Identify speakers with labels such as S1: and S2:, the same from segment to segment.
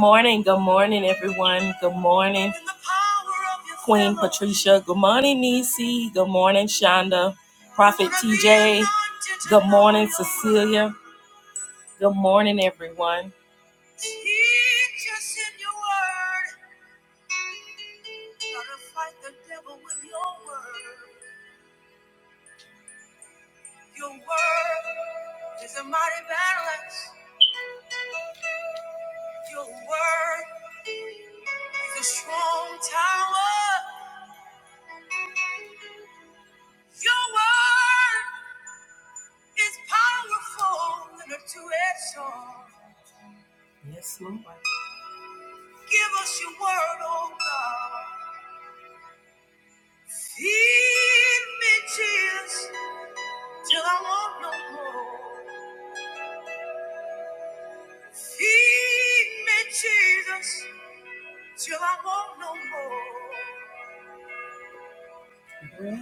S1: morning. Good morning, everyone. Good morning, Keisha. Good morning, Nisi. Good morning, Shonda. Good morning, everyone. Yes, Lord. Good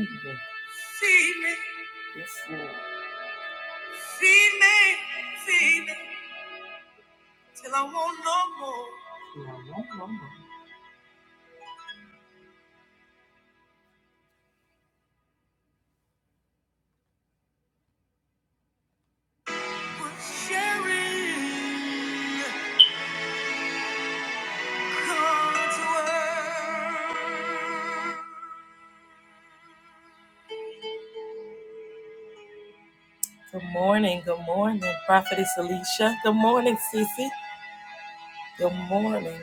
S1: evening. Yes, Lord. No, no, no, no. Good morning. Good morning, Prophetess Alicia. Good morning, Sissy. Good morning.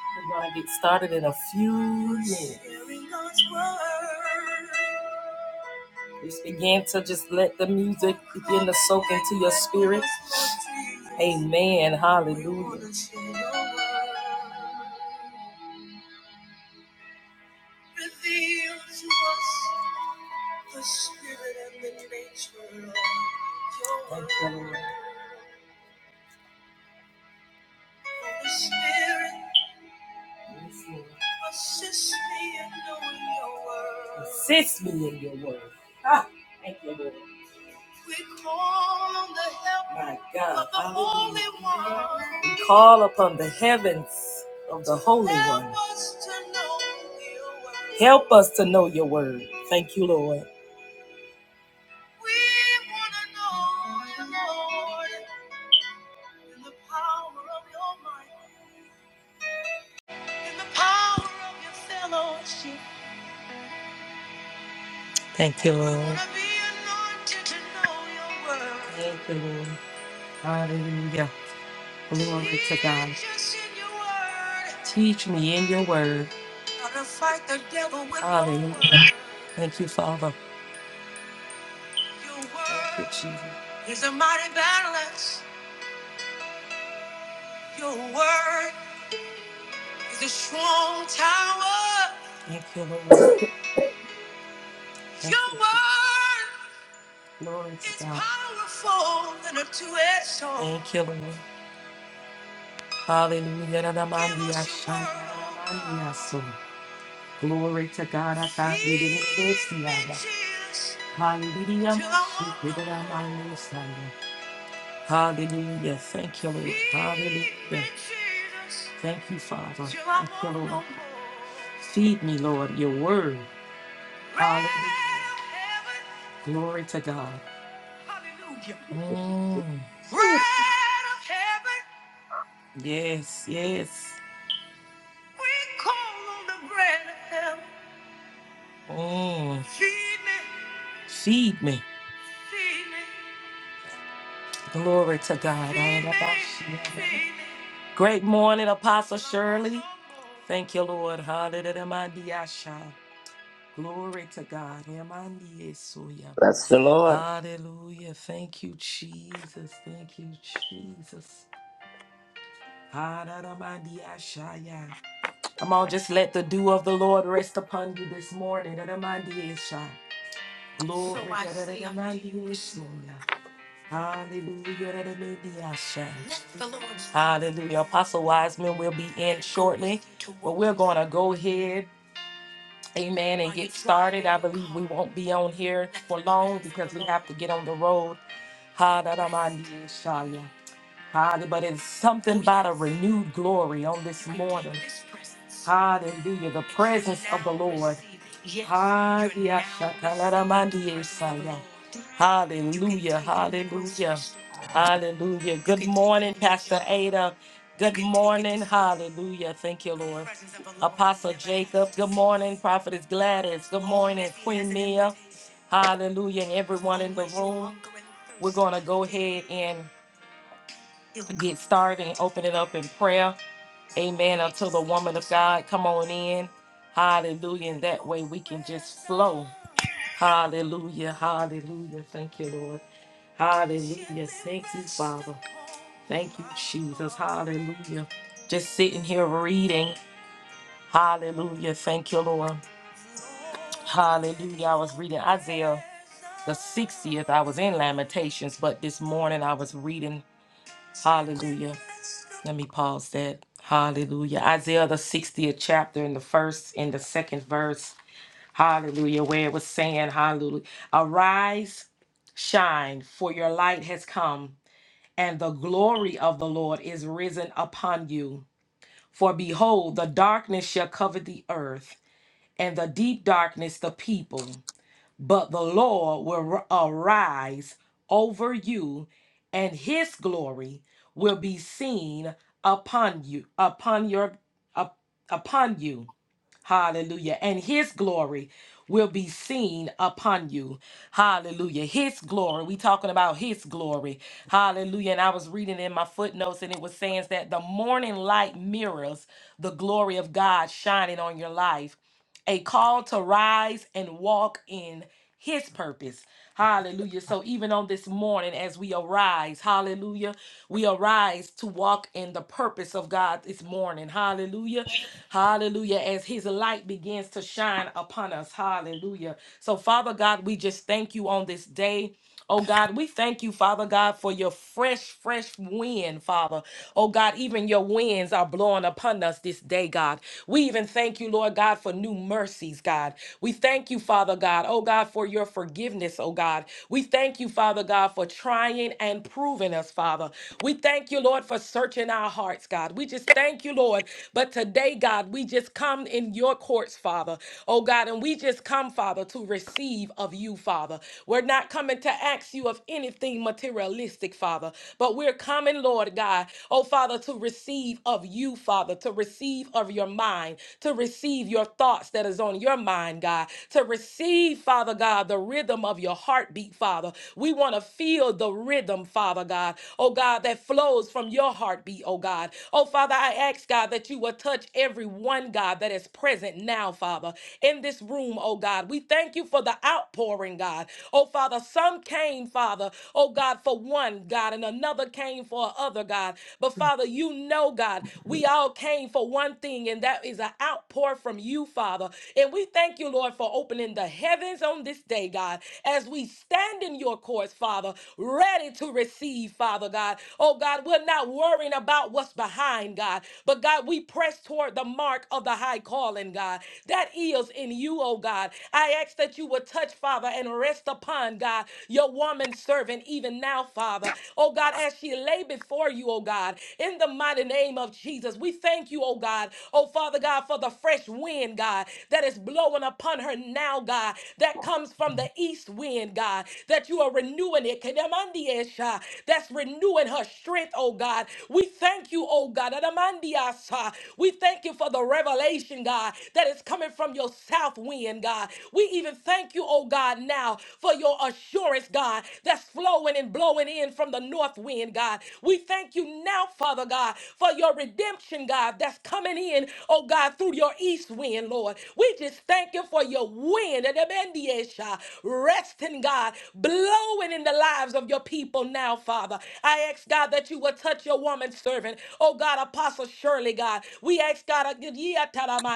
S1: We're going to get started in a few minutes. Just begin to just let the music begin to soak into you. Man, hallelujah. Yes, Lord. Assist me in your word. Ah, thank you, Lord. My God. All upon the heavens of the help us to know your word. Thank you, Lord. Thank you, Lord. Thank you, Lord. Hallelujah. Teach me in your word. Thank you, Father. Jesus. Thank you, Lord. Glory to Thank you, Lord. Hallelujah. Namaste. Glory to God. Hallelujah. Hallelujah. Hallelujah. Thank you, Lord. Thank you, Father. Feed me, Lord, your word. Glory to God. Mm. Yes, yes. Mm, feed me. Glory to God. Great morning, Apostle Shirley. Thank you, Lord. Hallelujah. mandiasha. Glory to God. Emandiesuya.
S2: Bless the Lord.
S1: Hallelujah. Thank you, Jesus. Thank you, Jesus. Hallelujah. mandiashaya. Come on, just let the dew of the Lord rest upon you this morning. Emandiesha. Glory. Hallelujah. Hallelujah. Hallelujah. Apostle Wiseman will be in shortly. want to go ahead. Amen. And won't be on here. have to get on the road. Hallelujah. Hallelujah. But it's something about a renewed glory on this morning. Hallelujah. The prayer. Ha-da-da-man-di- Hallelujah. Hallelujah. Good morning, Ada. Good hallelujah. Thank you, Lord. Good, good morning, Prophetess Gladys. Good morning. Hallelujah. And everyone going to go ahead and get started and open it up in prayer. Amen. Until the woman of God come on in. Hallelujah. And that way we can just flow. Hallelujah. Hallelujah. Thank you, Lord. Hallelujah. Thank you, Father. Thank you, Jesus. Hallelujah. Just sitting here reading. Hallelujah. Thank you, Lord. Hallelujah. I was reading Isaiah the 60th. I was in Lamentations, but this morning I was reading. Hallelujah. Let me pause that. Hallelujah. Isaiah the 60th chapter in the first in the second verse. Hallelujah. Where it was saying, Hallelujah. Arise, shine, for your light has come, and the glory of the Lord is risen upon you. For behold, the darkness shall cover the earth, and the deep darkness the people but the Lord will arise over you, and his glory will be seen upon you, upon your up, upon you. Hallelujah. And his glory will be seen upon you. Hallelujah. His glory. We talking about his glory. Hallelujah. And I was reading in my footnotes and it was saying that the morning light mirrors the glory of God shining on your life a call to rise and walk in his purpose. Hallelujah. So even on this morning, as we arise, hallelujah, we arise to walk in the purpose of God this morning. Hallelujah. Hallelujah. As his light begins to shine upon us. Hallelujah. So, Father God, we just thank you on this day. Oh God, we thank you, Father God, for your fresh, fresh wind, Father. Oh God, even your winds are blowing upon us this day, God. We even thank you, Lord God, for new mercies, God. We thank you, Father God, oh God, for your forgiveness, oh God. We thank you, Father God, for trying and proving us, Father. We thank you, Lord, for searching our hearts, God. We just thank you, Lord. But today, God, we just come in your courts, Father. Oh God, and we just come, Father, to receive of you, Father. Father. We're not coming to ask you of anything materialistic, Father, but we're coming, Lord God, oh Father, to receive of you, Father, to receive of your mind, to receive your thoughts that is on your mind, God, to receive, Father God, the rhythm of your heartbeat, Father. We want to feel the rhythm, Father God, oh God, that flows from your heartbeat, oh God. Oh Father, I ask, God, that you will touch every one, God, that is present now, Father, in this room, oh God. We thank you for for the outpouring, God. Oh, Father, some came, Father, oh, God, for one, God, and another came for another God. But, Father, you know, God, we all came for one thing, and that is an outpour from you, Father. And we thank you, Lord, for opening the heavens on this day, God, as we stand in your courts, Father, ready to receive, Father God. Oh God, we're not worrying about what's behind, God, but God, we press toward the mark of the high calling, God. That is in you, oh oh God. I ask that you would touch, Father, and rest upon, God, your woman servant even now, Father. Oh God, as she lay before you, oh God, in the mighty name of Jesus, we thank you, oh God, oh Father God, for the fresh wind, God, that is blowing upon her now, God, that comes from the east wind, God, that you are renewing it. Kedemandiesha, That's renewing her strength, oh God. We thank you, oh God. Adamandiasa. We thank you for the revelation, God, that is coming coming from your south wind, God. We even thank you, oh God, now for your assurance, God, that's flowing and blowing in from the north wind, God. We thank you now, Father God, for your redemption, God, that's coming in, oh God, through your east wind, Lord. We just thank you for your wind and Ebendiesha, resting, God, blowing in the lives of your people now, Father. I ask, God, that you will touch your woman servant, oh God, Apostle Shirley, God. We ask, God,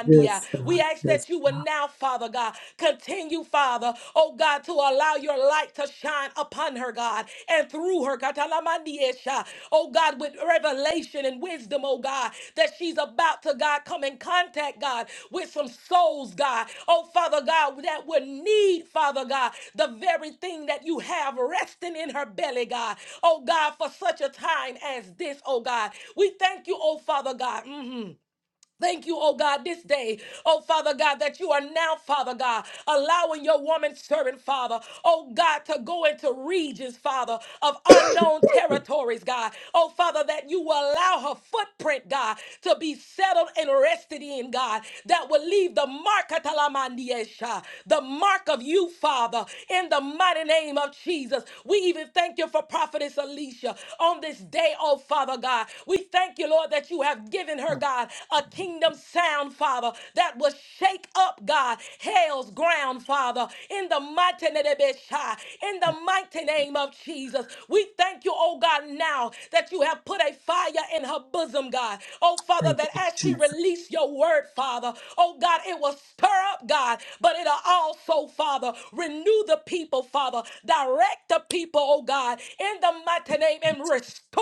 S3: Yes,
S1: we
S3: God.
S1: ask
S3: Yes.
S1: that you will now, Father God, continue, Father, oh God, to allow your light to shine upon her, God, and through her, Katalamandia, Sha. oh God, with revelation and wisdom, oh God, that she's about to, God, come in contact, God, with some souls, God, oh Father God, that would need, Father God, the very thing that you have resting in her belly, God, oh God, for such a time as this, oh God. We thank you, oh Father God. Mhm. Thank you, oh God, this day, oh Father God, that you are now, Father God, allowing your woman servant, Father, oh God, to go into regions, Father, of unknown territories, God. Oh Father, that you will allow her footprint, God, to be settled and rested in, God, that will leave the mark, Atalamandiesha, the mark of you, Father, in the mighty name of Jesus. We even thank you for Prophetess Alicia on this day, oh Father God. We thank you, Lord, that you have given her,
S3: Thank,
S1: God, a God, kingdom sound, Father, that will shake up, God, hell's ground, Father, in the mighty name of Yeshua, in the
S3: thank,
S1: mighty name of Jesus. We thank you, oh God, now that you have put a fire in her bosom, God. Oh Father,
S3: thank
S1: that
S3: you,
S1: as she
S3: Jesus.
S1: released your word, Father, oh God, it will stir up, God, but it'll also, Father, renew the people, Father, direct the people, oh God, in the mighty name and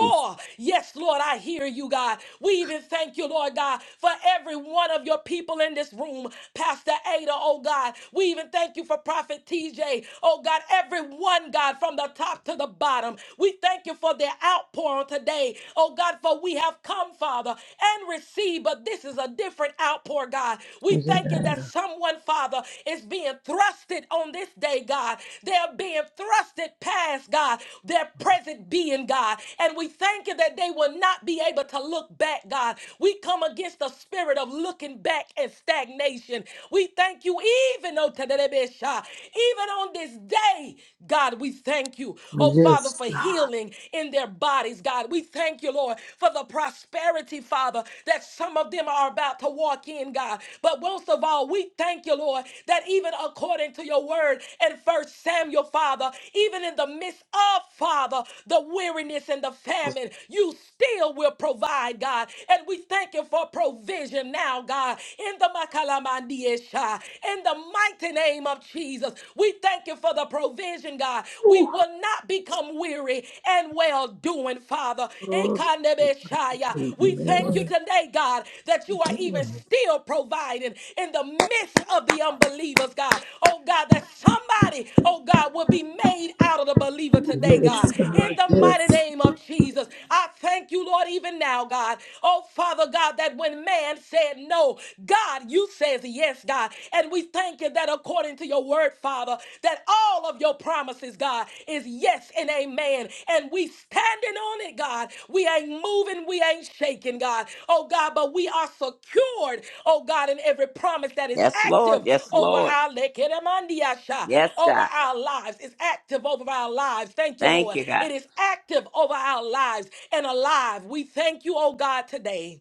S3: Yes.
S1: Yes, Lord, I hear you, God. We even thank you, Lord God, God, for every one of your people in this room. Pastor Ada, oh God, we even thank you for Prophet TJ. Oh God, everyone, God, from the top to the bottom. We thank you for their outpouring today. Oh God, for we have come, Father, and received, but this is a different outpour, God. We thank you that someone, Father, is being thrusted on this day, God. They're being thrusted past, God, their present being, God. And we thank you that they will not be able to look back, God. We come come against the spirit of looking back and stagnation. We thank you even oh, Tadadebesha, even on this day, God, we thank you, oh Father,
S3: Yes,
S1: for
S3: God.
S1: healing in their bodies, God. We thank you, Lord, for the prosperity, Father, that some of them are about to walk in, God. But most of all, we thank you, Lord, that even according to your word in First Samuel, Father, even in the midst of, Father, the weariness and the famine, you still will provide, God. And we thank you thank you for provision now, God, in the Makalamandiesha, in the mighty name of Jesus. We thank you for the provision, God. We will not become weary and well doing, Father.
S3: Oh,
S1: Ekanebeshaya. We thank you
S3: amen.
S1: today, God, that you are even still providing in the midst of the unbelievers, God. Oh, God, that somebody, oh, God, will be made out of the believer today, God.
S3: Yes,
S1: In
S3: God.
S1: the mighty
S3: Yes.
S1: name of Jesus, I thank you, Lord, even now, God. Oh, Father Father God, that when man said no, God, you says yes, God. And we thank you that according to your word, Father, that all of your promises, God, is yes and amen. And we standing on it, God. We ain't moving, we ain't shaking, God. Oh God, but we are secured, oh God, in every promise that is
S2: Yes, Lord.
S1: active
S2: Yes,
S1: over
S2: Lord.
S1: our lekeremandiasha,
S2: Yes,
S1: over
S2: God.
S1: our lives. It's active over our lives. Thank you,
S2: Thank
S1: Lord.
S2: you, God.
S1: It is active over our lives and alive. We thank you, oh God, today.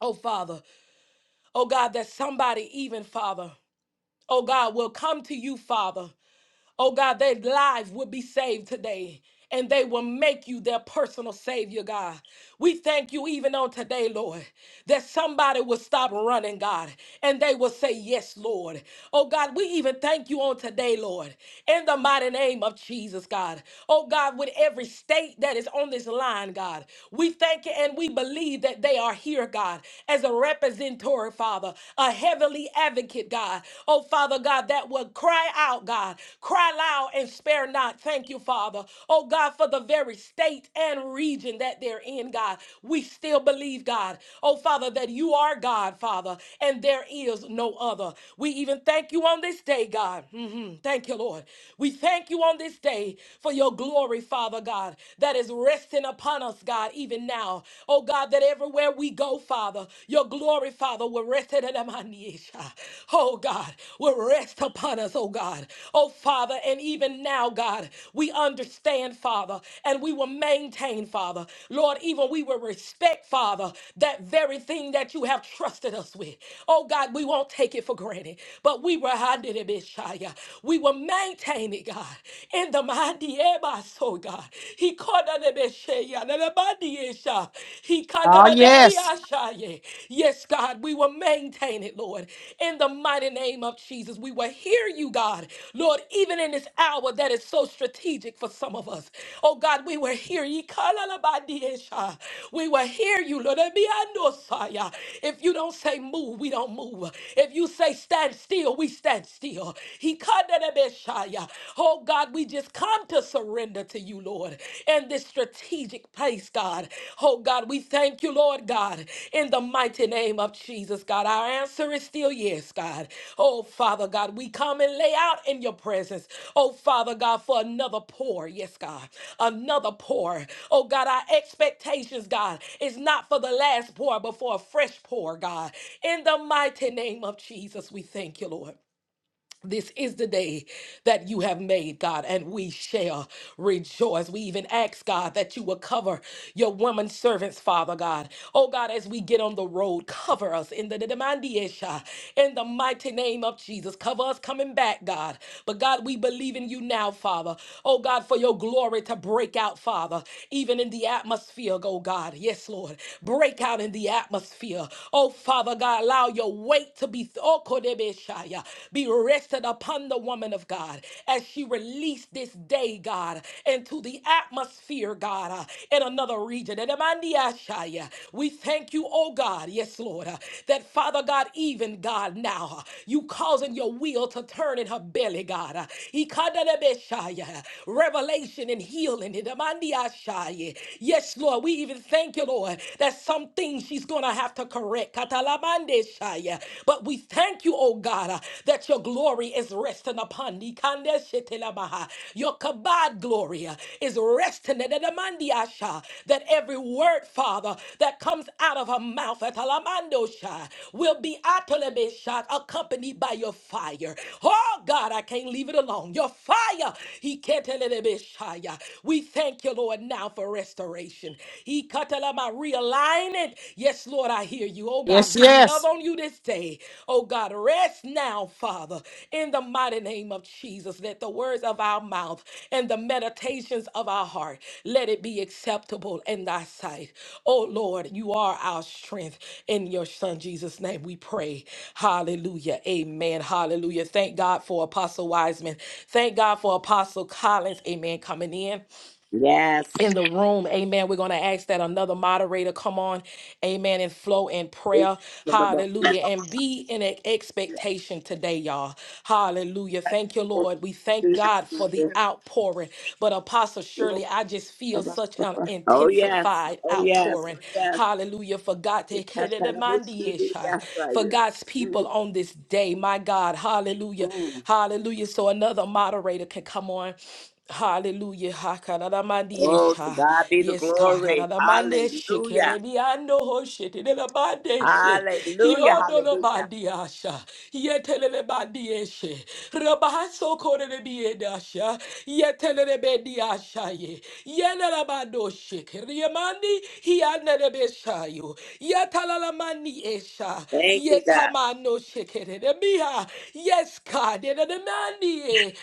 S1: Oh, Father. Oh, God, that somebody, even Father, oh, God, will come to you, Father. Oh, God, their lives will be saved today. And they will make you their personal Savior, God. We thank you even on today, Lord that somebody will stop running, God, and they will say, Yes, Lord. Oh, God, we even thank you on today, Lord, in the mighty name of Jesus, God. Oh, God, with every state that is on this line, God, we thank you and we believe that they are here, God, as a representative, Father, a heavenly advocate, God. Oh, Father God, that will cry out, God, cry loud and spare not. Thank you, Father. Oh, God, God, for the very state and region that they're in, God. We still believe, God, oh Father, that you are God, Father, and there is no other. We even thank you on this day, God. Mhm. Thank you, Lord. We thank you on this day for your glory, Father God, that is resting upon us, God, even now. Oh God, that everywhere we go, Father, your glory, Father, will rest. Oh God, will rest rest upon us, oh God. Oh Father, and even now, God, we understand, Father, and we will maintain, Father. Lord, even we will respect, Father, that very thing that you have trusted us with. Oh God, we won't take it for granted, but we will hand it, Messiah. We will maintain it, God. In the mighty Ebas, oh God. He called on the Messiah, and the mighty Esha. He called on
S4: Oh,
S1: the Messiah,
S4: yes.
S1: Rabashaye. Yes, God, we will maintain it, Lord. In the mighty name of Jesus, we will hear you, God. Lord, even in this hour that is so strategic for some of us. Oh, God, we will hear you. Kalalabadiesha. We will hear you, Lord. Ebiandosaya. If you don't say move, we don't move. If you say stand still, we stand still. He Oh, God, we just come to surrender to you to you, Lord, in this strategic place, God. Oh, God, we thank you, Lord God, in the mighty name of Jesus, God. Our answer is still yes, God. Oh, Father God, we come and lay out in your presence, oh, Father God, for another pour, yes, God, another pour. Oh, God, our expectations, God, is not for the last pour, but for a fresh pour, God. In the mighty name of Jesus, we thank you, Lord. This is the day that you have made, God, and we shall rejoice. We even ask, God, that you will cover your woman servants, Father God. Oh, God, as we get on the road, cover us in the the demandiesha, in the mighty name of Jesus. Cover us coming back, God. But, God, we believe in you now, Father. Oh, God, for your glory to break out, Father, even in the atmosphere, oh, God. Yes, Lord. Break out in the atmosphere. Oh, Father God, allow your weight weight to be oh, Kodebeshaya, be rested upon the woman of God as she released this day, God, into the atmosphere, God, uh, in another region. And Amandiashaya, We thank you, oh God, yes, Lord, uh, that Father God, even God, now uh, you causing your wheel to turn in her belly, God. uh, Ikadadebeshaya, Revelation and healing. in Amandiashaya. Yes, Lord, we even thank you, Lord, that some things she's going to going to have to correct. Katalamande shaya. But we thank you, oh God, uh, that your glory is resting upon me. Kande shetelamaha. Your kabod glory uh, is resting. Nedelamandi asha. That every word, Father, that comes out of her mouth, atalamando sha, will be atalame sha, accompanied by your fire. Oh God, I can't leave it alone. Your fire. He can't We thank you, Lord, now for restoration. He katalama realign it. Yes, Lord, I hear you. Oh God,
S4: Yes,
S1: we love
S4: yes.
S1: on you this day. Oh God, rest now, Father, in the mighty name of Jesus. Let the words of our mouth and the meditations of our heart let it be acceptable in thy sight. Oh Lord, you are our strength. In your son Jesus' name we pray. Hallelujah. Amen. Hallelujah. Thank God for Apostle Wiseman. Thank God for Apostle Collins. Amen. Coming in
S2: Yes.
S1: in the room. Amen. We're going to ask that another moderator come on. Amen. And flow in prayer. Hallelujah. And be in an expectation today, y'all. Hallelujah. Thank you, Lord. We thank God for the outpouring. But Apostle Shirley, I just feel such an
S2: Oh, yes.
S1: intensified
S2: Oh, yes.
S1: outpouring. Hallelujah. For God to
S2: Oh, yes.
S1: for God's people
S2: Mm,
S1: on this day. My God. Hallelujah.
S2: mm.
S1: Hallelujah. So another moderator can come on Hallelujah.
S2: Oh, to
S1: Hakaradamandiesha.
S2: God be the
S1: Yes, God.
S2: glory.
S1: Haradamandeshe.
S2: Hallelujah.
S1: Kerebiando hoshe. Tidelabandeshe.
S2: Hallelujah. Hallelujah.
S1: Hiodolobandiasha. Yetelelebandieshe. Rabaso korerebiedasha. Yetelerebendiasha ye. Yelelabandoshe. Keriamandi. Hianerebeshayo. Yetalalamandiesha.
S2: Thank you, God.
S1: Yetamano shekererebiha. Yes, God. Yeneremandiye.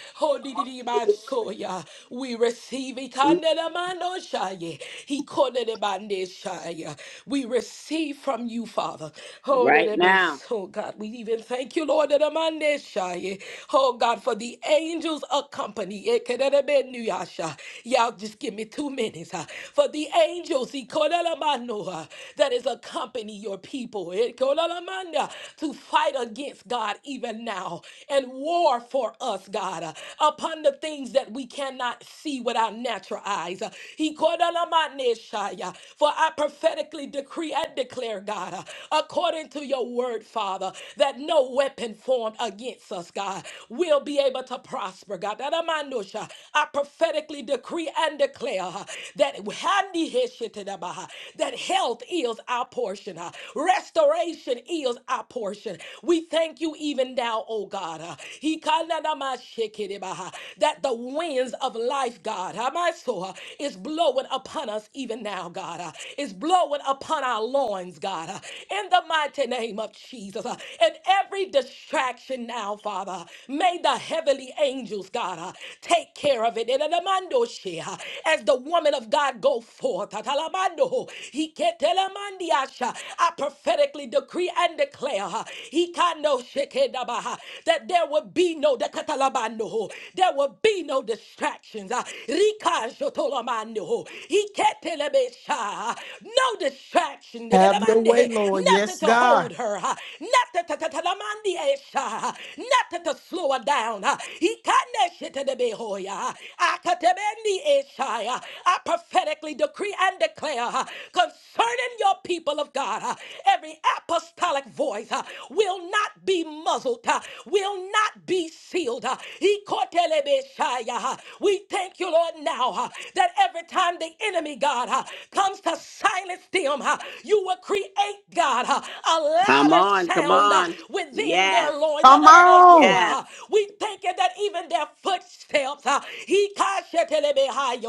S2: All for your
S1: Kodididibadsoya. We receive it.
S2: glory.
S1: Kandelamanoshaye. Hikodedebandeshaya. We receive from you, Father.
S2: Mm,
S1: Oh, that
S2: Right
S1: it may.
S2: now.
S1: Oh, God, we even thank you, Lord. that dedemandeshaye. Oh, God, for the angels accompany. can't have been Ekededebenuyasha. Y'all just give me two minutes. huh? For the angels, he called Hikodedemanoa, that is accompany your people. It called Ekodedemanda, To fight against God even now and war for us, God, uh, upon the things that we cannot see with our natural eyes. Uh, He called on my Neshaya. For I prophetically decree and declare, God, uh, according to your word, Father, that no weapon formed against us, God, will be able to prosper, God. That am I Nusha. I prophetically decree and declare uh, that Handi Heshitadaba, uh, that health is our portion, uh, restoration is our portion. We thank you even now now, oh God. uh, he kinda na ma shake it, uh, That the winds of life, God, uh, my soul, uh, is blowing upon us even now, God. uh, Is blowing upon our loins, God. uh, In the mighty name of Jesus. uh, And every distraction now, Father, may the heavenly angels, God, uh, take care of it. In the mando she, uh, As the woman of God go forth, uh, talamando, he ketelamandiasha, I prophetically decree and declare. uh, Ikano shekedabaha. That there will be no dekatalabano. There will be no distractions. Ah, Rika shotolamano. Iketelebesha. No distraction.
S5: Have your way,
S1: Dedemande.
S5: Lord.
S1: Nothing
S5: Yes,
S1: to
S5: God.
S1: hold her. ah. Nothing to tatalamandi esha. ah. Nothing to slow her down. ah. Ikane shetedebehoya. ah. Akatebendi esha. ah. I prophetically decree and declare ah, concerning your people of God, ah, every apostolic apostolic voice uh, will not be muzzled, uh, will not be sealed. uh, uh, We thank you, Lord, now uh, that every time the enemy, God, uh, comes to silence them, uh, you will create, God, uh, a
S2: Come
S1: louder
S2: on. Come
S1: sound uh,
S2: on.
S1: within
S2: Yes.
S1: their loins.
S4: Come on.
S1: uh,
S2: Yes.
S1: We thank you that even their footsteps, uh,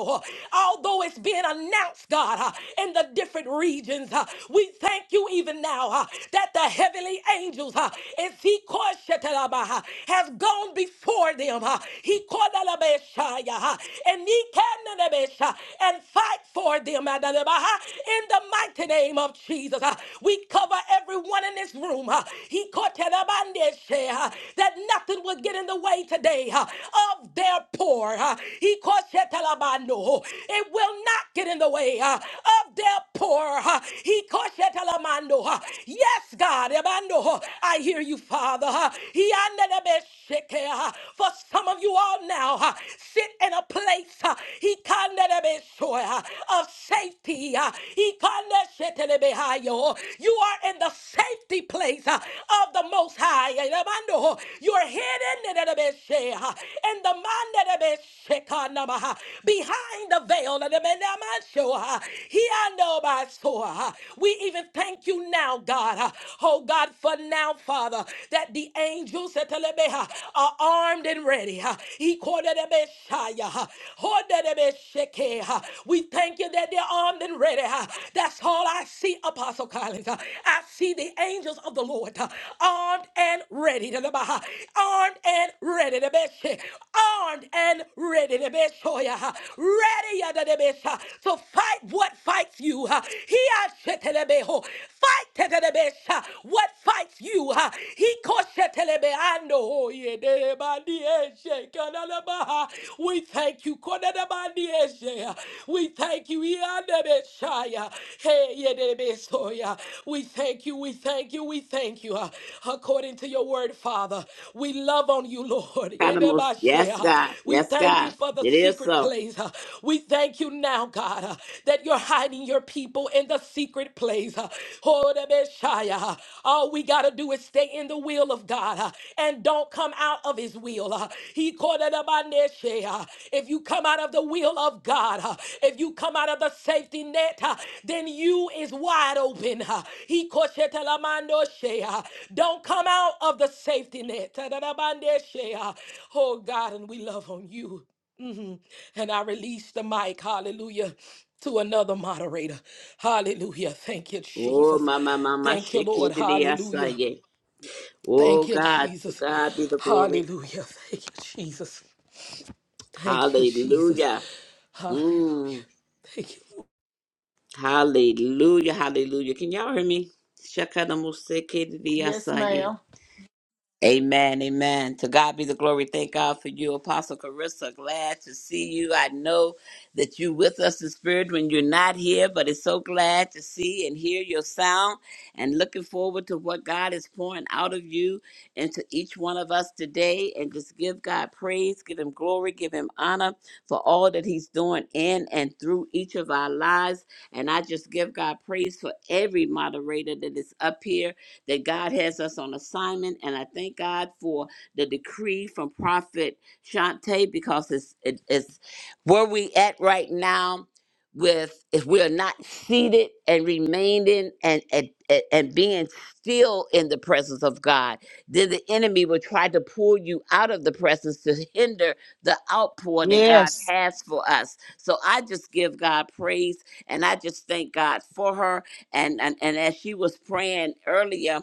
S1: uh, although it's been announced, God, uh, in the different regions, uh, we thank you thank you even now uh, that the heavenly angels, uh, if he called Shetalaba, uh, has gone before them. uh, He called Alabeshaya, uh, and he can Alabesha, and fight for them uh, in the mighty name of Jesus. uh, We cover everyone in this room. uh, He called Telabandeshe, uh, that nothing will get in the way today uh, of their poor. uh, He called Shetalabando. It will not get in the way uh, of their poor. huh ha. He koshetalaman, ha. Yes, God, ebando, ha. I hear you, Father. ha. He andelebeshike, ha. For some of you all now, ha, sit in a place ha, he kandelebeshoe, ha, of safety. ha. He kandeshetelebehayo. You are in the safety place ha, of the Most High. Elebando, ha. You are hidden elebeshe, ha, in the mandelebeshekanabaha, behind the veil. elebenamasho, ha. Hiandobasoa. We even thank you now, God. uh, Oh, God, for now, Father, that the angels Setelebeha, are armed and ready. Ikodelebeshaya. Hodelebesheke. We thank you that they're armed and ready. uh, That's all I see, Apostle Collins. uh, I see the angels of the Lord uh, armed and ready. Telebaha. Armed and ready. Debeshe. Armed and ready. Debeshoya. Ready uh, to fight what fights you. uh, He ashetelebeho. Fight tetelebesha, what fights you. uh, He koshetelebeando, oh, yedelebadieshe, kanalabaha. We thank you. kodelebadieshe, uh, We thank you. iadebeshaya, hey, yedelebesoya. We thank you. We thank you. We thank you. uh, According to your word, Father, we love on you, Lord.
S2: animals. Yes,
S1: Yedebashea.
S2: God.
S1: We
S2: Yes,
S1: thank you
S2: God.
S1: for the
S2: It is
S1: secret
S2: so.
S1: place place. Uh, We thank you now, God, uh, that you're hiding your people in the secret place. Uh, Hold up, Messiah. uh, All we got to do is stay in the will of God uh, and don't come out of his will. Uh, He called it about Neshe. If you come out of the will of God, uh, if you come out of the safety net, uh, then you is wide open. uh, He called it Telamando Shea. Don't come out of the safety net. Tadadabandeshe. Oh God, and we love on you. Mhm. And I release the mic, hallelujah, to another moderator. Hallelujah. Thank you,
S2: Oh,
S1: Jesus.
S2: my, my, my, my,
S1: Thank you, Lord.
S2: shikidi, yes, I
S1: Hallelujah.
S2: yeah. Oh,
S1: Thank you,
S2: God. To
S1: Jesus.
S2: God be the glory.
S1: Hallelujah. Thank you, Jesus. Thank you, Jesus.
S2: Hallelujah.
S1: Hallelujah.
S2: Mm.
S1: Thank you, Lord.
S2: Hallelujah. Hallelujah. Can y'all hear me? Shakadamusikidi, yes,
S5: Yes,
S2: I yeah.
S5: ma'am.
S2: Amen, amen. To God be the glory. Thank God for you, Apostle Carissa. Glad to see you. I know that you with us in spirit when you're not here, but it's so glad to see and hear your sound and looking forward to what God is pouring out of you into each one of us today. And just give God praise, give him glory, give him honor for all that he's doing in and through each of our lives. And I just give God praise for every moderator that is up here that God has us on assignment. And I thank God for the decree from Prophet Shante because it's, it, it's where we at right now with if we are not seated and remaining and, and and and being still in the presence of God, then the enemy will try to pull you out of the presence to hinder the outpour that God
S4: Yes.
S2: has for us. So I just give God praise and I just thank God for her and and, and as she was praying earlier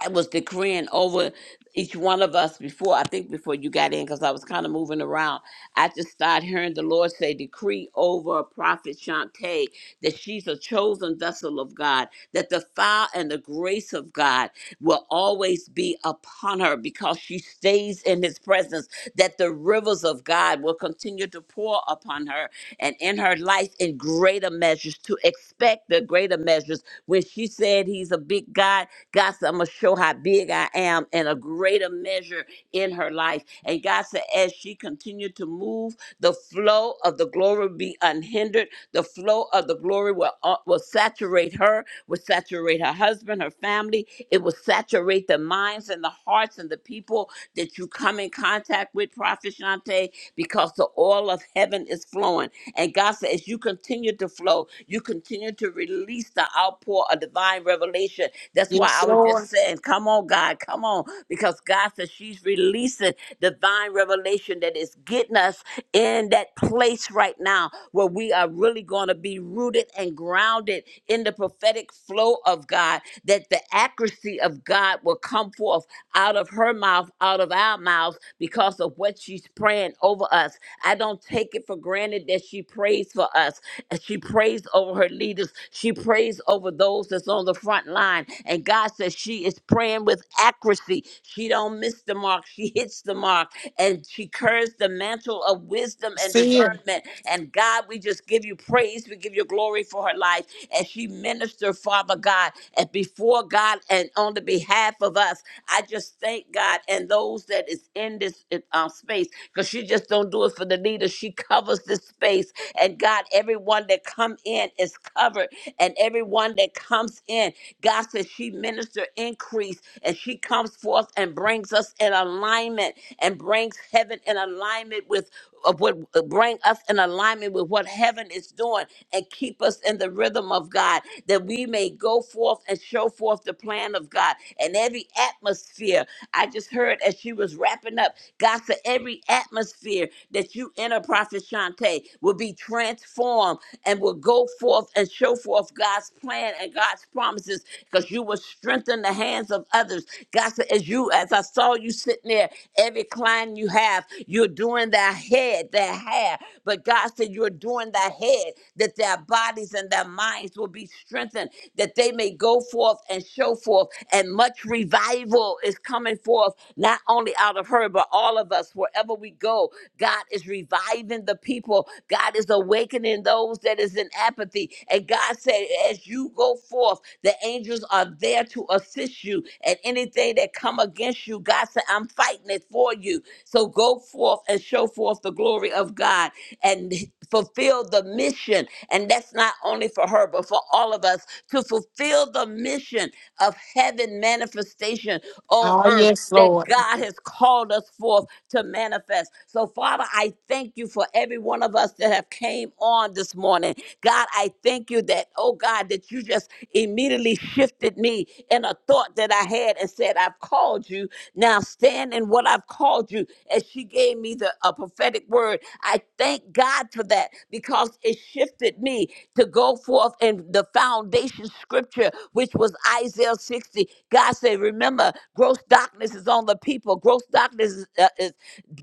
S2: I was decreeing over each one of us before, I think before you got in, because I was kind of moving around. I just started hearing the Lord say, Decree over Prophet Shantae that she's a chosen vessel of God, that the fire and the grace of God will always be upon her because she stays in his presence, that the rivers of God will continue to pour upon her and in her life in greater measures, to expect the greater measures. When she said he's a big God, God said, I'm going to show how big I am in a greater measure in her life. And God said, as she continued to move, the flow of the glory will be unhindered. The flow of the glory will, uh, will saturate her, will saturate her husband, her family. It will saturate the minds and the hearts and the people that you come in contact with, Prophet Shante because the oil of heaven is flowing. And God said, as you continue to flow, you continue to release the outpour of divine revelation. That's why
S4: Yes,
S2: I was just
S4: Lord.
S2: saying, come on, God, come on, because God says she's releasing divine revelation that is getting us in that place right now where we are really going to be rooted and grounded in the prophetic flow of God, that the accuracy of God will come forth out of her mouth, out of our mouths, because of what she's praying over us. I don't take it for granted that she prays for us. and She prays over her leaders. She prays over those that's on the front line. And God says she is praying with accuracy. She don't don't miss the mark. She hits the mark and she carries the mantle of wisdom and
S4: See it.
S2: discernment. And God, we just give you praise. We give you glory for her life as she ministered, Father God, and before God and on the behalf of us. I just thank God and those that is in this uh, space because she just don't do it for the leaders. She covers this space. And God, everyone that come in is covered and everyone that comes in. God says she minister increase and she comes forth and brings us in alignment and brings heaven in alignment with uh, would bring us in alignment with what heaven is doing and keep us in the rhythm of God that we may go forth and show forth the plan of God in every atmosphere I just heard as she was wrapping up, God said every atmosphere that you enter, Prophet Shantae, will be transformed and will go forth and show forth God's plan and God's promises because you will strengthen the hands of others. God said, as you, as I saw you sitting there, every every client you have, you're doing their head, their hair. But God said, You're doing their head, that their bodies and their minds will be strengthened, that they may go forth and show forth. And much revival is coming forth, not only out of her, but all of us, wherever we go. God is reviving the people. God is awakening those that is in apathy. And God said, as you go forth, the angels are there to assist you. And anything that come against you, God said, I'm fighting it for you. So go forth and show forth the glory of God and fulfill the mission. And that's not only for her, but for all of us to fulfill the mission of heaven manifestation on
S4: Oh,
S2: earth
S4: yes,
S2: that
S4: Lord.
S2: God has called us forth to manifest. So, Father, I thank you for every one of us that have came on this morning. God, I thank you that, oh God, that you just immediately shifted me in a thought that I had and said, I've called you. Now stand in what I've called you. As she gave me the a prophetic word, I thank God for that because it shifted me to go forth in the foundation scripture, which was Isaiah 60. God said, Remember, gross darkness is on the people. Gross darkness is, uh, is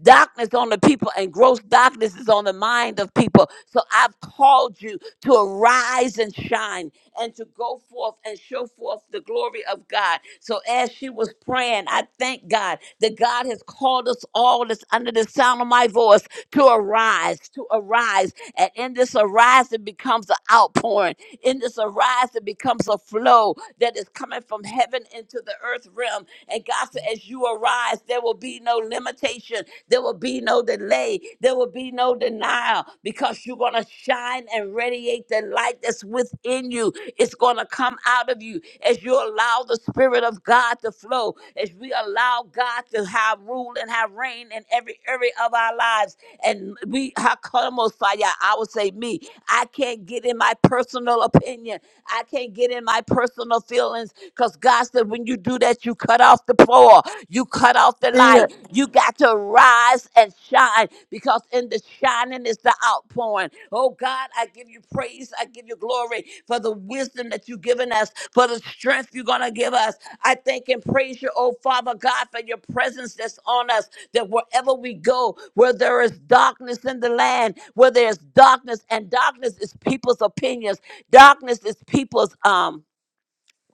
S2: darkness on the people and gross darkness is on the mind of people. So I've called you to arise and shine and to go forth and show forth the glory of God. So as she was praying, I thank God that God has called us all that's under the sound of my voice to arise, to arise. And in this arise, it becomes an outpouring. In this arise, it becomes a flow that is coming from heaven into the earth realm and God said, as you arise, there will be no limitation. There will be no delay. There will be no denial because you're going to shine and radiate the light that's within you. It's going to come out of you as you allow the Spirit of God to flow, as we allow God to have rule and have reign in every area of our lives. And we, Hakamosaya, I would say, me, I can't give get in my personal opinion. I can't get in my personal feelings because God said, when you do that, you cut off the poor, you cut off the
S4: See
S2: light.
S4: it.
S2: You got to rise and shine because in the shining is the outpouring. Oh God, I give you praise. I give you glory for the wisdom that you've given us, for the strength you're going to give us. I thank and praise you, oh Father God, for your presence that's on us that wherever we go, where there is darkness in the land, where there's darkness, and darkness is people's opinions, darkness is people's um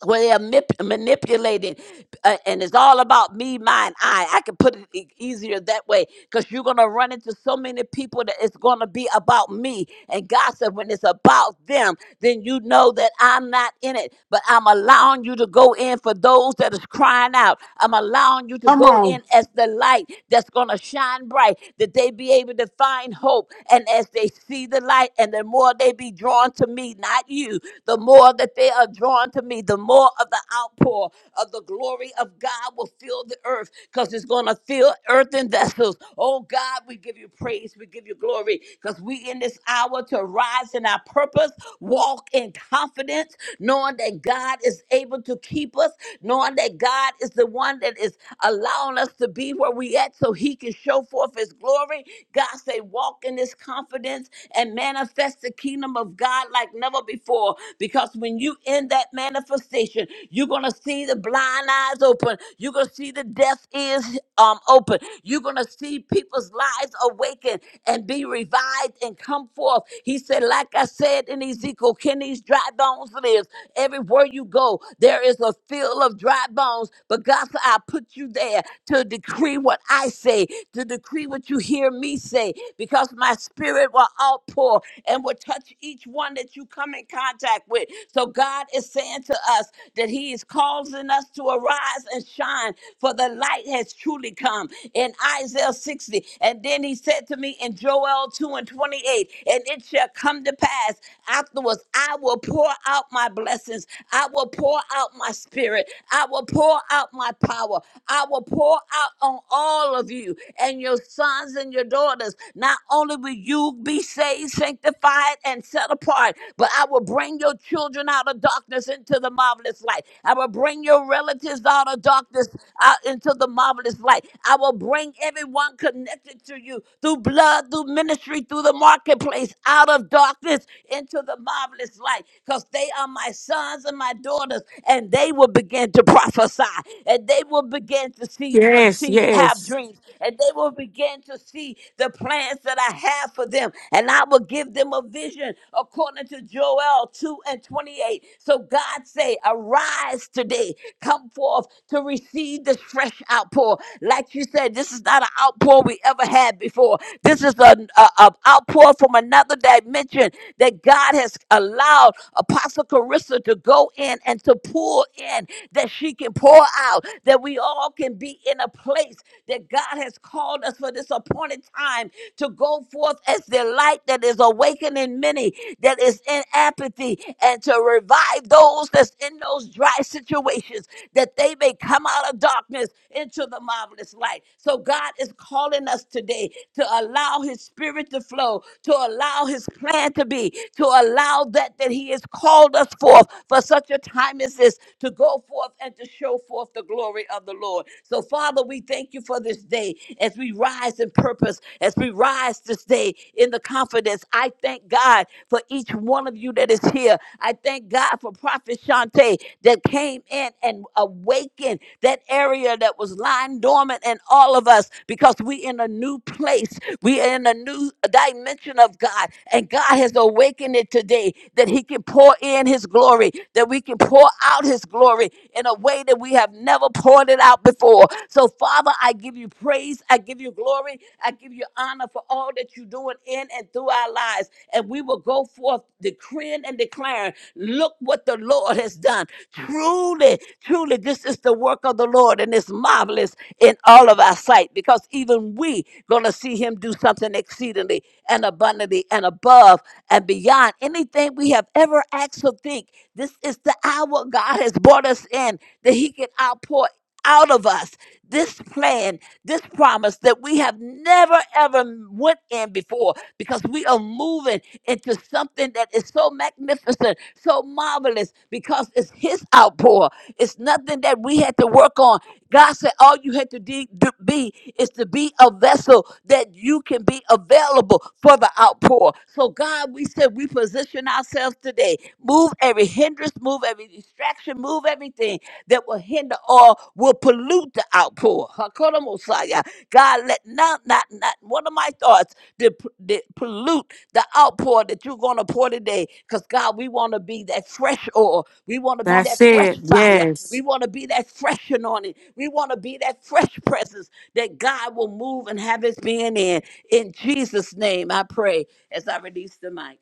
S2: where they're manip- manipulating uh, and it's all about me mine i i can put it e- easier that way because you're going to run into so many people that it's going to be about me and god said when it's about them then you know that i'm not in it but i'm allowing you to go in for those that is crying out i'm allowing you to
S4: Come
S2: go
S4: on.
S2: in as the light that's going to shine bright that they be able to find hope and as they see the light and the more they be drawn to me not you the more that they are drawn to me, the more of the outpour of the glory of God will fill the earth because it's going to fill earthen vessels. Oh God, we give you praise, we give you glory because we in this hour to rise in our purpose Walk in confidence, knowing that God is able to keep us, knowing that God is the one that is allowing us to be where we at so he can show forth his glory. God say, walk in this confidence and manifest the kingdom of God like never before. Because when you in that manifestation, you're gonna see the blind eyes open, you're gonna see the deaf ears um open, you're gonna see people's lives awaken and be revived arise and come forth. He said, like I said in Ezekiel, can these dry bones live? Everywhere you go, there is a field of dry bones. But God said, I put you there to decree what I say, to decree what you hear me say, because my spirit will outpour and will touch each one that you come in contact with. So God is saying to us that He is causing us to arise and shine, for the light has truly come. In Isaiah. Isaiah 60. And then he said to me in Joel 2 and 28, and it shall come to pass afterwards, I will pour out my blessings. I will pour out my spirit. I will pour out my power. I will pour out on all of you and your sons and your daughters. Not only will you be saved, sanctified, and set apart, but I will bring your children out of darkness into the marvelous light. I will bring your relatives out of darkness marvelous out into the marvelous light. I will bring everyone connected to you through blood, through ministry, through the marketplace, out of darkness into the marvelous light. Because they are my sons and my daughters, and they will begin to prophesy, and they will begin to see, dr-
S1: Yes,
S2: see have
S1: yes.
S2: dreams, and they will begin to see the plans that I have for them. And I will give them a vision according to Joel 2 and 28. So God say, today. Arise today. Come forth to receive this fresh outpour. Like you said, this is not an outpour we ever had before. This is an a, a outpour from another dimension that God has allowed Apostle Carissa to go in and to pour in, that she can pour out, that we all can be in a place that God has called us for this appointed time to go forth as the light that is awakening many, that is that's in apathy and to revive those that's in those dry situations that they may come out of darkness into the marvelous light. So God is calling us today to allow his spirit to flow, to allow his plan to be, to allow that that he has called us forth for such a time as this to go forth and to show forth the glory of the Lord. So Father, we thank you for this day as we rise in purpose, as we rise this day today in the confidence. I thank God for each one of you that is here. I thank God for Prophet Shante that came in and awakened that area that was lying dormant in all of us because we in a new place. We are in a new dimension of God. And God has awakened it today that He can pour in His glory, that we can pour out His glory in a way that we have never poured it out before. So, Father, I give you praise I give you glory. I give you honor for all that you're doing in and through our lives. And we will go forth decreeing and declaring, look what the Lord has done. Truly, truly, this is the work of the Lord, and it's marvelous in all of our sight because even we gonna see him do something exceedingly and abundantly and above and beyond anything we have ever asked or think. This is the hour God has brought us in that he can outpour out of us this plan, this promise that we have never ever went in before because we are moving into something that is so magnificent, so marvelous because it's his outpour. It's nothing that we had to work on. God said all you you have to de- do, be is to be a vessel that you can be available for the outpour. So, God, we said we position ourselves today. Move every hindrance, move every distraction, move everything that will hinder or will pollute the outpour. Hakuna Mosiah. God, let not, not, not one of my thoughts to, to pollute the outpour that you're going to pour today. Because, God, we want to be that fresh oil. We want to be
S1: That's
S2: that fresh
S1: it.
S2: fire. We
S1: Yes.
S2: want to be that fresh anointing. We want to be that fresh presence that God will move and have his being in. In Jesus' name, I pray as I release the mic.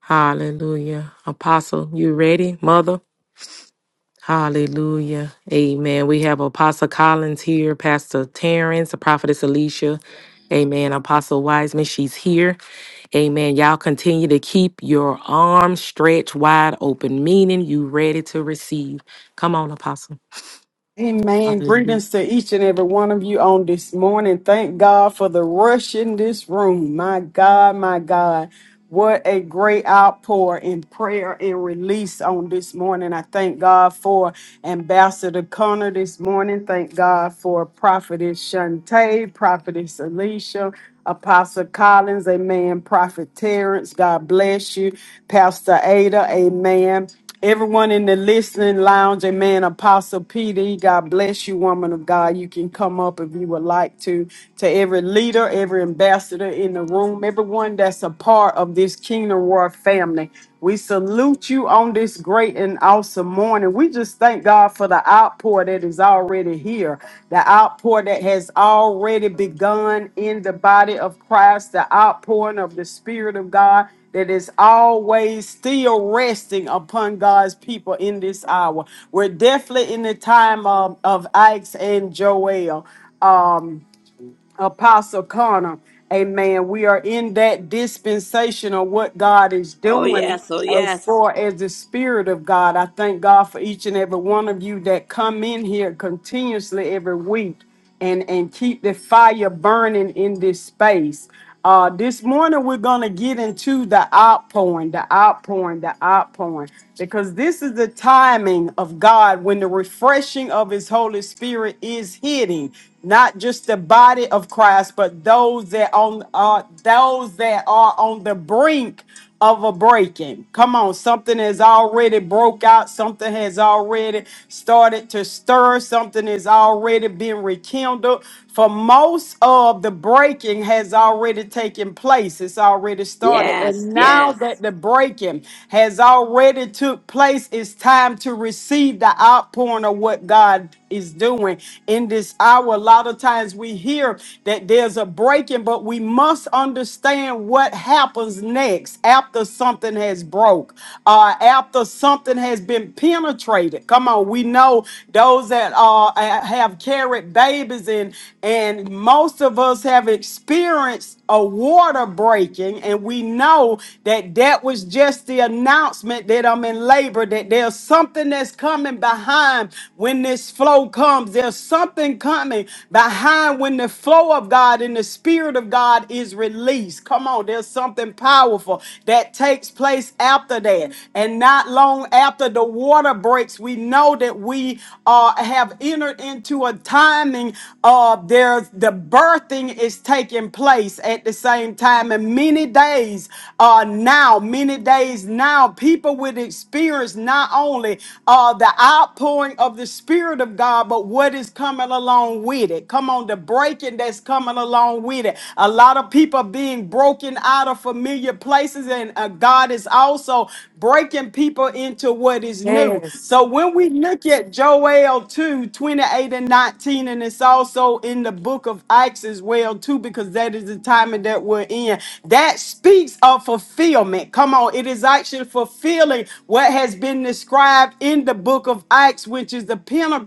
S1: Hallelujah. Apostle, you ready, Mother? Hallelujah. Amen. We have Apostle Collins here, Pastor Terrence, the prophetess Alicia. Amen. Apostle Wiseman, she's here. Amen. Y'all continue to keep your arms stretched wide open, meaning you ready to receive. Come on, Apostle.
S4: Amen.
S1: Hallelujah.
S4: Greetings to each and every one of you on this morning. Thank God for the rush in this room. My God, my God. What a great outpour in prayer and release on this morning. I thank God for Ambassador Connor this morning. Thank God for Prophetess Shantae, Prophetess Alicia, Apostle Collins, Amen. Prophet Terrence, God bless you. Pastor Ada, Amen everyone in the listening Lounge. Amen. Apostle Peter, God bless you, woman of God. You can come up if you would like to. To every leader, every ambassador in the room, everyone that's a part of this Kingdom Royal family. We salute you on this great and awesome morning. We just thank God for the outpour that is already here, the outpour that has already begun in the body of Christ, the outpouring of the Spirit of God that is always still resting upon God's people in this hour. We're definitely in the time of, of Ike's and Joel. Um, Apostle Connor. Amen. We are in that dispensation of what God is
S2: Oh,
S4: doing
S2: yes. Oh,
S4: as
S2: yes.
S4: far as the Spirit of God. I thank God for each and every one of you that come in here continuously every week and, and keep the fire burning in this space. Uh, this morning we're gonna get into the outpouring, the outpouring, the outpouring, because this is the timing of God when the refreshing of His Holy Spirit is hitting not just the body of Christ, but those that on uh, those that are on the brink of a breaking. Come on, something has already broke out, something has already started to stir, something has already been rekindled. For most of the breaking has already taken place. It's already started.
S2: Yes.
S4: And now
S2: Yes.
S4: that the breaking has already took place, it's time to receive the outpouring of what God is doing in this hour. A lot of times we hear that there's a breaking, but we must understand what happens happens next after something has broke, uh, after something has been penetrated. Come on, we know those that uh, ha- have carried babies and and most of us have experienced a water breaking, and we know that that was just the announcement that I'm in labor. That there's something that's coming behind when this flow comes. There's something coming behind when the flow of God and the Spirit of God is released. Come on. Come on, there's something powerful that takes place after that. And not long after the water breaks, we know that we uh, have entered into a timing of there's the birthing is taking place at the same time. And many days uh, now, many days now, people will experience not only uh, the outpouring of the Spirit of God, but what is coming along with it. Come on, the breaking that's coming along with it. A lot of people People being broken out of familiar places, and uh, God is also breaking people into what is new.
S1: Yes.
S4: So when we look at Joel two twenty eight and 19, and it's also in the book of Acts as well, too, because that is the timing that we're in, that speaks of fulfillment. Come on, it is actually fulfilling what has been described in the book of Acts, which is the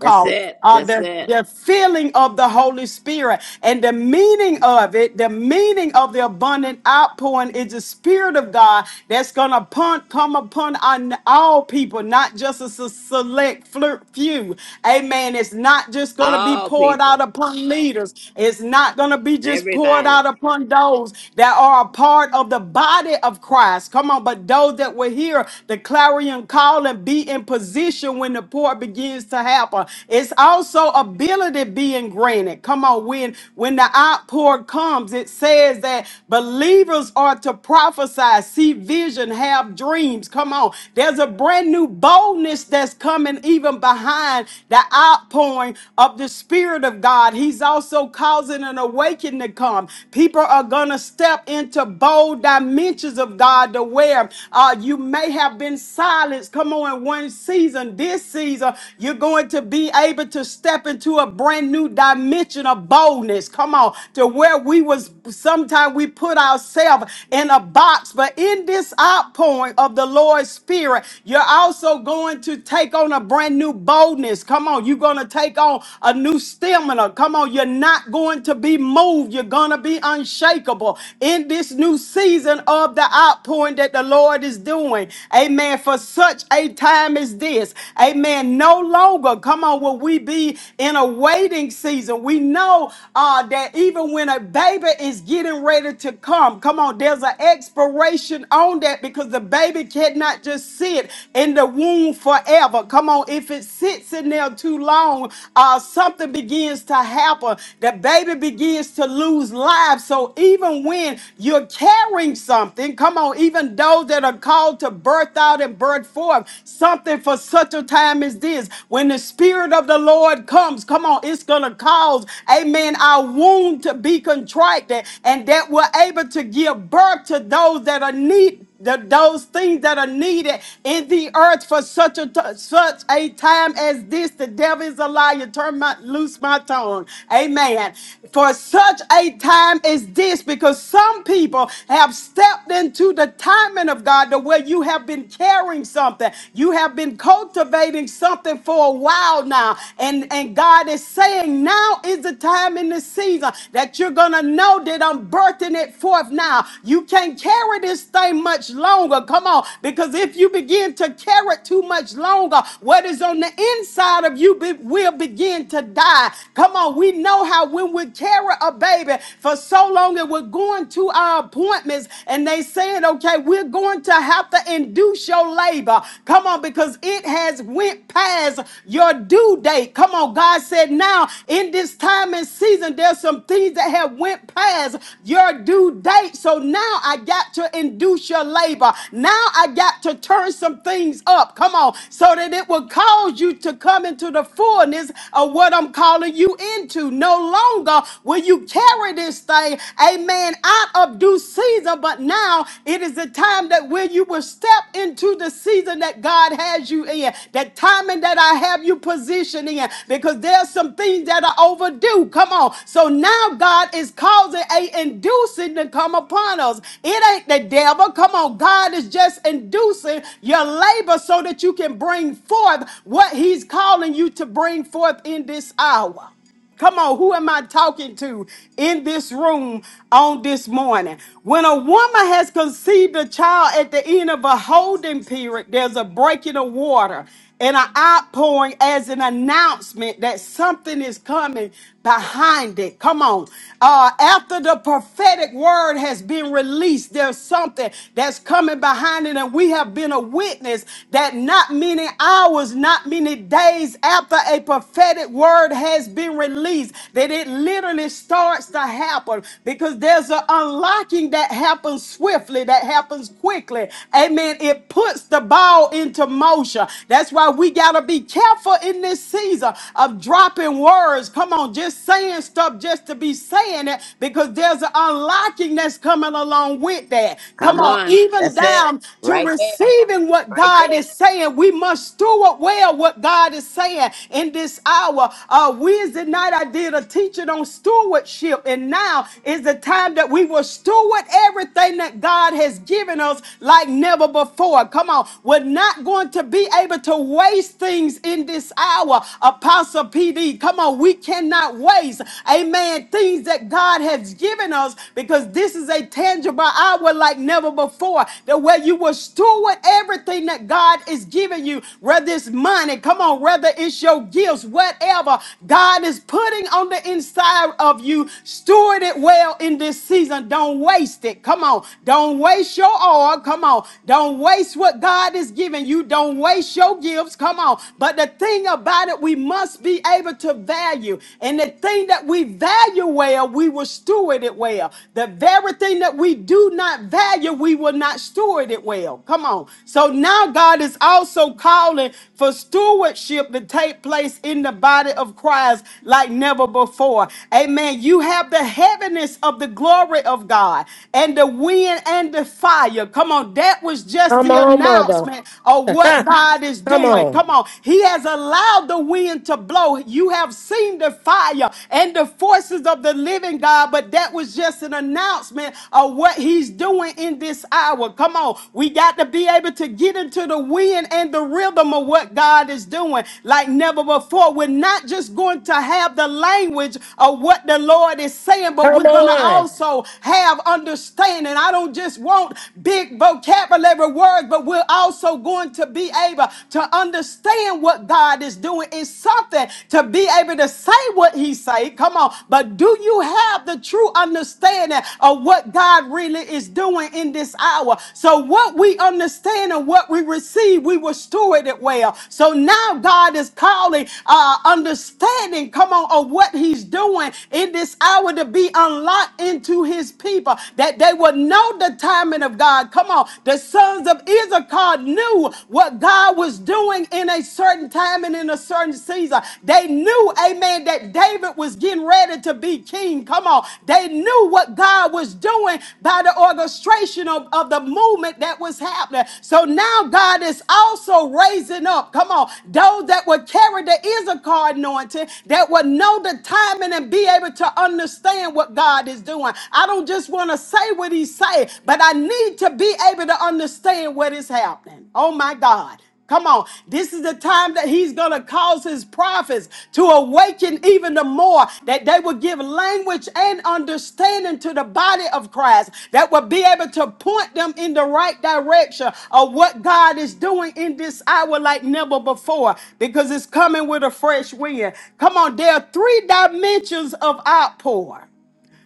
S2: That's it.
S4: uh,
S2: That's
S4: the,
S2: it.
S4: the feeling of the Holy Spirit and the meaning of it, the meaning of the abundant outpouring is the Spirit of God that's going to come upon on all people, not just a s- select flir- few. Amen. It's not just going to be
S2: All
S4: poured out
S2: people.
S4: upon leaders, it's not going to be just poured out
S2: Everybody.
S4: upon those that are a part of the body of Christ. Come on, but those that will hear the clarion call and be in position when the pour begins to happen helper. It's also ability being granted. Come on, when when the outpour comes, it says that believers are to prophesy, see vision, have dreams. Come on, there's a brand new boldness that's coming even behind the outpouring of the Spirit of God. He's also causing an awakening to come. People are gonna step into bold dimensions of God to where uh, you may have been silenced. Come on, in one season, this season, you're going to be able to step into a brand new dimension of boldness. Come on, to where we was sometimes we put ourselves in a box, but in this outpouring of the Lord's Spirit, you're also going to take on a brand new boldness. Come on, you're going to take on a new stamina. Come on, you're not going to be moved. You're going to be unshakable in this new season of the outpouring that the Lord is doing. Amen. For such a time as this. Amen. Amen. No longer, come on, will we be in a waiting season. We know uh, that even when a baby is getting ready to come, come on, there's an expiration on that because the baby cannot just sit in the womb forever. Come on, if it sits in there too long, uh, something begins to happen. The baby begins to lose life. So even when you're carrying something, come on, even those that are called to birth out and birth forth, something for such a time as this. When the Spirit of the Lord comes, come on, it's going to cause, amen, our wound to be contracted and that we're able to give birth to those that are need the, those things that are needed in the earth for such a t- such a time as this. The devil is a liar. Turn my loose my tongue. Amen. For such a time as this, because some people have stepped into the timing of God to where you have been carrying something. You you have been cultivating something for a while now. And, and God is saying, now is the time in the season that you're going to know that I'm birthing it forth now. You can't carry this thing much longer. Come on. Because if you begin to carry it too much longer, what is on the inside of you be- will begin to die. Come on. We know how when we carry a baby for so long and we're going to our appointments and they said, okay, we're going to have to induce your labor. Uh, Come on, because it has went past your due date. Come on, God said now in this time and season, there's some things that have went past your due date. So now I got to induce your labor. Now I got to turn some things up. Come on, so that it will cause you to come into the fullness of what I'm calling you into. No longer will you carry this thing, amen, out of due season, but now it is the time that when you will step into into the season that God has you in, that timing that I have you positioned in, because there's some things that are overdue. Come on. So now God is causing a inducing to come upon us. It ain't the devil. Come on. God is just inducing your labor so that you can bring forth what he's calling you to bring forth in this hour. Come on, who am I talking to in this room on this morning? When a woman has conceived a child at the end of a holding period, there's a breaking of water and an outpouring as an announcement that something is coming behind it. Come on. Uh, after the prophetic word has been released, there's something that's coming behind it, and we have been a witness that not many hours, not many literally days after a prophetic word has been released that it literally starts to happen because there's an unlocking that happens swiftly, that happens quickly. Amen. It puts the ball into motion. That's why we got to be careful in this season of dropping words. Come on, just saying stuff just to be saying it because there's an unlocking that's coming along with that. Come
S2: Come
S4: on,
S2: on.
S4: even
S2: That's it.
S4: down to
S2: Right there.
S4: receiving in what
S2: Right
S4: God
S2: there.
S4: is saying. We must steward well what God is saying in this hour. Uh, Wednesday night, I did a teaching on stewardship, and now is the time that we will steward everything that God has given us like never before. Come on, we're not going to be able to waste things in this hour. Apostle PD, come on, we cannot waste, amen, things that God has given us because this is a tangible hour power like never before. The way you will steward everything that God is giving you, whether it's money, come on, whether it's your gifts, whatever God is putting on the inside of you, steward it well in this season. Don't waste it. Come on. Don't waste your oil. Come on. Don't waste what God is giving you. Don't waste your gifts. Come on. But the thing about it, we must be able to value. And the thing that we value well, we will steward it well. The very thing that we do not value, we will not steward it well. Come on. So now God is also calling for stewardship to take place in the body of Christ like never before. Amen. You have the heaviness of the glory of God and the wind and the fire. Come on. That was just
S1: Come
S4: the
S1: on, mother.
S4: announcement of what
S1: Come
S4: God is doing.
S1: on.
S4: Come on. He has allowed the wind to blow. You have seen seen the fire and the forces of the living God, but that was just an announcement of what he's doing in this hour. Come on. We got to be able to get into the wind and the rhythm of what God is doing like never before. We're not just going to have the language of what the Lord is saying, but
S1: Come
S4: we're going to
S1: on.
S4: also have understanding. I don't just want big vocabulary words, but we're also going to be able to understand understand what God is doing. It's something to be able to say what he say. Come on. But do you have the true understanding of what God really is doing in this hour? So what we understand and what we receive, we will steward it well. So now God is calling uh, understanding, come on, of what he's doing in this hour to be unlocked into his people, that they will know the timing of God. Come on. The sons of Israel Issachar knew what God was doing in a certain time and in a certain season. They knew, amen, that David was getting ready to be king. Come on. They knew what God was doing by the orchestration of, of the movement that was happening. So now God is also raising up, come on, those that would carry the Issachar anointing, that would know the timing and be able to understand what God is doing. I don't just want to say what He's saying say, but I need to be able to understand what is happening. Oh my God. Come on. This is the time that he's going to cause his prophets to awaken even the more, that they will give language and understanding to the body of Christ, that will be able to point them in the right direction of what God is doing in this hour like never before, because it's coming with a fresh wind. Come on. There are three dimensions of outpour.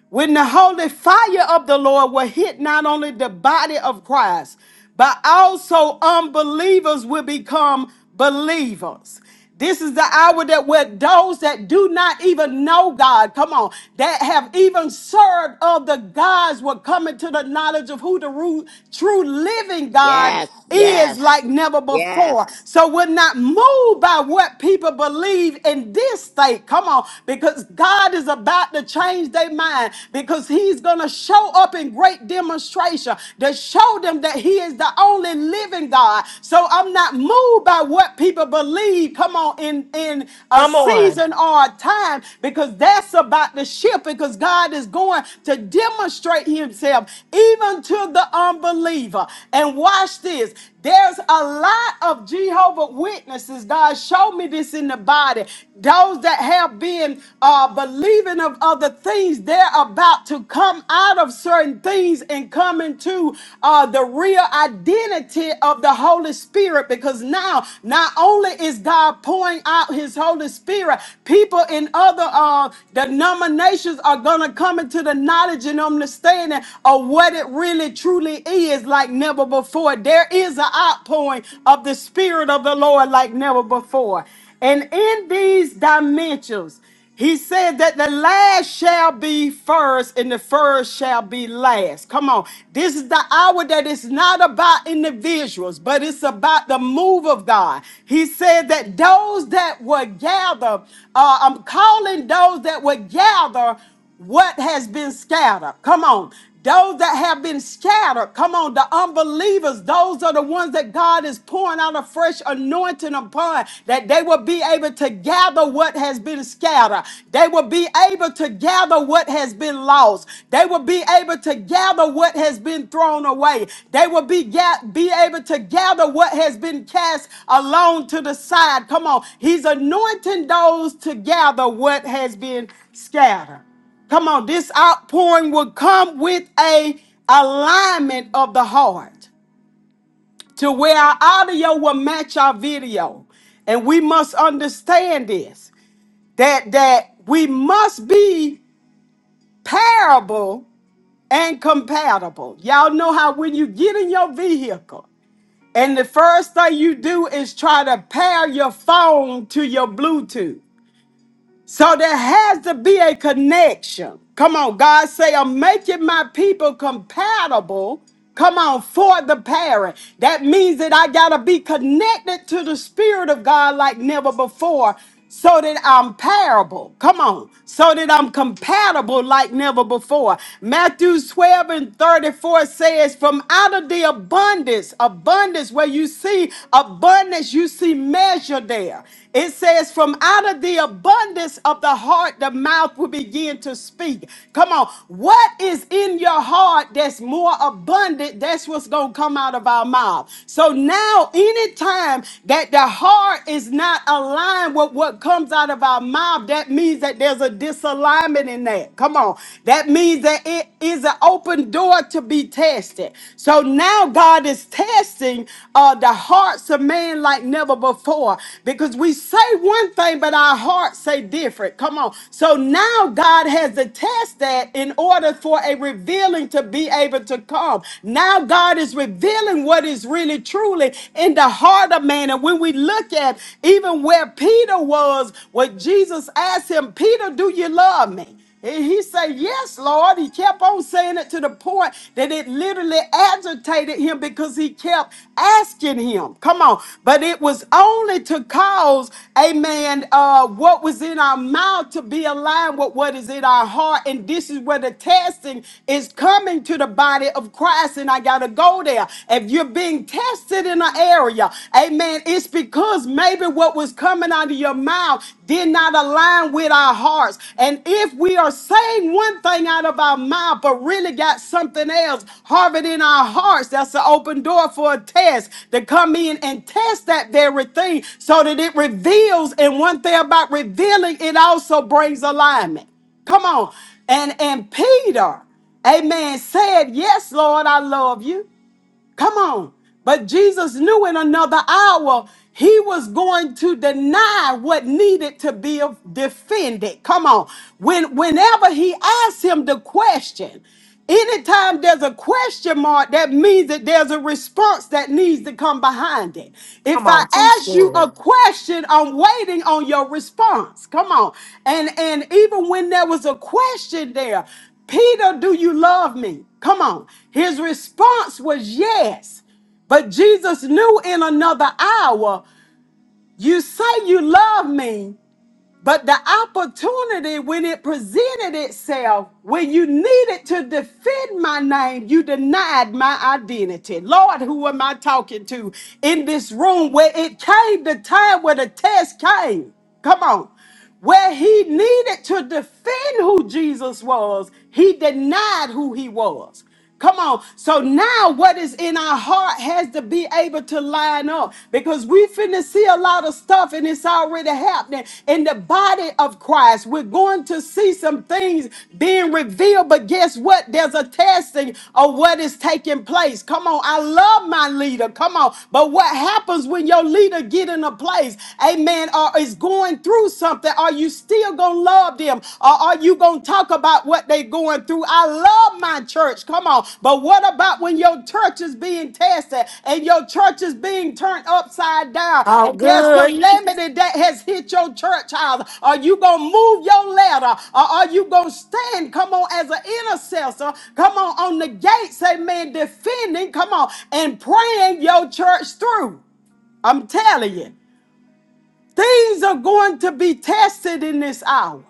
S4: When the holy fire of the Lord will hit not only the body of Christ, but also unbelievers will become believers. This is the hour that where those that do not even know God, come on, that have even served of the gods will come into the knowledge of who the ru- true living God
S2: Yes.
S4: is
S2: Yes.
S4: like never
S2: Yes.
S4: before. So we're not moved by what people believe in this state. Come on, because God is about to change their mind because He's going to show up in great demonstration to show them that He is the only living God. So I'm not moved by what people believe. Come on, in in a
S1: Come on.
S4: season or a time because that's about to shift because God is going to demonstrate Himself even to the unbeliever. And watch this watch this. There's a lot of Jehovah Witnesses. God show me this in the body. Those that have been uh, believing of other things, they're about to come out of certain things and come into uh, the real identity of the Holy Spirit. Because now, not only is God pouring out His Holy Spirit, people in other uh, denominations are gonna come into the knowledge and understanding of what it really truly is like never before. Lord, there is an outpouring of the Spirit of the Lord like never before. And in these dimensions, he said that the last shall be first and the first shall be last. Come on. This is the hour that it's not about individuals, but it's about the move of God. He said that those that were gathered, uh, I'm calling those that were gathered what has been scattered. Come on. Those that have been scattered, come on, the unbelievers, those are the ones that God is pouring out a fresh anointing upon, that they will be able to gather what has been scattered. They will be able to gather what has been lost. They will be able to gather what has been thrown away. They will be, ga- be able to gather what has been cast alone to the side. Come on, He's anointing those to gather what has been scattered. Come on, this outpouring will come with a alignment of the heart to where our audio will match our video. And we must understand this that that we must be parable and compatible. Y'all know how when you get in your vehicle and the first thing you do is try to pair your phone to your Bluetooth. So there has to be a connection. Come on, God say, I'm making my people compatible. Come on, for the parent. That means that I got to be connected to the Spirit of God like never before so that I'm parable. Come on, so that I'm compatible like never before. Matthew 12 and 34 says, From out of the abundance, abundance where you see abundance abundance you see measure there. It says, from out of the abundance of the heart, the mouth will begin to speak. Come on. What is in your heart that's more abundant? That's what's going to come out of our mouth. So now, anytime that the heart is not aligned with what comes out of our mouth, that means that there's a disalignment in that. Come on. That means that it is an open door to be be tested. So now God is testing uh, the hearts of man like never before because we say one thing, but our hearts say different. Come on. So now God has to test that in order for a revealing to be able to come. Now God is revealing what is really truly in the heart of man. And when we look at even where Peter was, what Jesus asked him, Peter, do you love me? And he said, Yes, Lord. He kept on saying it to the point that it literally agitated him because he kept asking him. Come on. But it was only to cause, amen, uh, what was in our mouth to be aligned with what is in our heart. And this is where the testing is coming to the body of Christ. And I got to go there. If you're being tested in an area, amen, it's because maybe hearing what was coming out of your mouth did not align with our hearts. And if we are saying one thing out of our mouth, but really got something else harbored in our hearts, that's an open door for a test to come in and test that very thing so that it reveals. And one thing about revealing, it also brings alignment. Come on. And and Peter, amen, said, Yes, Lord, I love you. Come on. But Jesus knew in another hour he was going to deny what needed to be of- defended. Come on. When whenever he asked him the question, anytime there's a question mark, that means that there's a response that needs to come behind it. If
S1: Come
S4: I
S1: on. Teach
S4: ask you a
S1: good.
S4: question, I'm waiting on your response. Come on. And and even when there was a question there, Peter, do you love me? Come on. His response was yes. But Jesus knew in another hour, you say you love me. But the opportunity, when it presented itself, when you needed to defend my name, you denied my identity. Lord, who am I talking to in this room where it came the time where the test came? Come on. Where he needed to defend who Jesus was, he denied who he was. Come on. So now what is in our heart has to be able to line up because we finna see a lot of stuff and it's already happening in the body of Christ. We're going to see some things being revealed, but guess what? There's a testing of what is taking place. Come on. I love my leader. Come on. But what happens when your leader get in a place, amen, or is going through something? Are you still gonna love them? Or are you gonna talk about what they are going through? I love my church. Come on. But what about when your church is being tested and your church is being turned upside down
S1: Talk
S4: and there's
S1: good.
S4: calamity that has hit your church house? Are you gonna move your ladder? Or are you gonna stand? Come on, as an intercessor, come on on the gates, amen, defending, come on, and praying your church through. I'm telling you, things are going to be tested in this hour.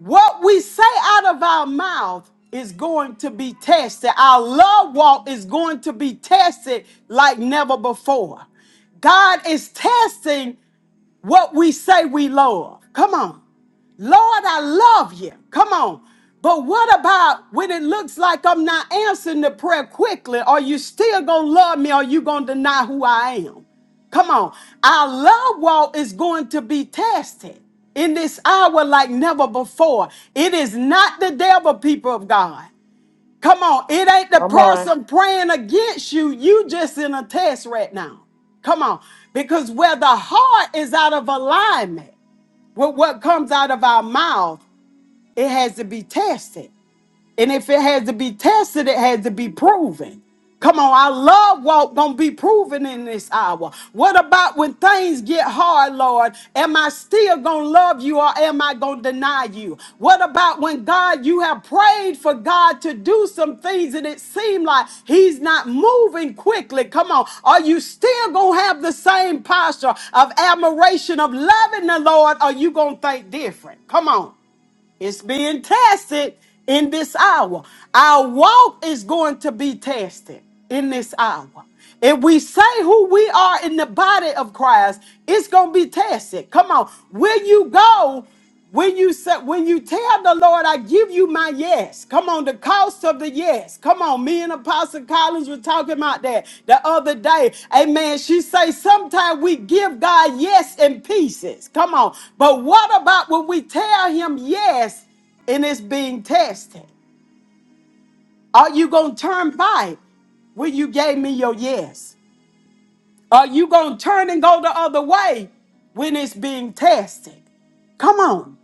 S4: What we say out of our mouth is going to be tested. Our love walk is going to be tested like never before. God is testing what we say we love. Come on. Lord, I love you. Come on. But what about when it looks like I'm not answering the prayer quickly? Are you still going to love me or are you going to deny who I am? Come on. Our love walk is going to be tested in this hour like never before. It is not the devil, people of God. Come on, it ain't the
S1: Come on.
S4: person praying against you. You just in a test right now. Come on, because where the heart is out of alignment with what comes out of our mouth, it has to be tested. And if it had to be tested, it had to be proven. Come on, our love walk gonna be proven in this hour. What about when things get hard, Lord? Am I still gonna love you or am I gonna deny you? What about when God, you have prayed for God to do some things and it seemed like He's not moving quickly? Come on, are you still gonna have the same posture of admiration, of loving the Lord? Or are you gonna think different? Come on. It's being tested in this hour. Our walk is going to be tested in this hour. If we say who we are in the body of Christ, it's going to be tested. Come on. Will you go when you say, when you tell the Lord, I give give you my yes. Come on, the cost of the yes. Come on, me and Apostle Collins were talking about that the other day. Amen. She say sometimes we give God yes in pieces. Come on, but what about when we tell Him yes and it's being tested? Are you gonna turn back when you gave me your yes? Are you gonna turn and go the other way when it's being tested? Come on.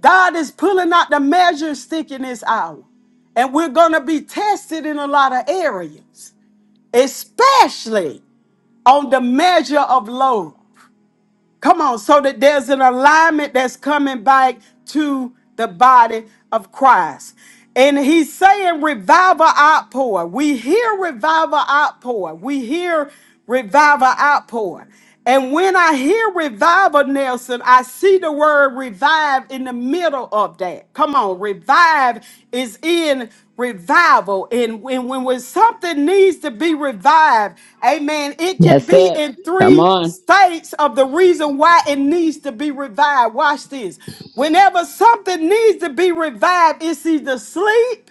S4: God is pulling out the measure stick in this hour. And we're going to be tested in a lot of areas, especially on the measure of love. Come on, so that there's an alignment that's coming back to the body of Christ. And he's saying revival outpour. We hear revival outpour. We hear revival outpour. And when I hear revival, Nelson, I see the word revive in the middle of that. Come on, revive is in revival. And when, when, when something needs to be revived, amen, it can be
S2: That's it.
S4: in three
S2: Come on.
S4: states of the reason why it needs to be revived. Watch this. Whenever something needs to be revived, it's either sleep.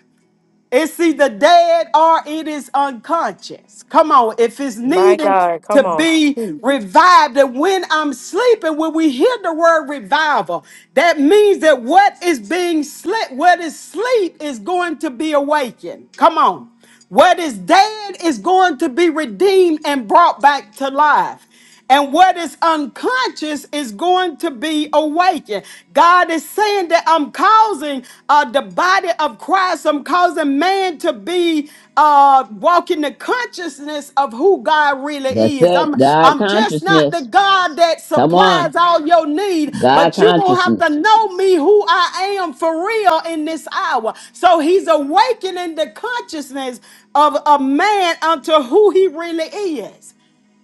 S4: It's either dead or it is unconscious. Come on, if it's
S1: My
S4: needed
S1: God.
S4: to
S1: Come on.
S4: be revived, and when I'm sleeping, when we hear the word revival, that means that what is being slept, what is sleep, is going to be awakened. Come on, what is dead is going to be redeemed and brought back to life. And what is unconscious is going to be awakened. God is saying that I'm causing uh, the body of Christ, I'm causing man to be uh, walking the consciousness of who God really
S2: That's
S4: is.
S2: it.
S4: I'm,
S2: God
S4: I'm just not the
S2: consciousness.
S4: God that
S2: Come on.
S4: supplies all your need,
S2: God
S4: but you going to have to
S2: consciousness.
S4: know me who I am for real in this hour. So he's awakening the consciousness of a man unto who he really is.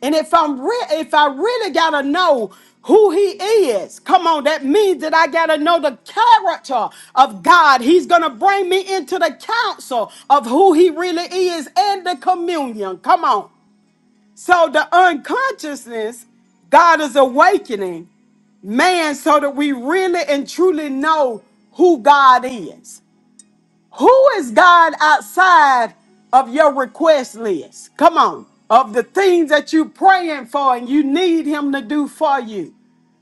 S4: And if I'm re- if I really gotta know who he is, come on, that means that I gotta know the character of God. He's gonna bring me into the counsel of who he really is and the communion. Come on. So the unconsciousness, God is awakening man so that we really and truly know who God is. Who is God outside of your request list? Come on. Of the things that you're praying for and you need Him to do for you.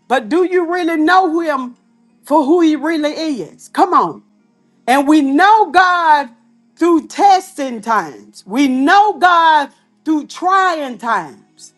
S4: But do you really know Him for who He really is? Come on. And we know God through testing times, we know God through trying times.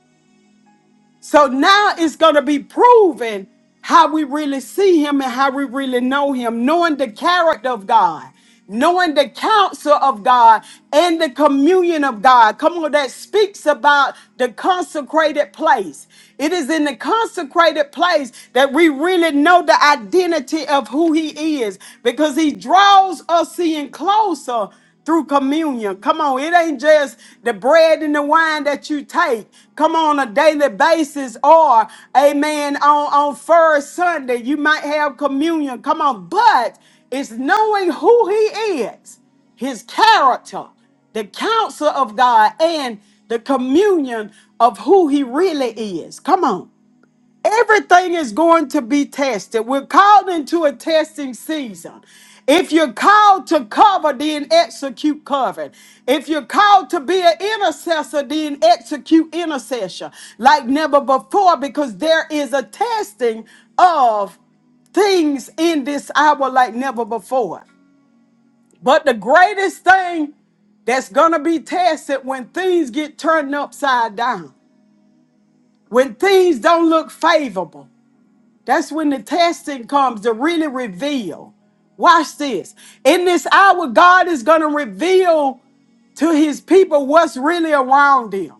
S4: So now it's going to be proven how we really see him and how we really know him, knowing the character of God, knowing the counsel of God and the communion of God. Come on, that speaks about the consecrated place. It is in the consecrated place that we really know the identity of who he is because he draws us in closer through communion. Come on, it ain't just the bread and the wine that you take. Come on, a daily basis, or amen, on, on first Sunday, you might have communion. Come on, but it's knowing who He is, His character, the counsel of God, and the communion of who He really is. Come on. Everything is going to be tested. We're called into a testing season. If you're called to cover, then execute covering. If you're called to be an intercessor, then execute intercession like never before because there is a testing of things in this hour like never before. But the greatest thing that's going to be tested when things get turned upside down, when things don't look favorable. That's when the testing comes to really reveal. Watch this. In this hour, God is going to reveal to his people what's really around them.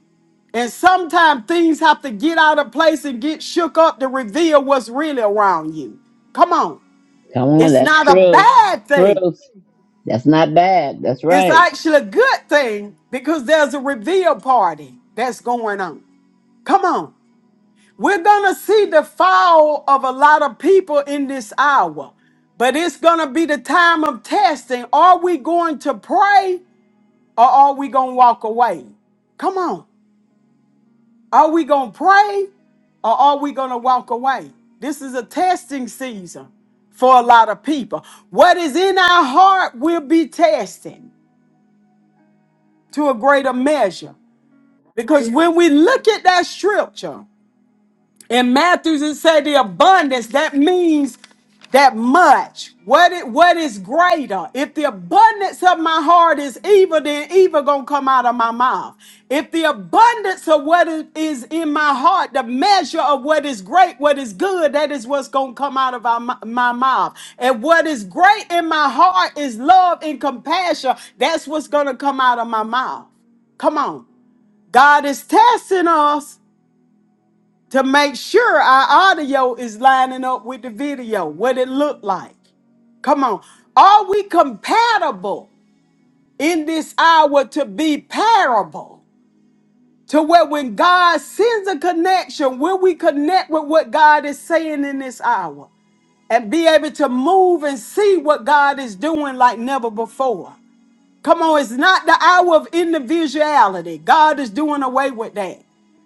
S4: And sometimes things have to get out of place and get shook up to reveal what's really around you. Come on.
S2: Come on.
S4: It's
S2: That's
S4: not a
S2: truth.
S4: bad thing,
S2: Truth. That's not bad. That's
S4: it's
S2: right.
S4: actually a good thing because there's a reveal party that's going on. Come on. We're going to see the fall of a lot of people in this hour, but it's going to be the time of testing. Are we going to pray or are we going to walk away? Come on. Are we going to pray or are we going to walk away? This is a testing season for a lot of people. What is in our heart will be tested to a greater measure. Because when we look at that scripture, In Matthew's, it said the abundance. That means that much. What it, what is greater? If the abundance of my heart is evil, then evil gonna come out of my mouth. If the abundance of what is is in my heart, the measure of what is great, what is good, that is what's gonna come out of our, mou- my mouth. And what is great in my heart is love and compassion. That's what's gonna come out of my mouth. Come on. God is testing us to make sure our audio is lining up with the video, what it looked like. Come on. Are we compatible in this hour to be parable? To where when God sends a connection, will we connect with what God is saying in this hour and be able to move and see what God is doing like never before? Come on, it's not the hour of individuality. God is doing away with that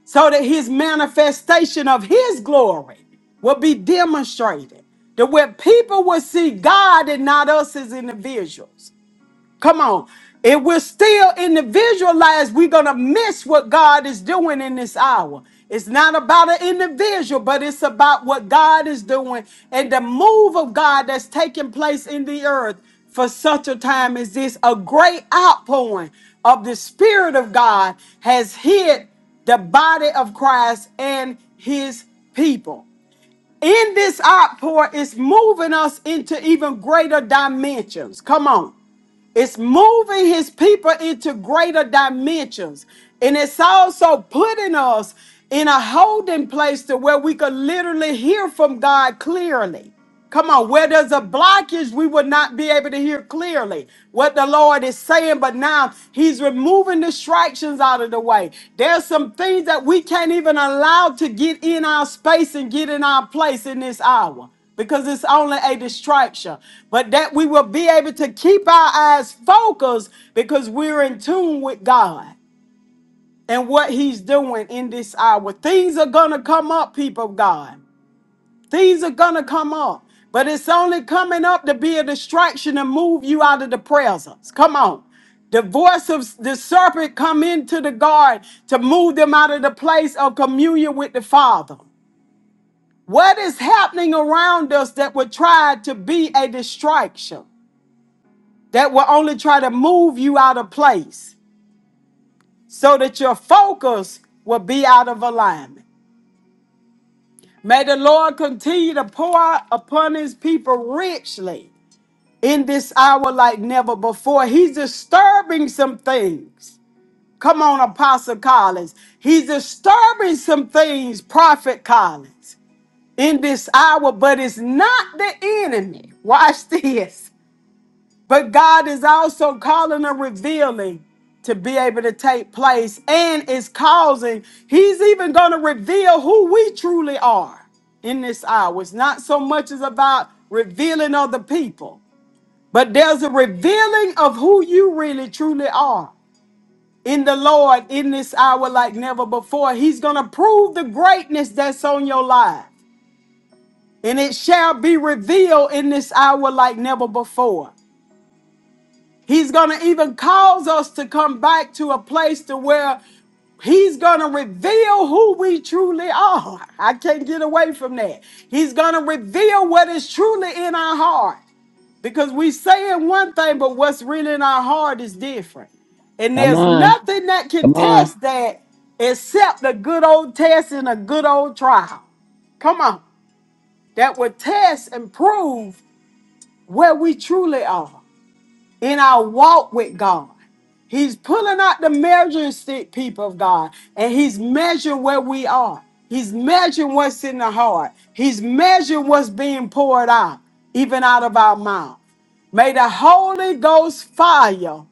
S4: so that his manifestation of his glory will be demonstrated. That where people will see God and not us as individuals. Come on. If we're still in we're going to miss what God is doing in this hour. It's not about an individual, but it's about what God is doing and the move of God that's taking place in the earth for such a time as this. A great outpouring of the Spirit of God has hit the body of Christ and his people. In this outpour, it's moving us into even greater dimensions. Come on. It's moving his people into greater dimensions. And it's also putting us in a holding place to where we could literally hear from God clearly. Come on, where there's a blockage, we would not be able to hear clearly what the Lord is saying. But now He's removing distractions out of the way. There's some things that we can't even allow to get in our space and get in our place in this hour because it's only a distraction, but that we will be able to keep our eyes focused because we're in tune with God and what He's doing in this hour. Things are going to come up, people of God. Things are going to come up, but it's only coming up to be a distraction and move you out of the presence. Come on. The voice of the serpent come into the garden to move them out of the place of communion with the Father. What is happening around us that would try to be a distraction, that will only try to move you out of place so that your focus will be out of alignment? May the Lord continue to pour out upon his people richly in this hour like never before. He's disturbing some things. Come on, Apostle Collins. He's disturbing some things, Prophet Collins, in this hour, but it's not the enemy. Watch this. But God is also calling a revealing to be able to take place and is causing, He's even going to reveal who we truly are in this hour. It's not so much as about revealing other people, but there's a revealing of who you really truly are in the Lord in this hour like never before. He's going to prove the greatness that's on your life, and it shall be revealed in this hour like never before. He's going to even cause us to come back to a place to where He's going to reveal who we truly are. I can't get away from that. He's going to reveal what is truly in our heart. Because we saying one thing, but what's really in our heart is different. And
S2: Come
S4: there's
S2: on.
S4: nothing that can
S2: Come
S4: test
S2: on.
S4: that except the good old test and a good old trial. Come on. That will test and prove where we truly are in our walk with God. He's pulling out the measuring stick, people of God, and he's measuring where we are. He's measuring what's in the heart. He's measuring what's being poured out, even out of our mouth. May the Holy Ghost fire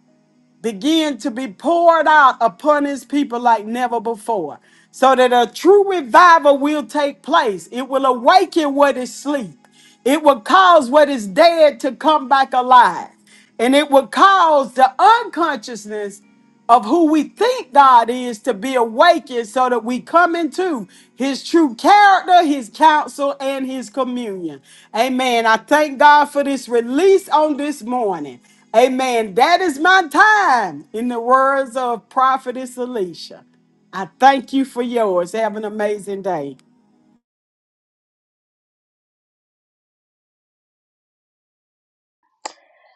S4: begin to be poured out upon his people like never before, so that a true revival will take place. It will awaken what is asleep, it will cause what is dead to come back alive, and it will cause the unconsciousness of who we think God is to be awakened so that we come into his true character, his counsel, and his communion. Amen. I thank God for this release on this morning. Amen. That is my time, in the words of Prophetess Alicia. I thank you for yours. Have an amazing day.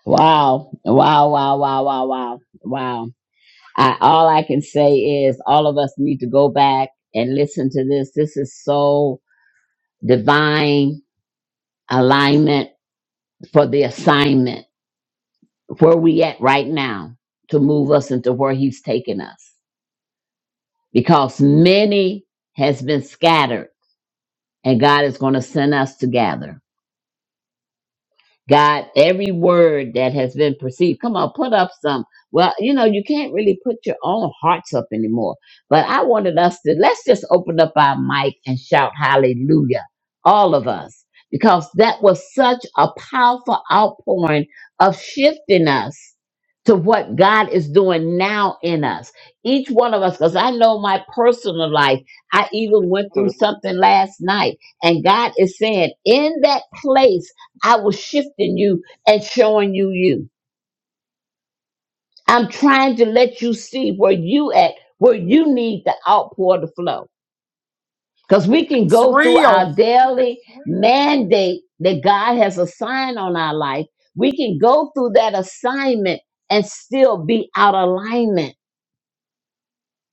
S2: Wow. Wow. Wow. Wow. Wow. Wow. Wow. I, all I can say is all of us need to go back and listen to this. This is so divine alignment for the assignment. Where we at right now to move us into where he's taking us. because many has been scattered and God is going to send us to gather. God, every word that has been perceived. Come on, put up some. Well, you know, you can't really put your own hearts up anymore. But I wanted us to let's just open up our mic and shout hallelujah, all of us, because that was such a powerful outpouring of shifting us to what God is doing now in us. Each one of us, because I know my personal life, I even went through
S6: Come
S2: something last night, and God is saying, in that place. I was shifting you and showing you you. I'm trying to let you see where you at, where you need the outpour to flow. Because we can
S4: It's
S2: go through
S4: real.
S2: our daily mandate that God has assigned on our life. We can go through that assignment and still be out of alignment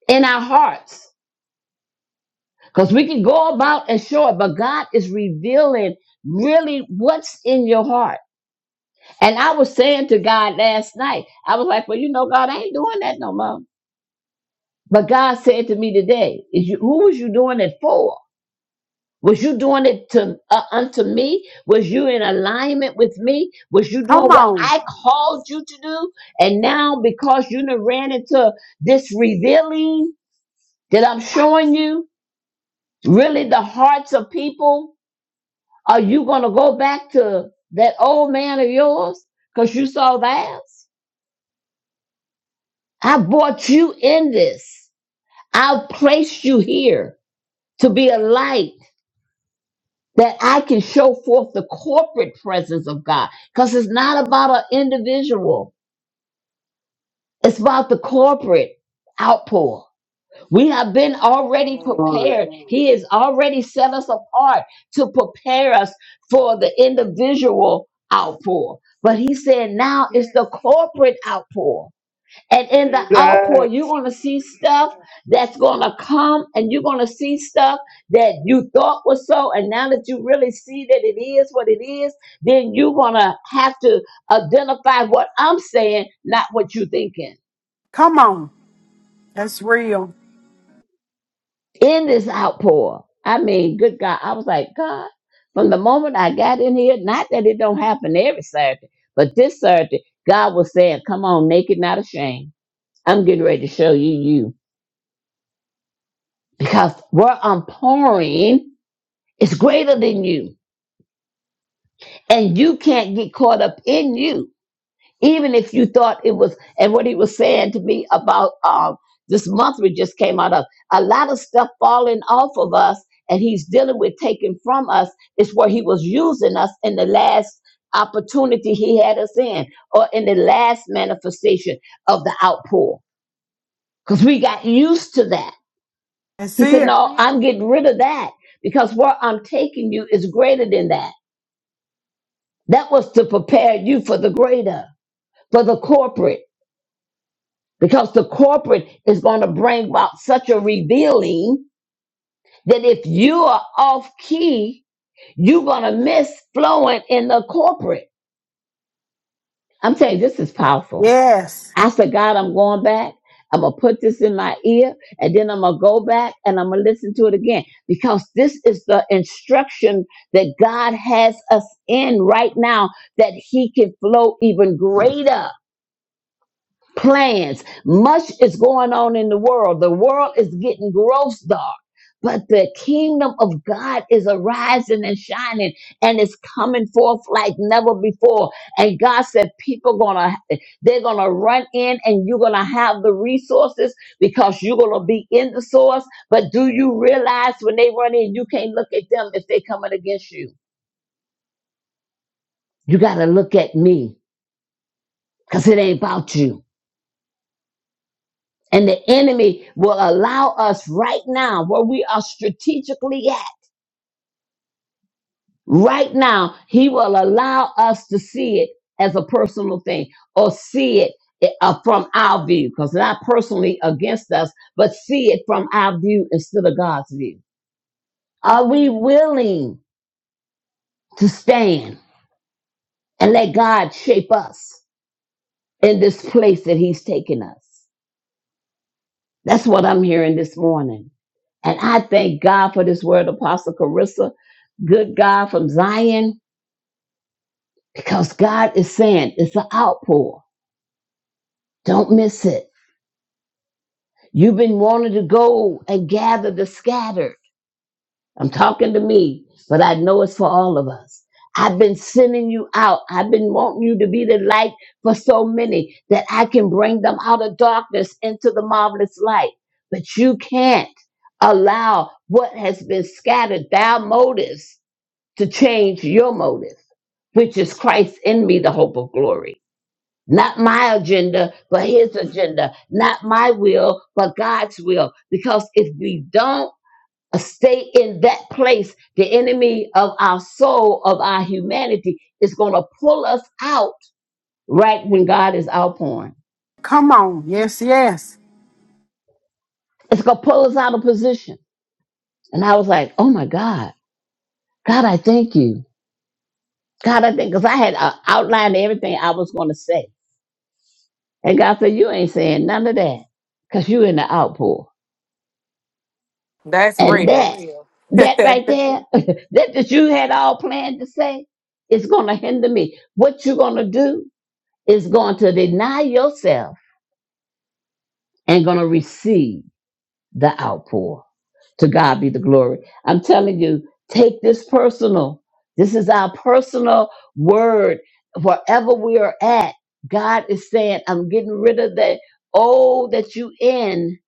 S2: in our hearts. Because we can go about and show it, but God is revealing really what's in your heart. And I was saying to God last night, I was like, well, you know, God, I ain't doing that no more. But God said to me today, is you, who was you doing it for? Was you doing it to uh, unto me? Was you in alignment with me? Was you
S4: Come
S2: doing what
S4: on.
S2: I called you to do? And now because you done ran into this revealing that I'm showing you, really the hearts of people, are you going to go back to that old man of yours? Because you saw theirs? I brought you in this. I've placed you here to be a light that I can show forth the corporate presence of God. Because it's not about an individual, it's about the corporate outpour. We have been already
S6: on.
S2: prepared. He has already set us apart to prepare us for the individual outpour. But he said now it's the corporate outpour. And in
S6: Say
S2: the outpour,
S6: that.
S2: you're going to see stuff that's going to come and you're going to see stuff that you thought was so. And now that you really see that it is what it is, then you're going to have to identify what I'm saying, not what you're thinking.
S4: Come on. That's real.
S2: In this outpour, I mean, good God, I was like, God, from the moment I got in here, not that it don't happen every Saturday, but this Saturday, God was saying, come on, naked, not ashamed. I'm getting ready to show you you. Because where I'm pouring It's greater than you. And you can't get caught up in you. Even if you thought it was, and what he was saying to me about um, this month we just came out of, a lot of stuff falling off of us and he's dealing with taking from us is where he was using us in the last opportunity he had us in or in the last manifestation of the outpour. Because we got used to that.
S4: That's
S2: He said,
S4: it.
S2: No, I'm getting rid of that because where I'm taking you is greater than that. That was to prepare you for the greater, for the corporate, because the corporate is going to bring about such a revealing that if you are off key, you're going to miss flowing in the corporate. I'm telling you, this is powerful.
S4: Yes.
S2: I said, God, I'm going back. I'm going to put this in my ear and then I'm going to go back and I'm going to listen to it again because this is the instruction that God has us in right now that He can flow even greater plans. Much is going on in the world. The world is getting gross dark, but the kingdom of God is arising and shining and it's coming forth like never before. And God said, people gonna, they're gonna run in and you're gonna have the resources because you're gonna be in the source. But do you realize when they run in, you can't look at them if they're coming against you. You gotta look at me because it ain't about you. And the enemy will allow us right now, where we are strategically at, right now, he will allow us to see it as a personal thing or see it uh, from our view, because not personally against us, but see it from our view instead of God's view. Are we willing to stand and let God shape us in this place that he's taken us? That's what I'm hearing this morning. And I thank God for this word, Apostle Carissa, good God from Zion, because God is saying it's an outpour. Don't miss it. You've been wanting to go and gather the scattered. I'm talking to me, but I know it's for all of us. I've been sending you out. I've been wanting you to be the light for so many that I can bring them out of darkness into the marvelous light. But you can't allow what has been scattered, thy motives, to change your motive, which is Christ in me, the hope of glory. Not my agenda, but his agenda. Not my will, but God's will. Because if we don't, stay in that place, the enemy of our soul, of our humanity, is going to pull us out right when God is outpouring.
S4: Come on. Yes, yes.
S2: It's going to pull us out of position. And I was like, oh my God, God, I thank you. God, I thank, because I had uh, outlined everything I was going to say. And God said, you ain't saying none of that because you in the outpour.
S1: That's
S2: And
S1: real.
S2: that, that right there, that that you had all planned to say, is going to hinder me. What you going to do is going to deny yourself and going to receive the outpour. To God be the glory. I'm telling you, take this personal. This is our personal word. Wherever we are at, God is saying, I'm getting rid of that old that you in,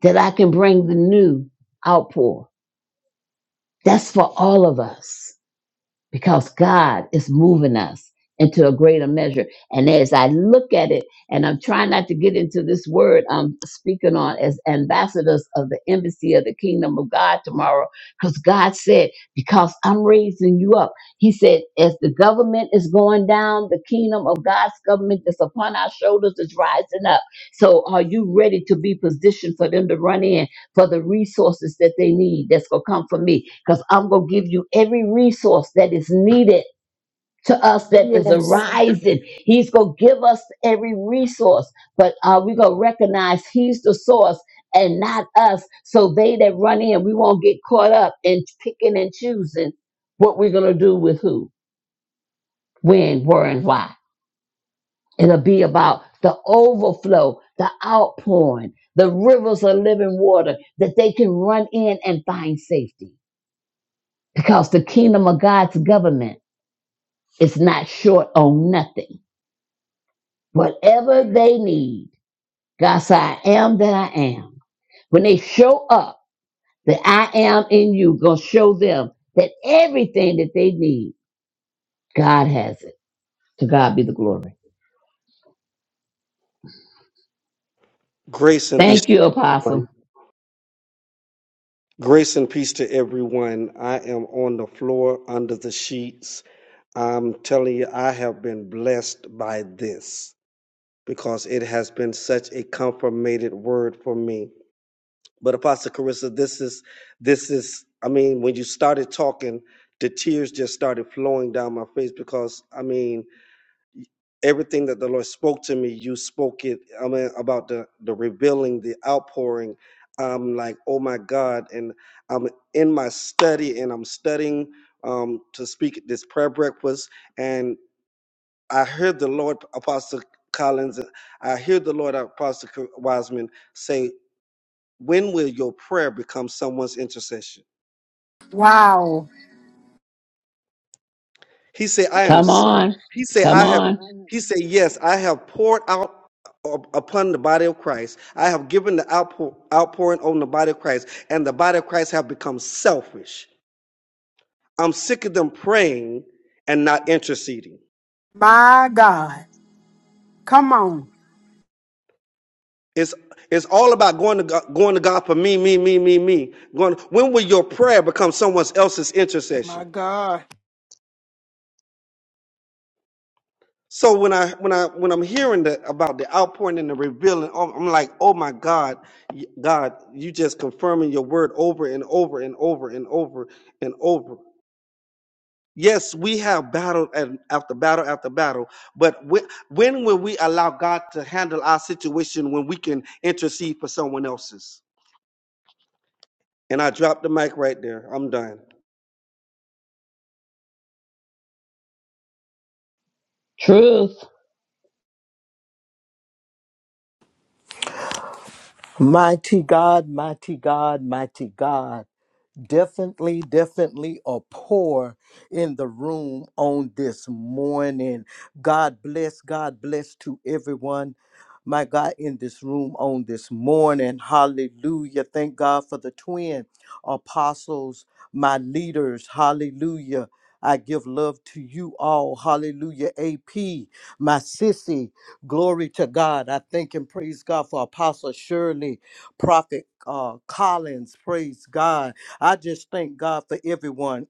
S2: that I can bring the new outpour. That's for all of us. because God is moving us into a greater measure. And as I look at it, and I'm trying not to get into this word I'm speaking on as ambassadors of the embassy of the kingdom of God tomorrow, because God said, Because I'm raising you up. He said, As the government is going down, the kingdom of God's government that's upon our shoulders is rising up. So are you ready to be positioned for them to run in? for the resources that they need that's going to come from me because I'm going to give you every resource that is needed to us that is
S4: Yes.
S2: arising. He's going to give us every resource, but uh, we're going to recognize He's the source and not us. So they that run in, we won't get caught up in picking and choosing what we're going to do with who, when, where, and why. It'll be about the overflow, the outpouring, the rivers of living water that they can run in and find safety. because the kingdom of God's government is not short on nothing. Whatever they need, God said, I am that I am. When they show up, that I am in you, gonna show them that everything that they need, God has it. To God be the glory.
S6: Grace and peace
S2: Thank
S6: to
S2: you, Apostle.
S6: everyone. Grace and peace to everyone. I am on the floor under the sheets. I'm telling you, I have been blessed by this because it has been such a confirmated word for me. But Apostle Carissa, this is this is I mean, when you started talking, the tears just started flowing down my face because I mean everything that the Lord spoke to me, you spoke it. I mean, about the the revealing, the outpouring. I'm like, oh my God, and I'm in my study and I'm studying um, to speak at this prayer breakfast, and I heard the Lord, Apostle Collins, I hear the Lord, Apostle Wiseman, say, "When will your prayer become someone's intercession?"
S4: Wow.
S6: He said, I am,
S2: Come
S6: s-
S2: on.
S6: he said,
S2: Come
S6: I have,
S2: on.
S6: he said, yes, I have poured out up- upon the body of Christ. I have given the outpour, outpouring on the body of Christ, and the body of Christ have become selfish. I'm sick of them praying and not interceding.
S4: My God. Come on.
S6: It's, it's all about going to God, going to God for me, me, me, me, me. Going, when will your prayer become someone else's intercession?
S5: My God.
S6: So when I when I when I'm hearing the, about the outpouring and the revealing, oh, I'm like, oh my God, y- God, you just confirming your word over and over and over and over and over. Yes, we have battled and after battle after battle, but when, when will we allow God to handle our situation when we can intercede for someone else's? And I dropped the mic right there. I'm done.
S2: Truth.
S3: Mighty God, mighty God, mighty God. definitely, definitely a pour in the room on this morning. God bless, God bless to everyone. My God, in this room on this morning. Hallelujah. Thank God for the twin apostles, my leaders. Hallelujah. I give love to you all. Hallelujah. AP, my sissy. Glory to God. I thank and praise God for Apostle Shirley, Prophet uh, Collins. Praise God. I just thank God for everyone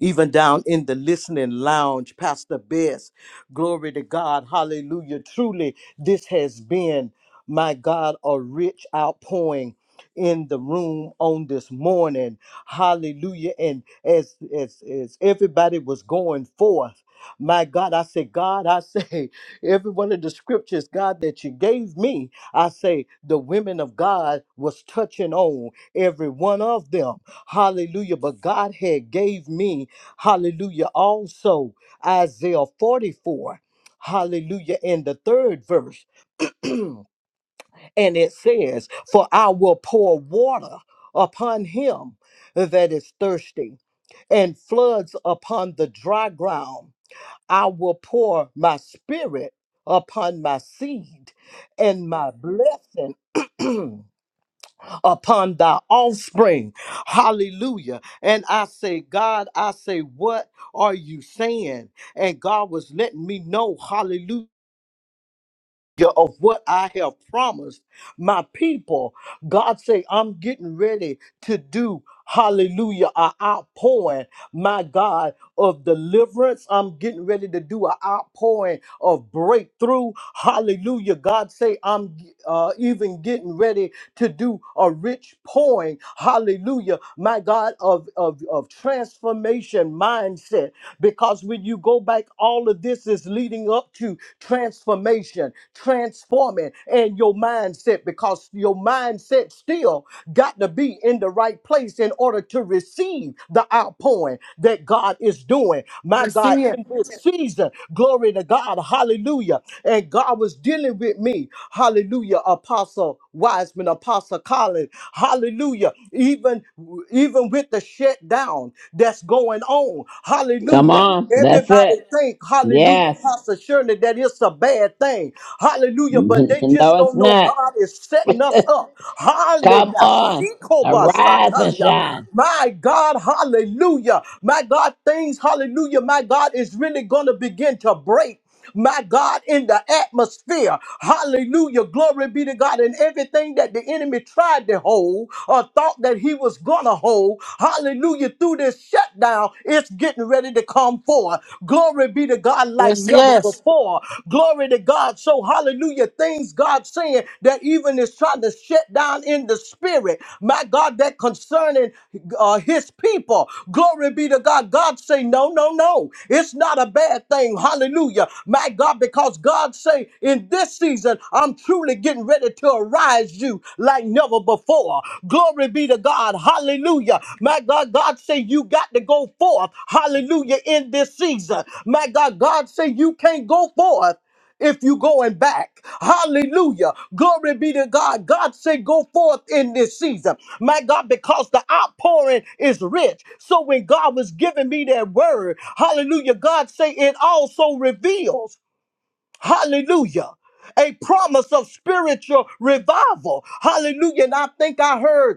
S3: even down in the listening lounge, Pastor Bess. Glory to God. Hallelujah. Truly, this has been, my God, a rich outpouring in the room on this morning. Hallelujah. And as as as everybody was going forth, my God, I say, God, I say, every one of the scriptures, God, that you gave me, I say the women of God was touching on every one of them. Hallelujah. But God had gave me Hallelujah. Also, Isaiah 44, hallelujah, in the third verse. and it says, For I will pour water upon him that is thirsty, and floods upon the dry ground. I will pour my spirit upon my seed, and my blessing. upon thy offspring. Hallelujah. And I say, God, I say, what are you saying? And God was letting me know, hallelujah of what I have promised my people. God say, I'm getting ready to do, hallelujah, An outpouring, my God, of deliverance. I'm getting ready to do an outpouring of breakthrough. Hallelujah. God say, I'm uh, even getting ready to do a rich pouring. Hallelujah. My God, of, of, of transformation mindset. Because when you go back, all of this is leading up to transformation, transforming in your mindset because your mindset still got to be in the right place in order to receive the outpouring that God is doing. My
S4: Let's
S3: God,
S4: see it.
S3: in this season, glory to God, hallelujah. And God was dealing with me, hallelujah, Apostle Wiseman, Apostle Collins, hallelujah, even, even with the shutdown that's going on,
S2: Come
S3: hallelujah.
S2: on. That's
S3: Everybody
S2: it.
S3: think, hallelujah,
S2: Yes.
S3: Pastor Shirley, that it's a bad bad thing. Hallelujah. But they just
S2: no, it's
S3: don't know
S2: not.
S3: God is setting us up. Hallelujah.
S2: Come on. Arise and shine.
S3: My God, hallelujah. My God, things, hallelujah. My God is really going to begin to break my God, in the atmosphere. Hallelujah. Glory be to God. And everything that the enemy tried to hold or thought that he was going to hold, hallelujah, through this shutdown now it's getting ready to come forth. Glory be to God like
S4: Yes,
S3: never
S4: yes.
S3: before. Glory to God. So, hallelujah. Things God's saying that even is trying to shut down in the spirit. My God, that concerning uh, his people. Glory be to God. God say, no, no, no. It's not a bad thing. Hallelujah. My God, because God say, in this season, I'm truly getting ready to arise you like like never before. Glory be to God. Hallelujah. My God, God say you got to go forth. Hallelujah. In this season. My God, God say you can't go forth if you going back. Hallelujah. Glory be to God. God say go forth in this season. My God, because the outpouring is rich. So when God was giving me that word, hallelujah, God say it also reveals. Hallelujah. A promise of spiritual revival. Hallelujah. And I think I heard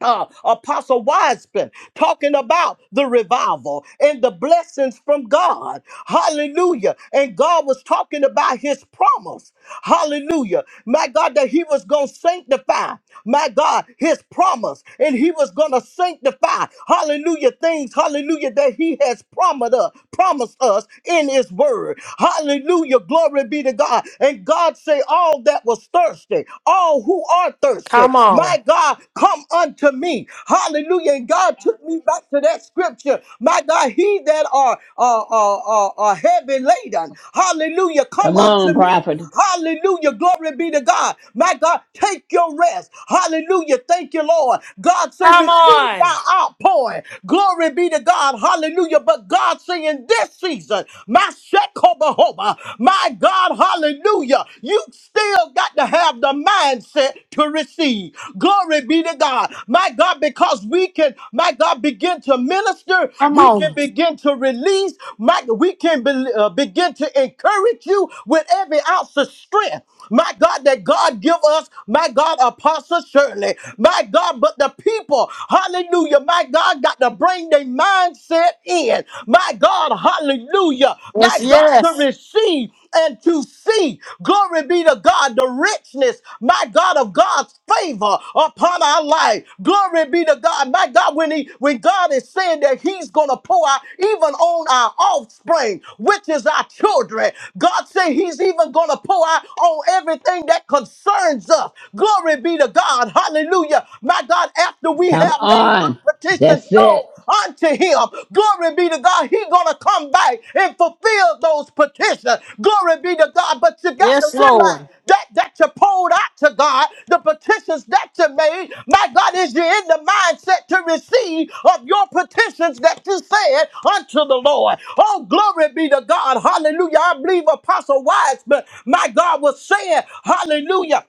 S3: uh, Apostle Wiseman talking about the revival and the blessings from God. Hallelujah. And God was talking about his promise. Hallelujah. My God, that he was going to sanctify, my God, his promise. And he was going to sanctify, hallelujah, things, hallelujah, that he has promised us, promised us in his word. Hallelujah. Glory be to God. And God say, all that was thirsty, all who are thirsty, thirsty.
S1: Come on.
S3: My God, come unto me. Hallelujah. And God took me back to that scripture. My God, he that are, are, are, are, are heavy laden. Hallelujah. Come
S2: Come
S3: unto
S2: on,
S3: me.
S2: prophet.
S3: Hallelujah. Glory be to God. My God, take your rest. Hallelujah. Thank you, Lord. God say,
S1: Come
S3: receive
S1: on.
S3: my outpouring. Glory be to God. Hallelujah. But God say in this season, my Shekobahoba, my God, God. Hallelujah. You still got to have the mindset to receive. Glory be to God. My God, because we can, my God, begin to minister.
S4: Come
S3: We can
S4: on.
S3: begin to release. My, we can be- uh, begin to encourage you with every ounce of strength. My God, that God give us, my God, Apostle Shirley. My God, but the people, hallelujah, my God, got to bring their mindset in. My God, hallelujah,
S4: Yes,
S3: my God, to
S4: yes.
S3: receive and to see. Glory be to God, the richness, my God, of God's favor upon our life. Glory be to of God, my God, when He when God is saying that He's gonna pour out even on our offspring, which is our children, God say He's even gonna pour out on everything that concerns us. Glory be to God. Hallelujah. My God, after we
S2: Come
S3: have made
S2: on.
S3: up petitions
S2: That's
S3: known
S2: it.
S3: unto him. Glory be to God. He gonna come back and fulfill those petitions. Glory be to God. But you got to
S4: Yes,
S3: realize
S4: Lord.
S3: that that you poured out to God, the petitions that you made, my God, is you in the mindset to receive of your petitions that you said unto the Lord. Oh, glory be to God. Hallelujah. I believe Apostle Wiseman, my God, was saying, Hallelujah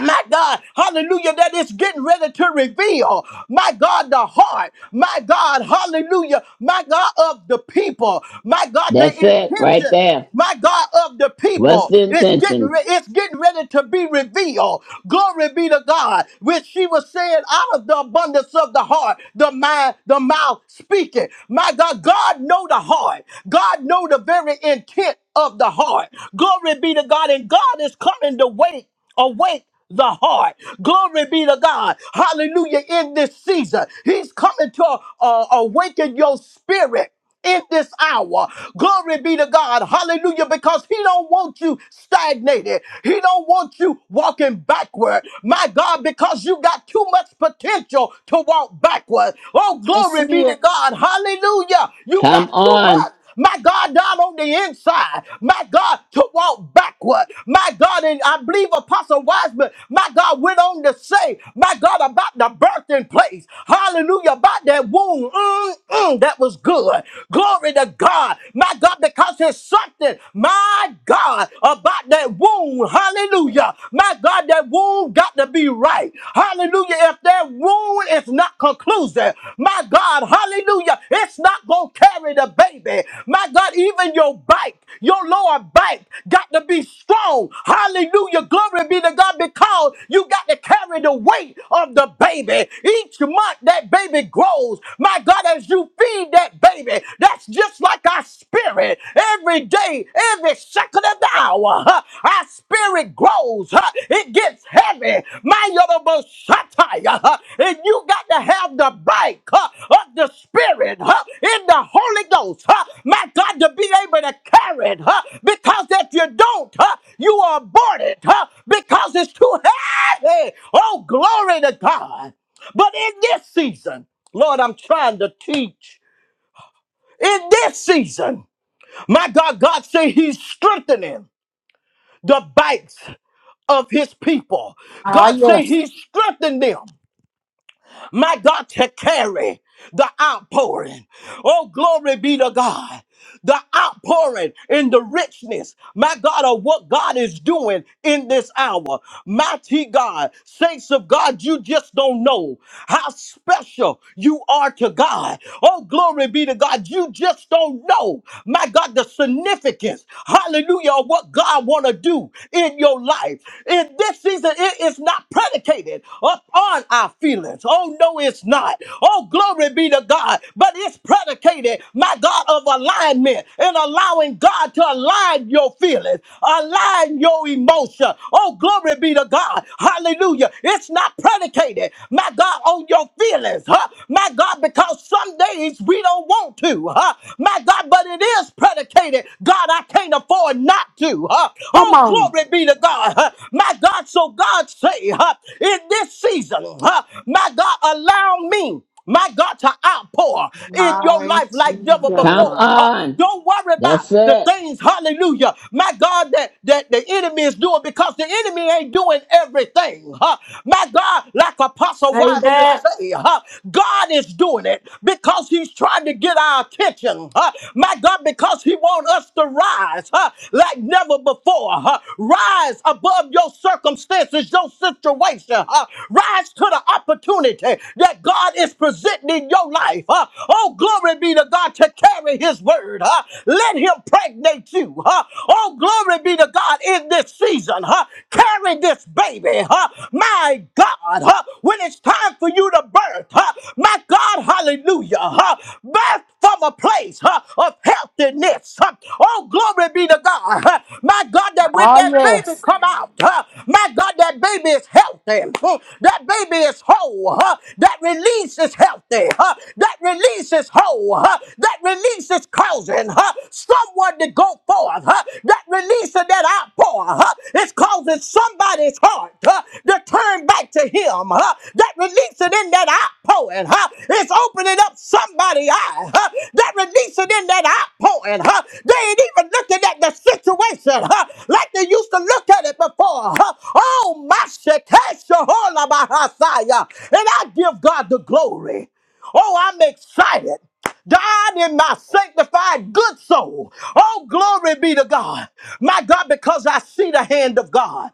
S3: my God, hallelujah, that is getting ready to reveal, my God, the heart, my God, hallelujah, my God of the people, my God, the
S2: That's it right
S3: intention.
S2: there.
S3: My God of the
S2: What's
S3: people,
S2: the
S3: it's getting re-
S2: intentions?
S3: it's getting ready to be revealed. Glory be to God. Which she was saying, out of the abundance of the heart, the mind, the mouth speaking. My God, God know the heart. God know the very intent of the heart. Glory be to God, and God is coming to wake. Awake the heart. Glory be to God. Hallelujah. In this season, He's coming to uh, awaken your spirit in this hour. Glory be to God. Hallelujah. Because he don't want you stagnated. He don't want you walking backward. My God, because you got too much potential to walk backward. Oh,
S4: I see
S3: glory be to
S4: it.
S3: God. Hallelujah. You
S2: Come
S3: got too
S2: on.
S3: much my God, down on the inside, my God, to walk backward, my God, and I believe Apostle Wiseman, my God, went on to say, my God, about the birthing place, hallelujah, about that womb, Mm, mm, that was good, glory to God, my God, because it's something, my God, about that womb, hallelujah, my God, that womb got to be right, Hallelujah. If that wound is not conclusive, my God, hallelujah, it's not going to carry the baby. My God, even your bike, your lower bike got to be strong. Hallelujah. Glory be to God because you got to carry the weight of the baby. Each month that baby grows. My God, as you feed that baby, that's just like our spirit every day, every second of the hour. huh, Our spirit grows. huh, It gets heavy. My Yoruba satire. huh, And you got to have the bike huh, of the spirit huh, in the Holy Ghost. huh, My God, to be able to carry it. huh, Because if you don't, huh, you are aborted huh, because it's too heavy. Oh, glory to God. But in this season, Lord, I'm trying to teach. In this season, my God, God say he's strengthening the backs of his people.
S4: Ah,
S3: God say
S4: yes.
S3: he strengthened them. My God, to carry the outpouring. Oh, glory be to God. The outpouring and the richness, my God, of what God is doing in this hour. Mighty God, saints of God, you just don't know how special you are to God. Oh, glory be to God. You just don't know, my God, the significance, hallelujah, of what God want to do in your life. In this season, it is not predicated upon our feelings. Oh, no, it's not. Oh, glory be to God. But it's predicated, my God, of alignment and allowing God to align your feelings, align your emotion. Oh, glory be Glory be to God. Hallelujah. It's not predicated, my God, on your feelings, huh? My God, because some days we don't want to, huh? My God, but it is predicated. God, I can't afford not to, huh?
S4: Come
S3: Oh,
S4: on.
S3: glory be to God, huh? My God, so God say, huh? In this season, huh? My God, allow me. My God, to outpour in your
S5: My
S3: life like never
S2: Come
S5: God.
S3: before. huh?
S2: on.
S3: Don't worry about
S2: That's
S3: the
S2: it.
S3: things, hallelujah, my God, that, that the enemy is doing because the enemy ain't doing everything. Huh? My God, like Apostle
S1: Say
S3: Wiseman
S1: that.
S3: say, huh? God is doing it because he's trying to get our attention. Huh? My God, because he wants us to rise huh? like never before. Huh? Rise above your circumstances, your situation. Huh? Rise to the opportunity that God is presenting in your life. Uh, oh, glory be to God to carry his word. Uh, let him pregnate you. Uh, oh, glory be to God in this season. Uh, carry this baby. Uh, my God, uh, when it's time for you to birth, uh, my God, hallelujah. Uh, birth from a place huh, of healthiness. huh. Oh, glory be to God. huh. My God, that when
S4: Ah,
S3: that baby
S4: yes.
S3: come out, huh, my God, that baby is healthy. Mm, That baby is whole. huh. That release is healthy. huh. That release is whole. huh. That release is causing huh, someone to go forth. huh. That release of that outpour huh, is causing somebody's heart huh, to turn back to him. huh. That release releasing in that outpouring. Huh? It's opening up somebody's eye. Huh? That releasing in that outpouring. Huh? They ain't even looking at the situation huh? like they used to look at it before. Huh? Oh, my Shekeshaholabahasaya. And I give God the glory. Oh, I'm excited. God in my sanctified good soul. Oh, glory be to God. My God, because I see the hand of God.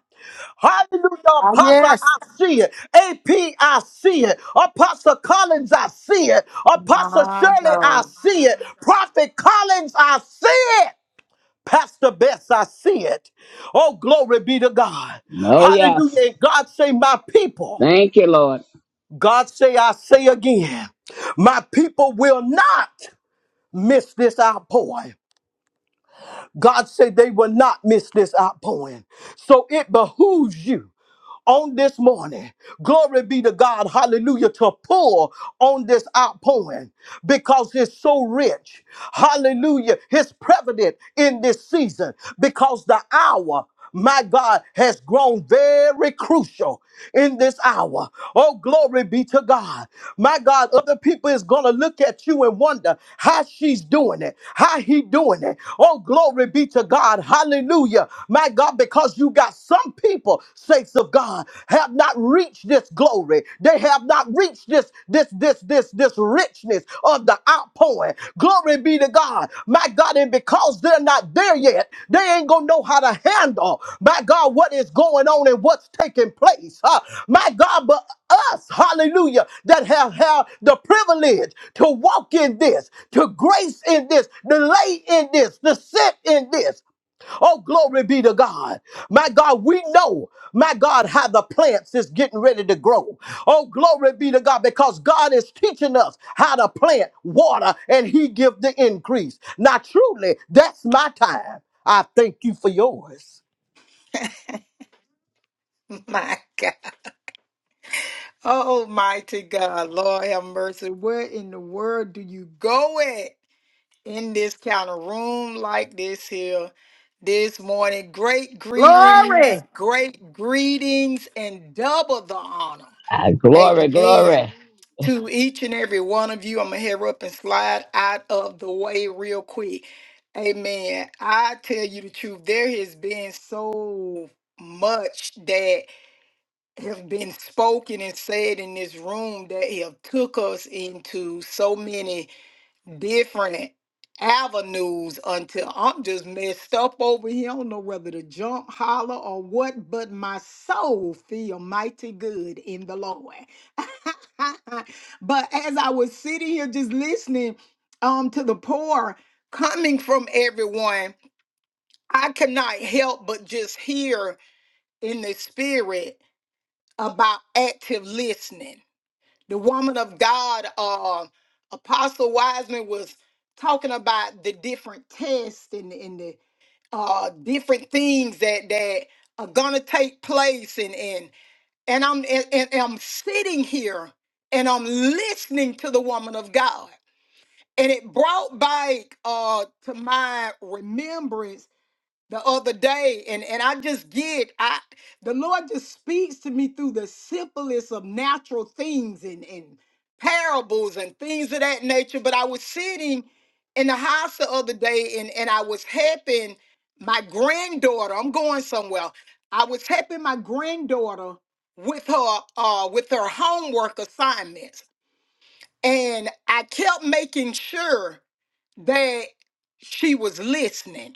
S3: Hallelujah,
S4: Ah,
S3: Apostle,
S4: yes.
S3: I see it. AP, I see it. Apostle Collins, I see it. Apostle
S5: My
S3: Shirley, I
S5: God.
S3: see it. Prophet Collins, I see it. Pastor Bess, I see it. Oh, glory be to God.
S2: No, yes.
S3: Hallelujah. And God say, my people.
S2: Thank you, Lord.
S3: God say, I say again, my people will not miss this outpouring. God said they will not miss this outpouring. So it behooves you. on this morning. Glory be to God, hallelujah, to pour on this outpouring because it's so rich. Hallelujah, it's prevalent in this season because the hour. My God has grown very crucial in this hour. Oh, glory be to God. My God, other people is gonna look at you and wonder how she's doing it, how he doing it. Oh, glory be to God. Hallelujah. My God, because because you got some people, saints of God, have not reached this glory. They have not reached this, this, this, this, this richness of the outpouring. Glory be to God. My God, and because they're not there yet, they ain't gonna know how to handle, my God, what is going on and what's taking place. huh? My God, but us, hallelujah, that have had the privilege to walk in this, to grace in this, to lay in this, to sit in this. Oh, glory be to God. My God, we know, my God, how the plants is getting ready to grow. Oh, glory be to God, because God is teaching us how to plant, water, and He give the increase. Now, truly, that's my time. I thank you for yours.
S5: My God. Almighty God. Lord have mercy. Where in the world do you go at? In this kind of room like this here this morning. Great greetings,
S4: Glory.
S5: great greetings, and double the honor.
S2: Ah, glory,
S5: Amen.
S2: glory.
S5: to each and every one of you. I'm gonna head up and slide out of the way real quick. Amen. I tell you the truth, there has been so much that have been spoken and said in this room that have took us into so many different avenues until I'm just messed up over here. I don't know whether to jump, holler, or what, but my soul feel mighty good in the Lord. but as I was sitting here just listening um to the poor coming from everyone, I cannot help but just hear in the spirit about active listening the woman of God, uh, Apostle Wiseman, was talking about the different tests and, and the uh, different things that that are gonna take place, and and and I'm and, and I'm sitting here and I'm listening to the woman of God, and it brought back uh, to my remembrance the other day and and I just get I the Lord just speaks to me through the simplest of natural things and and parables and things of that nature but I was sitting in the house the other day and and I was helping my granddaughter I'm going somewhere I was helping my granddaughter with her uh with her homework assignments and I kept making sure that she was listening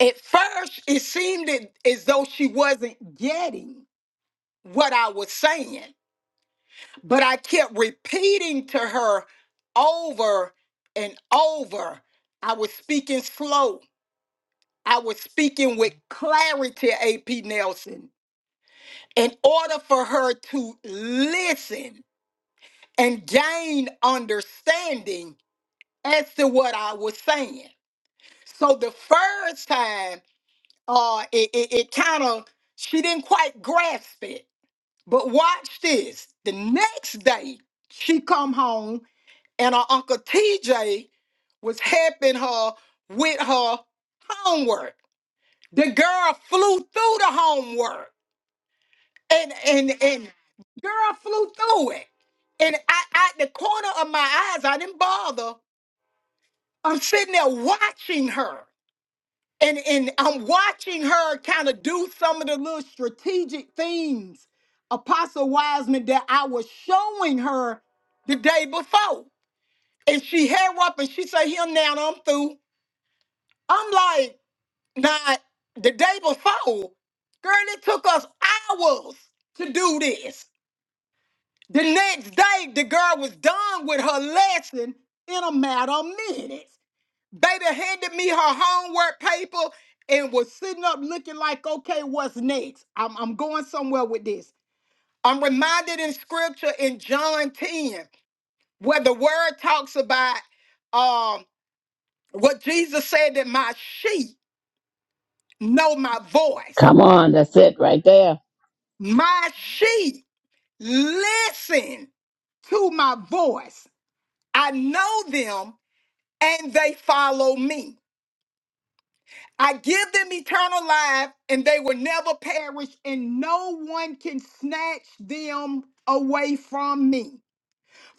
S5: at first, it seemed that- as though she wasn't getting what I was saying, but I kept repeating to her over and over. I was speaking slow, I was speaking with clarity, AP Nelson, in order for her to listen and gain understanding as to what I was saying. So the first time, uh, it, it kind of, she didn't quite grasp it But watch this. The next day, she come home and her uncle TJ was helping her with her homework. The girl flew through the homework and and and girl flew through it. And I, I the corner of my eyes, I didn't bother. I'm sitting there watching her. and and I'm watching her kind of do some of the little strategic things, Apostle Wiseman, that I was showing her the day before. And she hair up and she say, him now, I'm through. I'm like, nah, the day before, girl, it took us hours to do this. The next day, the girl was done with her lesson in a matter of minutes. Baby handed me her homework paper and was sitting up looking like, okay, what's next? I'm, I'm going somewhere with this. I'm reminded in scripture in John 10, where the word talks about um, what Jesus said that my sheep know my voice.
S2: Come on. That's it right there.
S5: My sheep listen to my voice. I know them and they follow me. I give them eternal life, and they will never perish, and no one can snatch them away from me.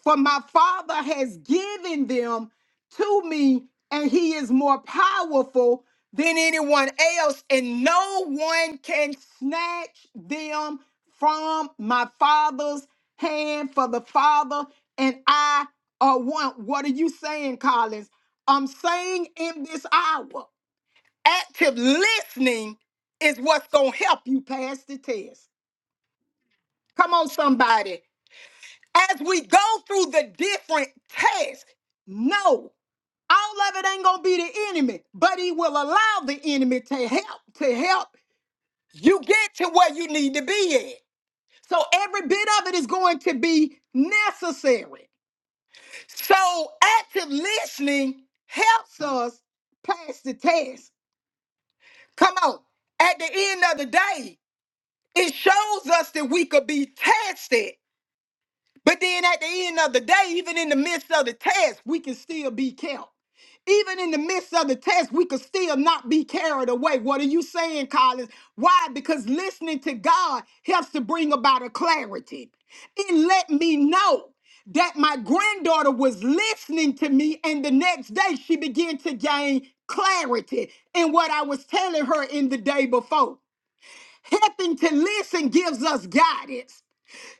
S5: For my Father has given them to me, and He is more powerful than anyone else, and no one can snatch them from my Father's hand. For the Father and I are one. What are you saying, Collins? I'm saying in this hour active listening is what's going to help you pass the test. Come on, somebody. As we go through the different tests, no, all of it ain't going to be the enemy, but he will allow the enemy to help, to help you get to where you need to be at. So every bit of it is going to be necessary. So active listening helps us pass the test. Come on. At the end of the day, It shows us that we could be tested, but then at the end of the day, even in the midst of the test, we can still be kept. Even in the midst of the test, we could still not be carried away. What are you saying, Collins? Why? Because listening to God helps to bring about a clarity. It let me know that my granddaughter was listening to me, and the next day she began to gain clarity in what I was telling her in the day before. Helping to listen gives us guidance.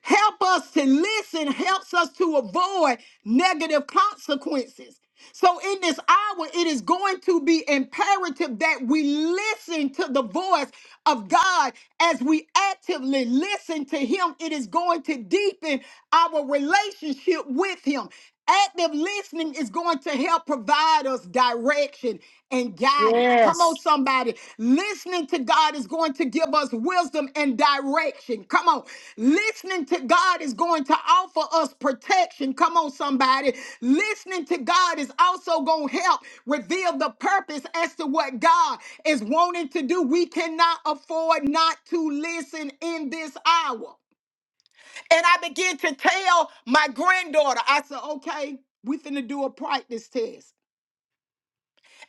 S5: Help us to listen helps us to avoid negative consequences. So, in this hour, it is going to be imperative that we listen to the voice of God as we actively listen to Him. It is going to deepen our relationship with Him. Active listening is going to help provide us direction and guidance. Come
S4: Yes.
S5: on, somebody. Listening to God is going to give us wisdom and direction. Come on. Listening to God is going to offer us protection. Come on, somebody. Listening to God is also going to help reveal the purpose as to what God is wanting to do. We cannot afford not to listen in this hour. And I began to tell my granddaughter, I said, okay, we finna do a practice test.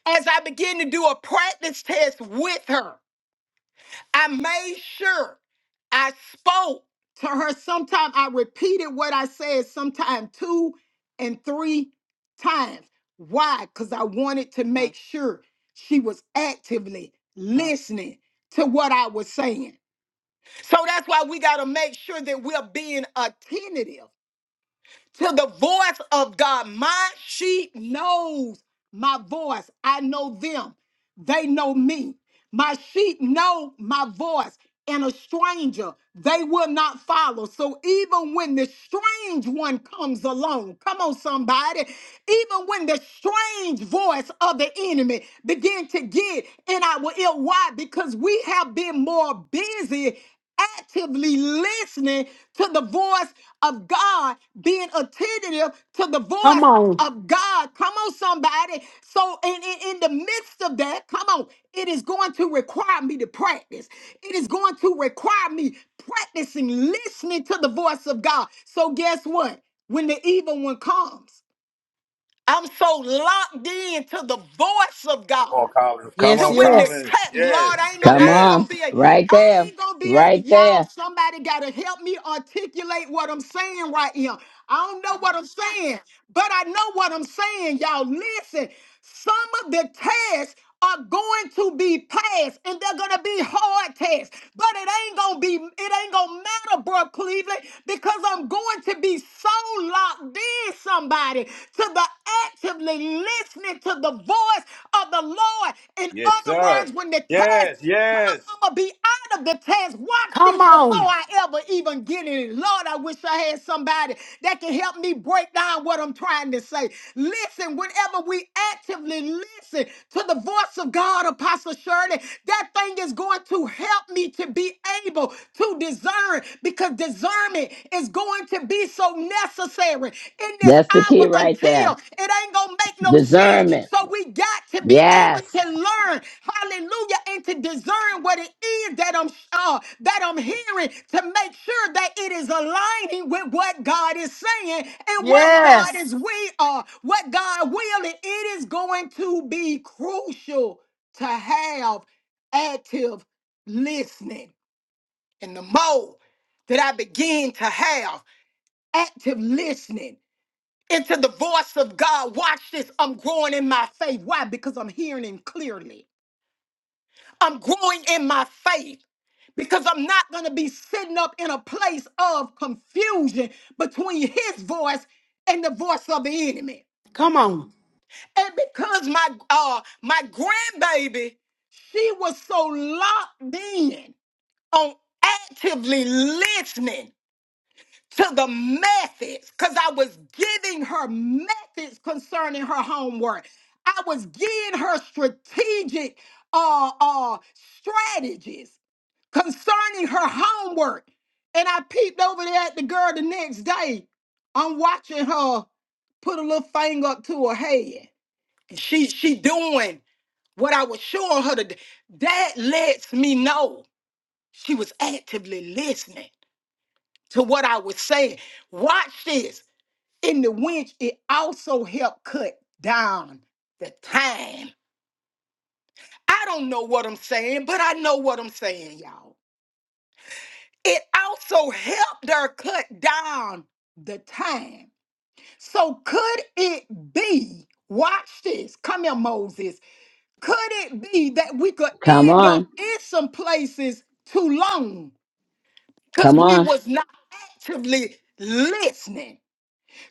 S5: As I began to do a practice test with her, I made sure I spoke to her. Sometimes I repeated what I said, sometimes two and three times. Why? Because I wanted to make sure she was actively listening to what I was saying. So that's why we got to make sure that we're being attentive to the voice of God. My sheep knows my voice. I know them. They know me. My sheep know my voice. And a stranger they will not follow. So even when the strange one comes along, come on, somebody, even when the strange voice of the enemy begin to get in our ear, why? Because we have been more busy actively listening to the voice of God, being attentive to the
S4: Come
S5: voice
S4: on.
S5: of God. Come on, somebody. So, in, in, in the midst of that, come on, it is going to require me to practice. It is going to require me practicing listening to the voice of God. So, guess what? When the evil one comes, I'm so locked in to the voice of
S7: Come
S5: God
S7: on, Collins. Come
S5: to
S4: Yes,
S7: on,
S5: when the
S4: yes.
S7: Collins.
S5: cutting. Lord,
S7: Yes,
S5: I ain't gonna,
S2: Come
S5: I ain't
S7: yes,
S5: gonna
S2: on.
S5: be, a,
S2: Right
S5: I
S2: there.
S5: ain't gonna be able.
S2: Right
S5: Y'all,
S2: there.
S5: somebody gotta help me articulate what I'm saying right here. I don't know what I'm saying, but I know what I'm saying. Y'all, listen. Some of the tests are going to be passed, and they're gonna be hard tests. But it ain't gonna be, it ain't gonna matter, bro, Cleveland, because I'm going to be so locked in somebody to the actively listening to the voice of the Lord. In
S7: yes,
S5: other
S7: sir.
S5: words, when the
S7: Yes,
S5: test come,
S7: yes.
S5: I'm gonna be out of the test. Watch this
S4: Come
S5: before
S4: on.
S5: I ever even get in it. Lord, I wish I had somebody that can help me break down what I'm trying to say. Listen, whenever we actively listen to the voice of God, Apostle Shirley, that thing is going to help me to be able to discern discern because discernment is going to be so necessary in this
S2: That's the
S5: hour
S2: key right
S5: until
S2: there.
S5: it ain't going to make no sense.
S2: Discernment.
S5: So we got to be able
S2: Yes.
S5: to learn, hallelujah, and to discern what it is that I'm uh, that I'm hearing to make sure that it is aligning with what God is saying and what
S4: Yes.
S5: God is we are, what God will, and it is going to be crucial to have active listening. And the more that I begin to have active listening into the voice of God, watch this, I'm growing in my faith. Why? Because I'm hearing Him clearly. I'm growing in my faith because I'm not going to be sitting up in a place of confusion between His voice and the voice of the enemy.
S4: Come on.
S5: And because my uh my grandbaby, she was so locked in on actively listening to the methods because I was giving her methods concerning her homework. I was giving her strategic uh, uh, strategies concerning her homework. And I peeped over there at the girl the next day. I'm watching her put a little thing up to her head. And She she doing what I was showing her to do. That lets me know she was actively listening to what I was saying. Watch this in the winch, it also helped cut down the time. I don't know what I'm saying, but I know what I'm saying, y'all. It also helped her cut down the time. So could it be, watch this, come here, Moses, could it be that we could
S2: Come
S5: end up
S2: on.
S5: in some places too long because
S2: Come
S5: we
S2: on.
S5: was not actively listening?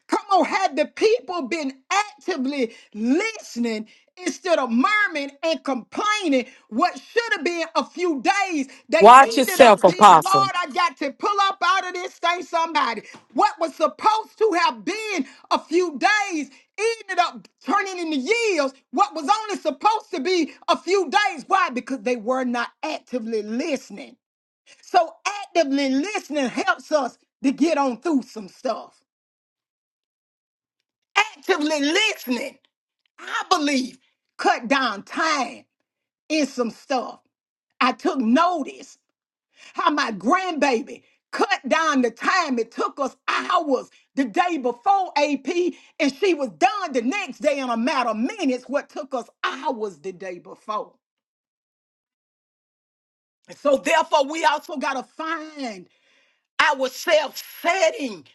S5: Come on, had the people been actively listening instead of murmuring and complaining, what should have been a few days, they
S1: Watch
S5: ended
S1: yourself,
S5: up being,
S1: Apostle.
S5: Lord, I got to pull up out of this thing, somebody. What was supposed to have been a few days ended up turning into years. What was only supposed to be a few days. Why? Because they were not actively listening. So, actively listening helps us to get on through some stuff actively listening, I believe, cut down time in some stuff. I took notice how my grandbaby cut down the time. It took us hours the day before AP, and she was done the next day in a matter of minutes, what took us hours the day before. And so, therefore, we also got to find ourselves setting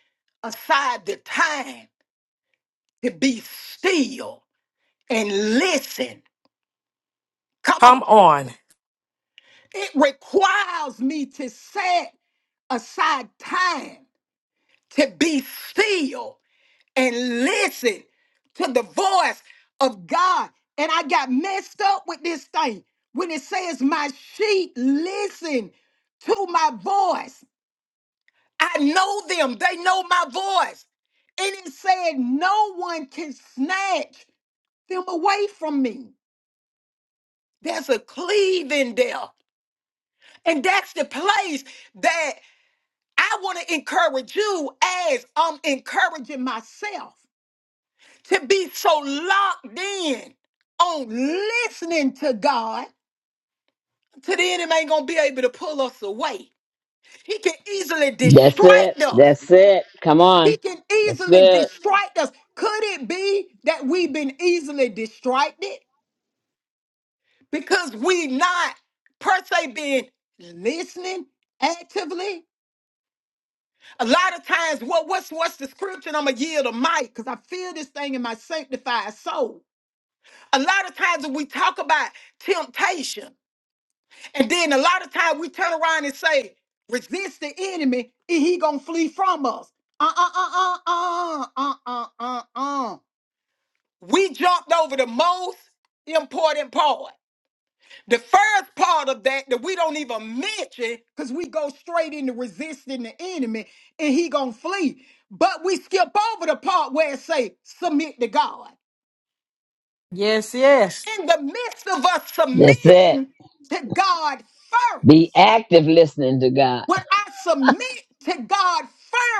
S5: aside the time to be still and listen. Come on.
S1: Come on.
S5: It requires me to set aside time to be still and listen to the voice of God. And I got messed up with this thing when it says, My sheep listen to my voice. I know them, they know my voice. And it said, No one can snatch them away from me. There's a cleave in there. And that's the place that. I want to encourage you as I'm encouraging myself to be so locked in on listening to God to the enemy ain't gonna be able to pull us away. He can easily
S2: That's it.
S5: distract us.
S2: That's it. Come
S5: He
S2: on.
S5: can
S2: That's
S5: easily
S2: good.
S5: distract us. Could it be that we've been easily distracted because we not per se been listening actively? a lot of times what what's what's the scripture and i'm gonna yield a mic because i feel this thing in my sanctified soul a lot of times when we talk about temptation and then a lot of times we turn around and say resist the enemy and he gonna flee from us uh uh uh uh uh uh uh uh uh we jumped over the most important part the first part of that that we don't even mention because we go straight into resisting the enemy and he gonna flee. But we skip over the part where it say submit to God.
S4: Yes, yes.
S5: In the midst of us
S2: That's it.
S5: submitting to God first.
S2: Be active listening to God.
S5: When I submit to God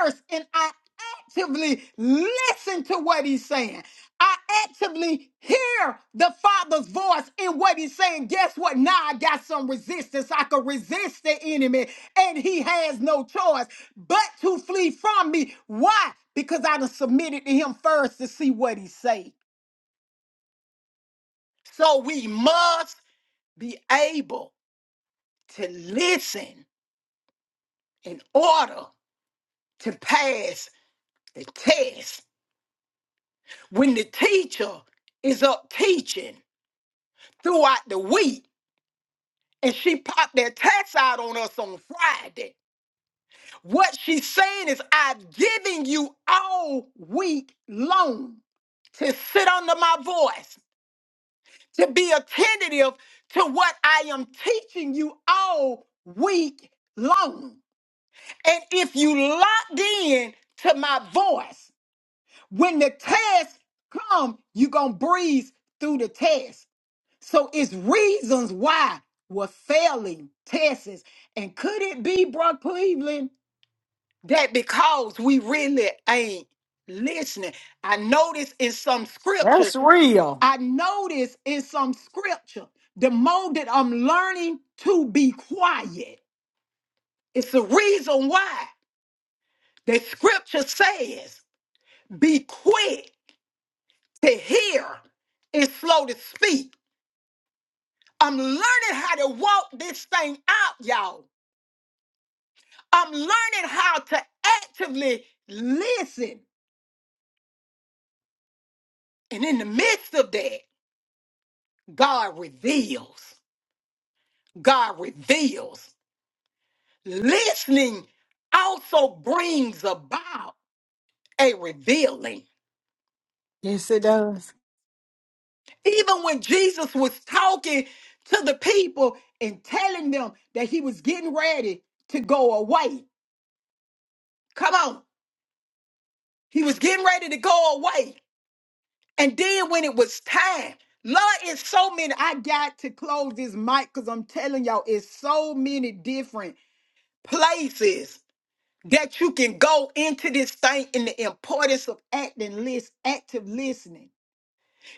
S5: first and I actively listen to what he's saying, I actively hear the Father's voice in what he's saying. Guess what? Now I got some resistance. I can resist the enemy, and he has no choice but to flee from me. Why? Because I done submitted to him first to see what he say. So we must be able to listen in order to pass the test when the teacher is up teaching throughout the week and she popped that tax out on us on Friday, what she's saying is, I've given you all week long to sit under my voice, to be attentive to what I am teaching you all week long. And if you locked in to my voice, when the test come, you're going to breeze through the test. So it's reasons why we're failing tests. And could it be, Brother Cleveland, that because we really ain't listening? I notice in some scriptures,
S4: That's real.
S5: I notice in some scripture, the more that I'm learning to be quiet, it's the reason why the scripture says, be quick to hear and slow to speak. I'm learning how to walk this thing out, y'all. I'm learning how to actively listen. And in the midst of that, God reveals. God reveals. Listening also brings about a revealing.
S4: Yes, it does.
S5: Even when Jesus was talking to the people and telling them that he was getting ready to go away. Come on. He was getting ready to go away. And then when it was time, Lord, it's so many. I got to close this mic because I'm telling y'all, it's so many different places that you can go into this thing in the importance of acting list, active listening.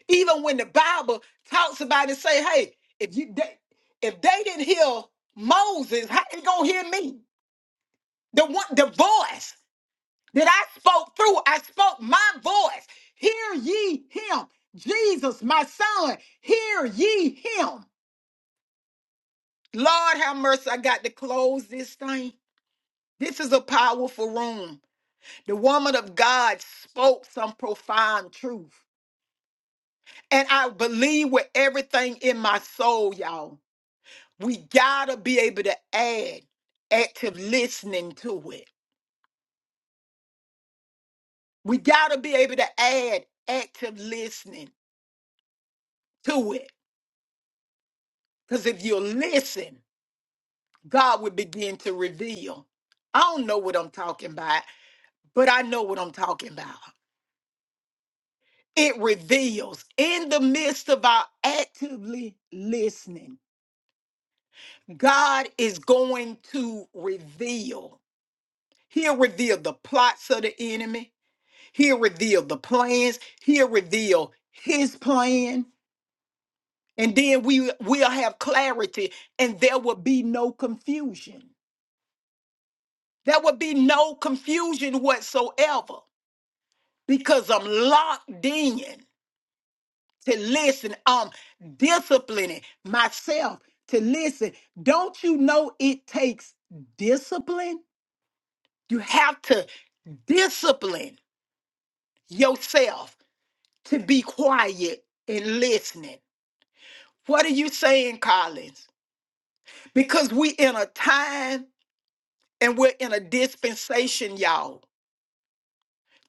S5: Even when the Bible talks about it, say, hey, if you they, if they didn't hear Moses, how they gonna hear me? The one the voice that I spoke through. I spoke my voice. Hear ye him. Jesus, my son, hear ye him. Lord, have mercy. I got to close this thing. This is a powerful room. The woman of God spoke some profound truth. And I believe with everything in my soul, y'all. We gotta be able to add active listening to it. We gotta be able to add active listening to it Because if you listen, God will begin to reveal. I don't know what I'm talking about, but I know what I'm talking about. It reveals in the midst of our actively listening, God is going to reveal. He'll reveal the plots of the enemy, he'll reveal the plans, he'll reveal his plan. And then we will have clarity and there will be no confusion. There would be no confusion whatsoever because I'm locked in to listen. I'm disciplining myself to listen. Don't you know it takes discipline? You have to discipline yourself to be quiet and listening. What are you saying, Collins? Because we in a time and we're in a dispensation, y'all,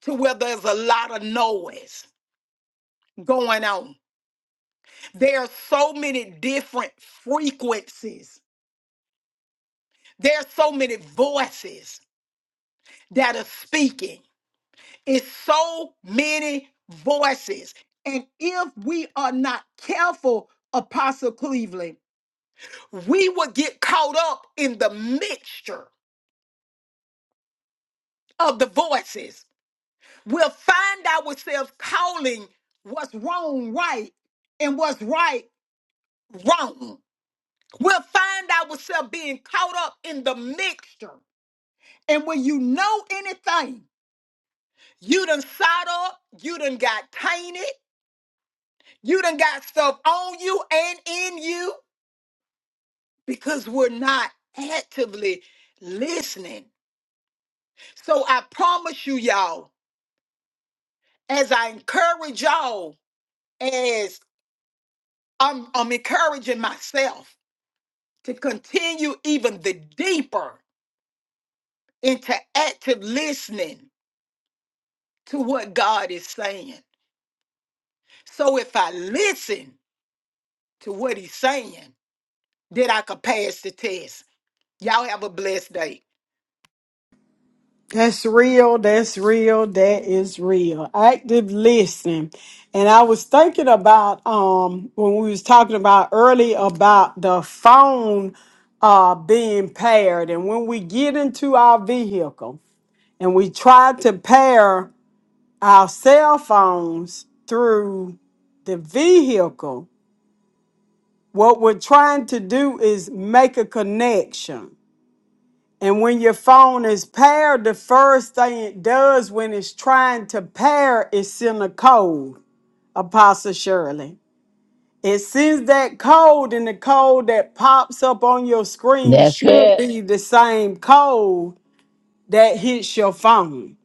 S5: to where there's a lot of noise going on There are so many different frequencies. There are so many voices that are speaking. It's so many voices. And if we are not careful, Apostle Cleveland, we will get caught up in the mixture of the voices. We'll find ourselves calling what's wrong right and what's right wrong. We'll find ourselves being caught up in the mixture And when you know anything, you done sawed up, you done got tainted, you done got stuff on you and in you because we're not actively listening. So I promise you, y'all, as I encourage y'all, as I'm, I'm encouraging myself to continue even the deeper into active listening to what God is saying. So if I listen to what he's saying, that I could pass the test. Y'all have a blessed day.
S4: That's real. That's real. That is real. Active listening. And I was thinking about um when we was talking about early about the phone uh being paired. And when we get into our vehicle and we try to pair our cell phones through the vehicle, what we're trying to do is make a connection and when your phone is paired, the first thing it does when it's trying to pair is send a code, Apostle Shirley. It sends that code, and the code that pops up on your screen
S2: That's
S4: should
S2: it.
S4: be the same code that hits your phone.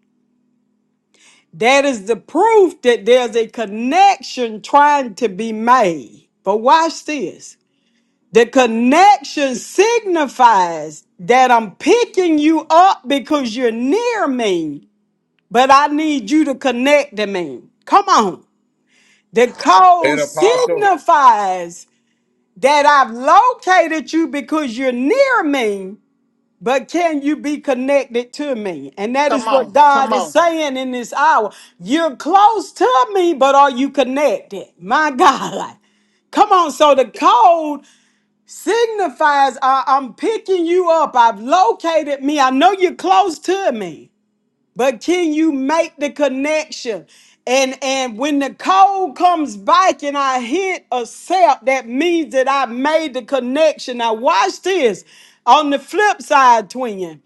S4: That is the proof that there's a connection trying to be made. But watch this. The connection signifies that I'm picking you up because you're near me But I need you to connect to me. Come on. The
S7: Hey,
S4: code
S7: Apostle.
S4: signifies that I've located you because you're near me, but can you be connected to me? And that
S5: Come
S4: is what
S5: on, come
S4: God is
S5: on,
S4: saying in this hour. You're close to me, but are you connected? My God. Come on, so the code signifies I, am picking you up. I've located me. I know you're close to me. But can you make the connection? And and when the cold comes back and I hit accept, that means that I made the connection. Now watch this. On the flip side, twin.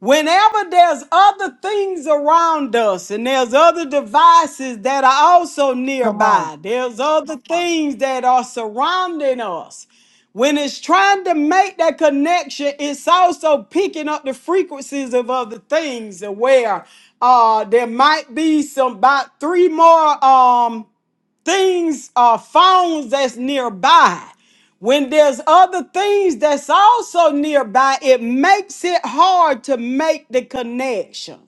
S4: Whenever there's other things around us and there's other devices that are also
S5: come on,
S4: nearby, there's other things that are surrounding us. When it's trying to make that connection, it's also picking up the frequencies of other things and where uh, there might be some about three more. Um, things or phones that's nearby. When there's other things that's also nearby, it makes it hard to make the connection.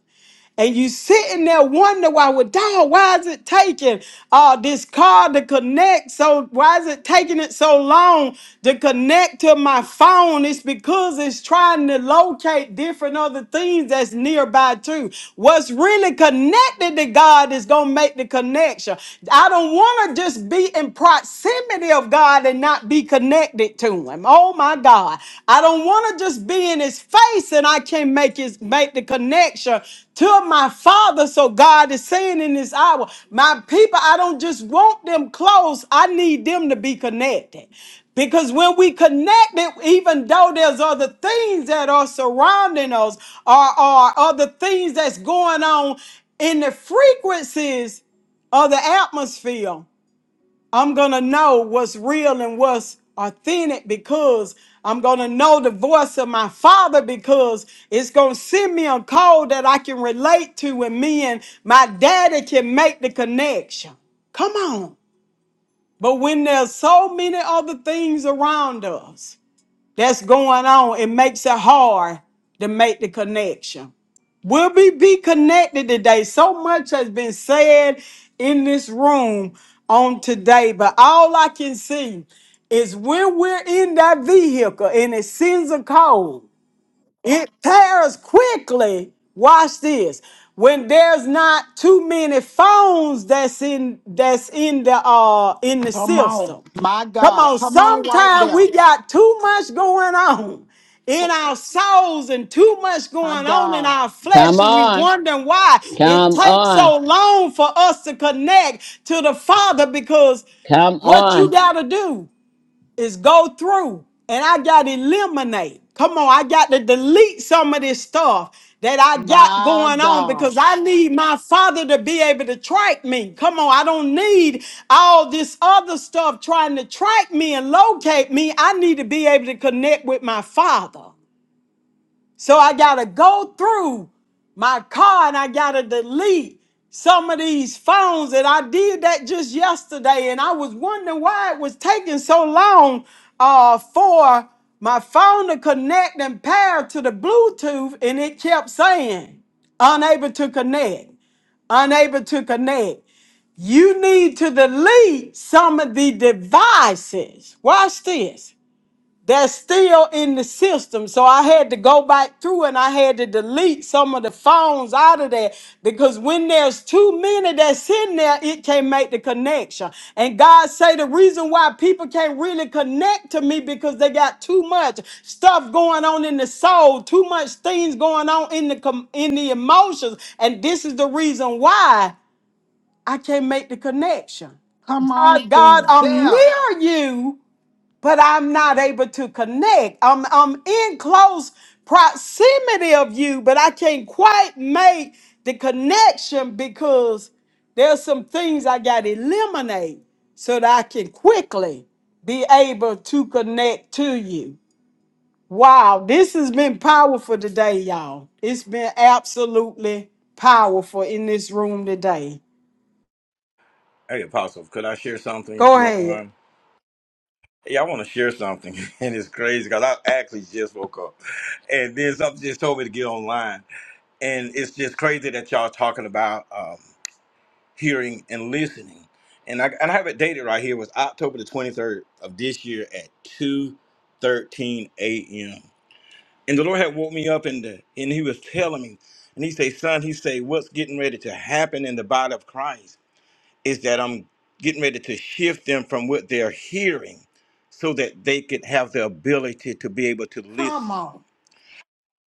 S4: And you sitting there wondering why, well, dog, why is it taking uh, this car to connect? So why is it taking it so long to connect to my phone? It's because it's trying to locate different other things that's nearby too. What's really connected to God is gonna make the connection. I don't want to just be in proximity of God and not be connected to Him oh my God, I don't want to just be in his face and I can't make his make the connection to my father. So God is saying in this hour, my people, I don't just want them close. I need them to be connected. Because when we connect it, even though there's other things that are surrounding us or, or other things that's going on in the frequencies of the atmosphere, I'm going to know what's real and what's authentic because I'm going to know the voice of my father because it's going to send me a call that I can relate to and me and my daddy can make the connection. Come on. But when there's so many other things around us that's going on, it makes it hard to make the connection. Will we be connected today? So much has been said in this room on today, but all I can see is when we're in that vehicle and it sends a code. It pairs quickly. Watch this. When there's not too many phones that's in that's in the uh in the
S5: come on.
S4: system.
S5: My
S4: Come
S5: God,
S4: on,
S5: come on right
S4: sometimes
S5: there.
S4: we got too much going on in
S5: Oh,
S4: our souls and too much
S5: my
S4: going on in
S5: God,
S4: our
S2: Come
S4: flesh, and we
S2: on.
S4: wondering why it
S2: Come
S4: takes
S2: on.
S4: so long for us to connect to the Father because
S2: Come
S4: what you
S2: on.
S4: gotta do is go through and I got to eliminate. Come on, I got to delete some of this stuff that I got
S5: my
S4: going on
S5: God.
S4: because I need my father to be able to track me. Come on, I don't need all this other stuff trying to track me and locate me. I need to be able to connect with my father. So I got to go through my car and I got to delete some of these phones. And I did that just yesterday. And I was wondering why it was taking so long uh, for my phone to connect and pair to the Bluetooth. And it kept saying, unable to connect, unable to connect. You need to delete some of the devices. Watch this that's still in the system. So I had to go back through and I had to delete some of the phones out of there because when there's too many that's in there, it can't make the connection. And God say the reason why people can't really connect to me because they got too much stuff going on in the soul, too much things going on in the com- in the emotions, and this is the reason why I can't make the connection.
S5: Come on,
S4: God, God, I'm
S5: there.
S4: near you, but I'm not able to connect. I'm I'm in close proximity of you, but I can't quite make the connection because there's some things I got to eliminate so that I can quickly be able to connect to you. Wow, this has been powerful today, y'all. It's been absolutely powerful in this room today.
S7: Hey, Apostle. Could I share something if
S4: Go
S7: you don't
S4: ahead.
S7: mind? Yeah, I want to share something, and it's crazy because I actually just woke up, and then something just told me to get online, and it's just crazy that y'all talking about um, hearing and listening, and I and I have it dated right here. It was October the twenty third of this year at two thirteen a.m. And the Lord had woke me up in the, and he was telling me, and he say, son, he say, what's getting ready to happen in the body of Christ is that I'm getting ready to shift them from what they're hearing so that they could have the ability to be able to
S5: Come
S7: listen.
S5: on,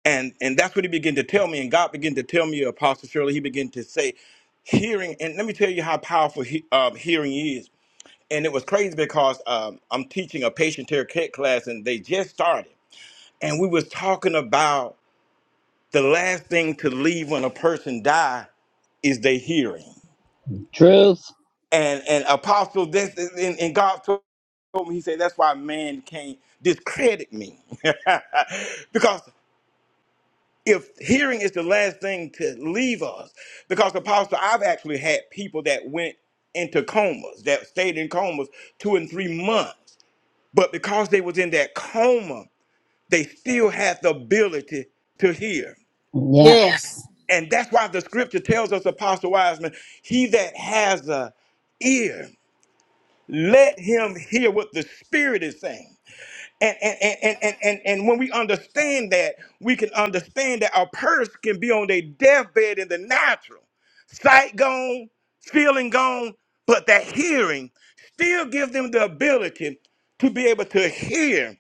S7: And and that's what he began to tell me. And God began to tell me, Apostle Shirley, he began to say, hearing, and let me tell you how powerful he, um, hearing is. And it was crazy because um, I'm teaching a patient care ca- class and they just started. And we was talking about the last thing to leave when a person die is their hearing.
S2: Truth.
S7: And and apostle, this is- and, and God told told me, he said, that's why man can't discredit me. because if hearing is the last thing to leave us, because apostle, I've actually had people that went into comas, that stayed in comas two and three months. But because they was in that coma, they still had the ability to hear.
S2: Yeah.
S4: Yes.
S7: And that's why the scripture tells us, Apostle Wiseman, he that has a ear, let him hear what the Spirit is saying. And and, and, and, and, and and when we understand that, we can understand that our purse can be on their deathbed in the natural. Sight gone, feeling gone, but that hearing still gives them the ability to be able to hear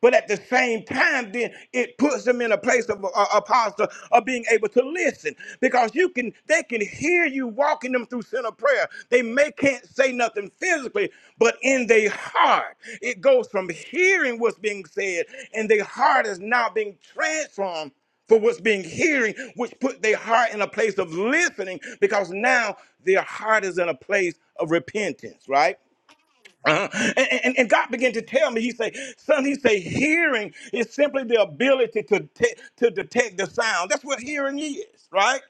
S7: but at the same time, then it puts them in a place of a, a posture of being able to listen because you can they can hear you walking them through center prayer. They may can't say nothing physically, but in their heart, it goes from hearing what's being said, and their heart is now being transformed for what's being hearing, which put their heart in a place of listening because now their heart is in a place of repentance, right? Uh-huh. And, and, and God began to tell me, He said, Son, He said, hearing is simply the ability to, te- to detect the sound. That's what hearing is, right?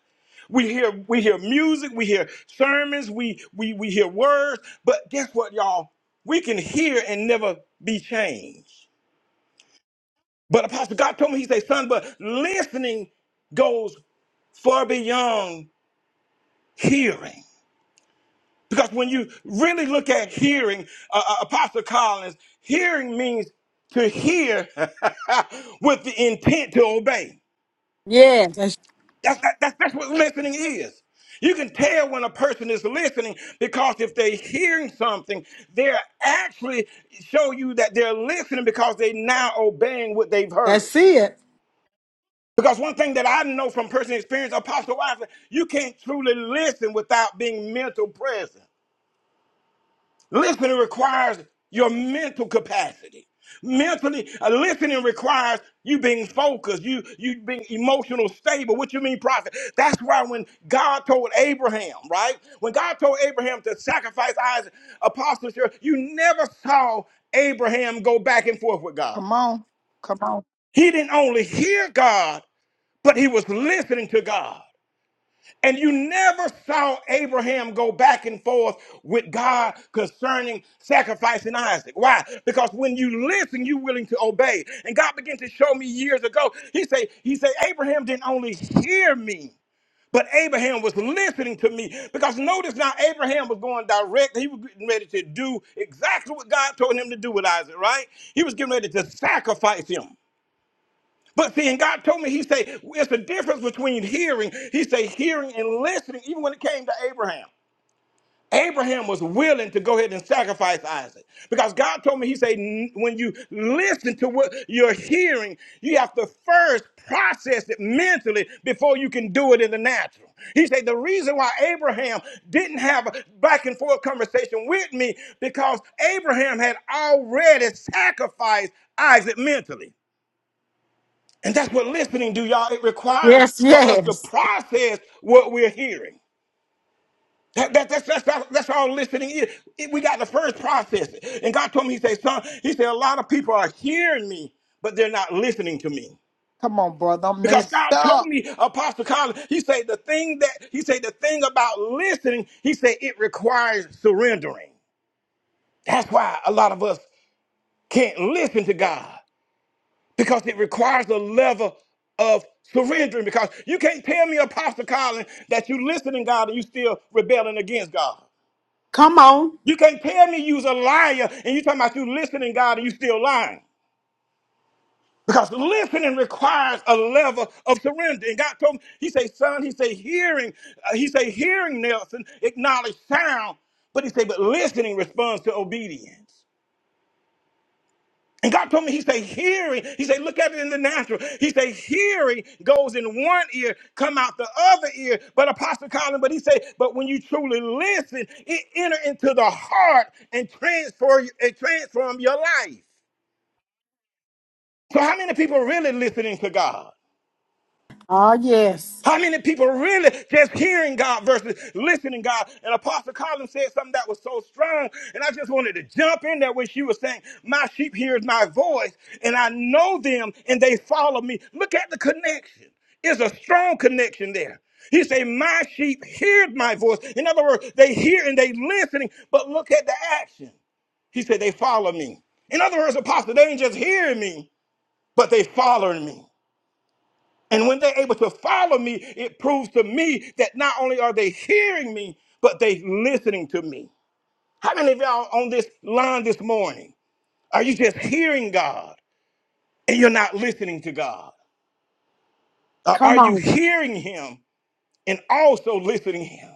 S7: We hear we hear music, we hear sermons, we we we hear words, but guess what, y'all? We can hear and never be changed. But Apostle God told me, He said, Son, but listening goes far beyond hearing. Because when you really look at hearing, uh, uh, Apostle Collins, hearing means to hear with the intent to obey.
S4: Yes. That's,
S7: That's, that, that's, that's what listening is. You can tell when a person is listening because if they're hearing something, they're actually show you that they're listening because they now obeying what they've heard.
S4: that's it.
S7: Because one thing that I know from personal experience, Apostle Wiseman, you can't truly listen without being mental present. Listening requires your mental capacity. Mentally, uh, listening requires you being focused, you you being emotional stable. What you mean, prophet? That's why when God told Abraham, right? When God told Abraham to sacrifice Isaac, apostles, you never saw Abraham go back and forth with God.
S5: come on, come on,
S7: He didn't only hear God, but he was listening to God. And you never saw Abraham go back and forth with God concerning sacrificing Isaac. Why? Because when you listen, you're willing to obey. And God began to show me years ago. He said, He said, Abraham didn't only hear me, but Abraham was listening to me. Because notice now Abraham was going direct. He was getting ready to do exactly what God told him to do with Isaac, right? He was getting ready to sacrifice him. But see, and God told me, He said, it's the difference between hearing, He said, hearing and listening, even when it came to Abraham. Abraham was willing to go ahead and sacrifice Isaac because God told me, He said, "N- when you listen to what you're hearing, you have to first process it mentally before you can do it in the natural. He said, the reason why Abraham didn't have a back and forth conversation with me because Abraham had already sacrificed Isaac mentally. And that's what listening do, y'all. It requires
S4: Yes,
S7: for us to
S4: yes.
S7: process what we're hearing. That, that, that's, that's, that's, that's all listening is. It- we got to first process it. And God told me, He said, son, He said, a lot of people are hearing me, but they're not listening to me.
S5: come on, brother. I'm
S7: Because
S5: messed
S7: God told
S5: up.
S7: me, Apostle Collins, He said, the thing that, He said, the thing about listening, He said, it requires surrendering. That's why a lot of us can't listen to God because it requires a level of surrendering. Because you can't tell me, Apostle Colin, that you listening to God and you still rebelling against God.
S4: Come on.
S7: You can't tell me you's a liar and you talking about you listening to God and you still lying. Because listening requires a level of surrender. And God told me, He say, son, He say, hearing, uh, He say, hearing Nelson acknowledge sound, but He say, but listening responds to obedience. And God told me, He said, hearing, He said, look at it in the natural. He said, hearing goes in one ear, come out the other ear. But Apostle Colin, but he said, but when you truly listen, it enter into the heart and transfer it transform your life. So how many people really listening to God?
S4: Oh, yes.
S7: How many people really just hearing God versus listening God? And Apostle Collins said something that was so strong, and I just wanted to jump in there when she was saying, "My sheep hears my voice, and I know them, and they follow me." Look at the connection. It's a strong connection there. He said, "My sheep hears my voice." In other words, they hear and they listening, but look at the action. He said, "They follow me." In other words, Apostle, they ain't just hearing me, but they following me. And when they're able to follow me, it proves to me that not only are they hearing me, but they listening to me. How many of y'all on this line this morning? Are you just hearing God and you're not listening to God? Or are
S4: Come
S7: you
S4: on.
S7: hearing him and also listening to him?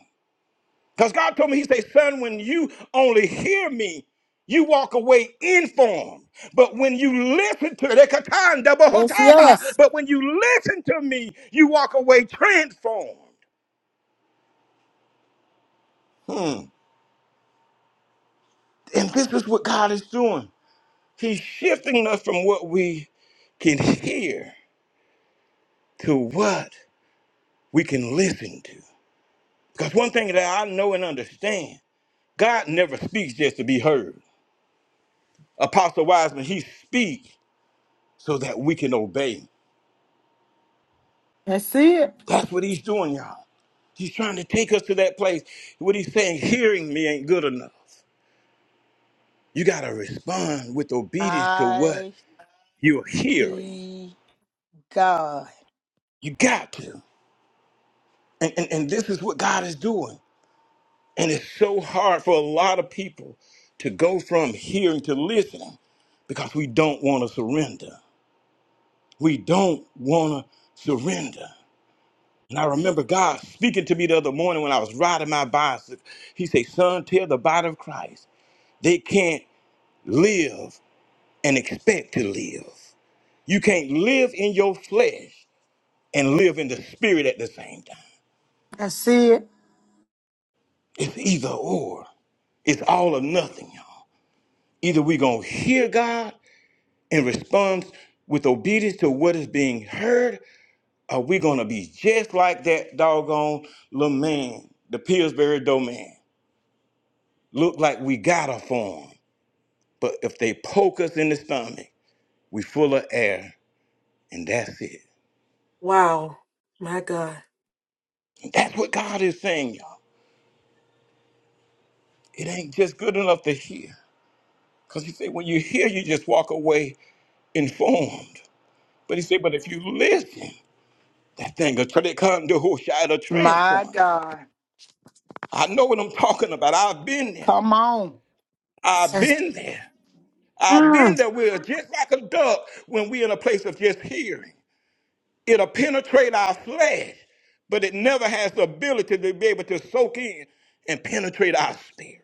S7: Because God told me, He said, son, when you only hear me, you walk away informed. But when you listen to the
S4: Yes, yes.
S7: but when you listen to me, you walk away transformed. Hmm. And this is what God is doing. He's shifting us from what we can hear to what we can listen to. Because one thing that I know and understand, God never speaks just to be heard. Apostle Wiseman, he speaks so that we can obey.
S4: That's it.
S7: That's what he's doing, y'all. He's trying to take us to that place. What he's saying, hearing me ain't good enough. You got to respond with obedience to what
S5: I
S7: you're hearing.
S5: T God,
S7: You got to. And, and, and this is what God is doing. And it's so hard for a lot of people to go from hearing to listening because we don't want to surrender. We don't want to surrender. And I remember God speaking to me the other morning when I was riding my bicycle. He said, Son, tell the body of Christ they can't live and expect to live. You can't live in your flesh and live in the spirit at the same time.
S4: That's it.
S7: It's either or. It's all or nothing, y'all. Either we're going to hear God in response with obedience to what is being heard, are we going to be just like that doggone little man, the Pillsbury Doughman? Look like we got a form, but if they poke us in the stomach, we full of air, and that's it.
S1: Wow. My God.
S7: And that's what God is saying, y'all. It ain't just good enough to hear. Because he said, when you hear, you just walk away informed. But he said, but if you listen, that thing will try to come to who shall
S5: my
S7: transform you.
S5: God.
S7: I know what I'm talking about. I've been there.
S5: Come on,
S7: I've
S4: That's,
S7: been there. I've been
S4: mm,
S7: there. We're just like a duck when we're in a place of just hearing. It'll penetrate our flesh, but it never has the ability to be able to soak in and penetrate our spirit.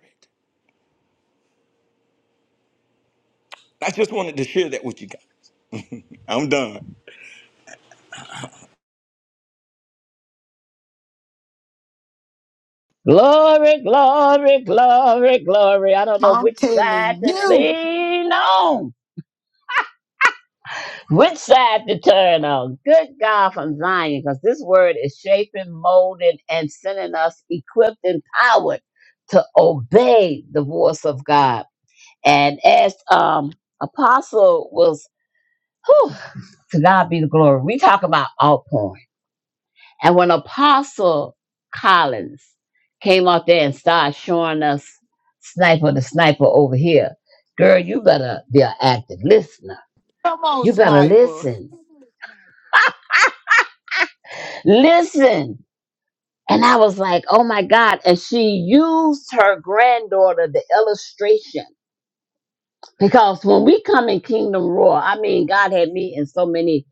S7: I just wanted to share that with you guys. I'm done.
S2: Glory, glory, glory, glory. I don't know
S5: I'm
S2: which side
S5: telling
S2: to
S5: you.
S2: lean on. Which side to turn on? Good God from Zion, because this word is shaping, molding, and sending us equipped and powered to obey the voice of God. And as um apostle was whew, to God be the glory. We talk about outpouring. And when Apostle Collins came out there and started showing us sniper the sniper over here, girl, you better be an active listener.
S5: Come on,
S2: You better
S5: sniper.
S2: listen. Listen. And I was like, oh my God. And she used her granddaughter, the illustration. Because when we come in Kingdom Roar, I mean, God had me in so many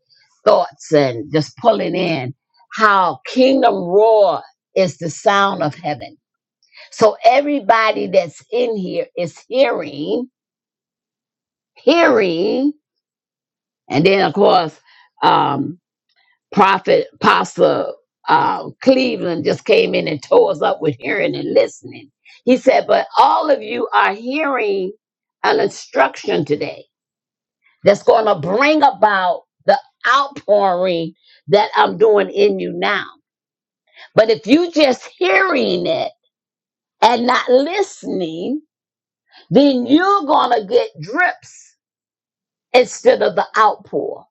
S2: thoughts and just pulling in how Kingdom Roar is the sound of heaven. So everybody that's in here is hearing, hearing. And then, of course, um, Prophet Apostle uh, Cleveland just came in and tore us up with hearing and listening. He said, But all of you are hearing an instruction today that's going to bring about the outpouring that I'm doing in you now. But if you just hearing it and not listening, then you're going to get drips instead of the outpour.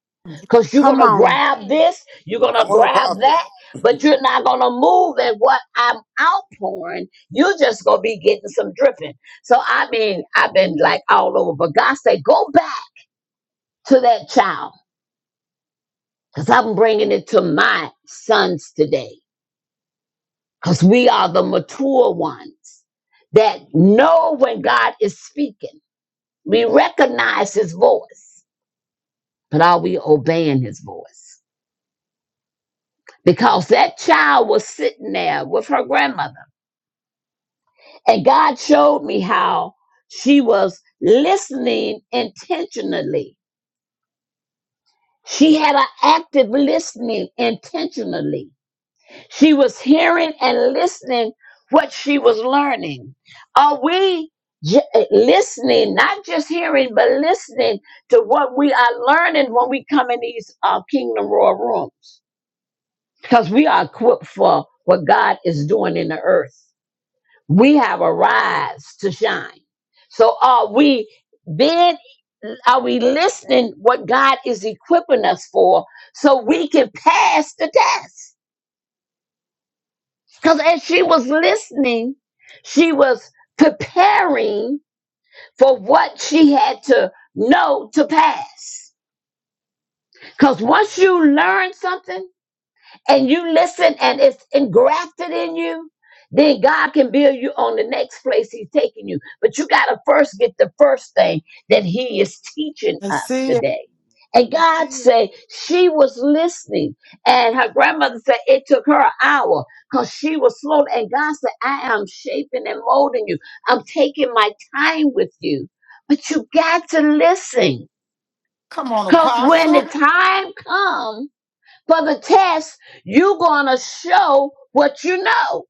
S2: Because you're
S4: come
S2: going to
S4: on.
S2: grab this, you're going to
S7: Come on,
S2: grab
S7: Apostle.
S2: that, but you're not going to move at what I'm outpouring. You're just going to be getting some dripping. So, I mean, I've been like all over, but God said, go back to that child because I'm bringing it to my sons today because we are the mature ones that know when God is speaking. We recognize his voice, but are we obeying his voice? because that child was sitting there with her grandmother. And God showed me how she was listening intentionally. She had an active listening intentionally. She was hearing and listening what she was learning. Are we j- listening, not just hearing, but listening to what we are learning when we come in these uh, Kingdom Royal rooms? Because we are equipped for what God is doing in the earth. We have a rise to shine. So are we being are we listening what God is equipping us for so we can pass the test? Because as she was listening, she was preparing for what she had to know to pass. Because once you learn something, and you listen and it's engrafted in you, then God can build you on the next place He's taking you. But you got to first get the first thing that He is teaching
S4: That's
S2: us
S4: it.
S2: today. And God said she was listening, and her grandmother said it took her an hour because she was slow. And God said, I am shaping and molding you, I'm taking my time with you. But you got to listen
S5: Come on,
S2: because when
S5: apostle.
S2: the time comes, for the test, you're going to show what you know.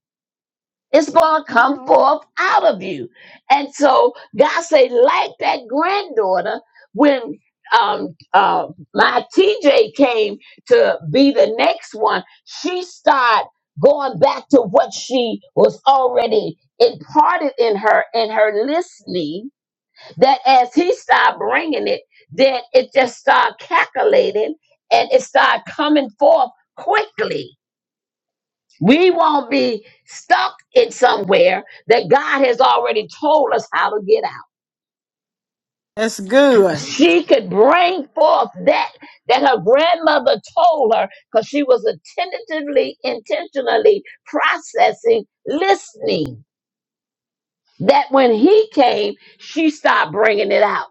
S2: It's going to come Mhm. forth out of you. And so God say, like that granddaughter, when um, uh, my TJ came to be the next one, she started going back to what she was already imparted in her, in her listening that as he started bringing it, then it just started calculating and it started coming forth quickly. We won't be stuck in somewhere that God has already told us how to get out.
S4: That's good.
S2: She could bring forth that that her grandmother told her because she was attentively, intentionally processing, listening. That when he came, she started bringing it out.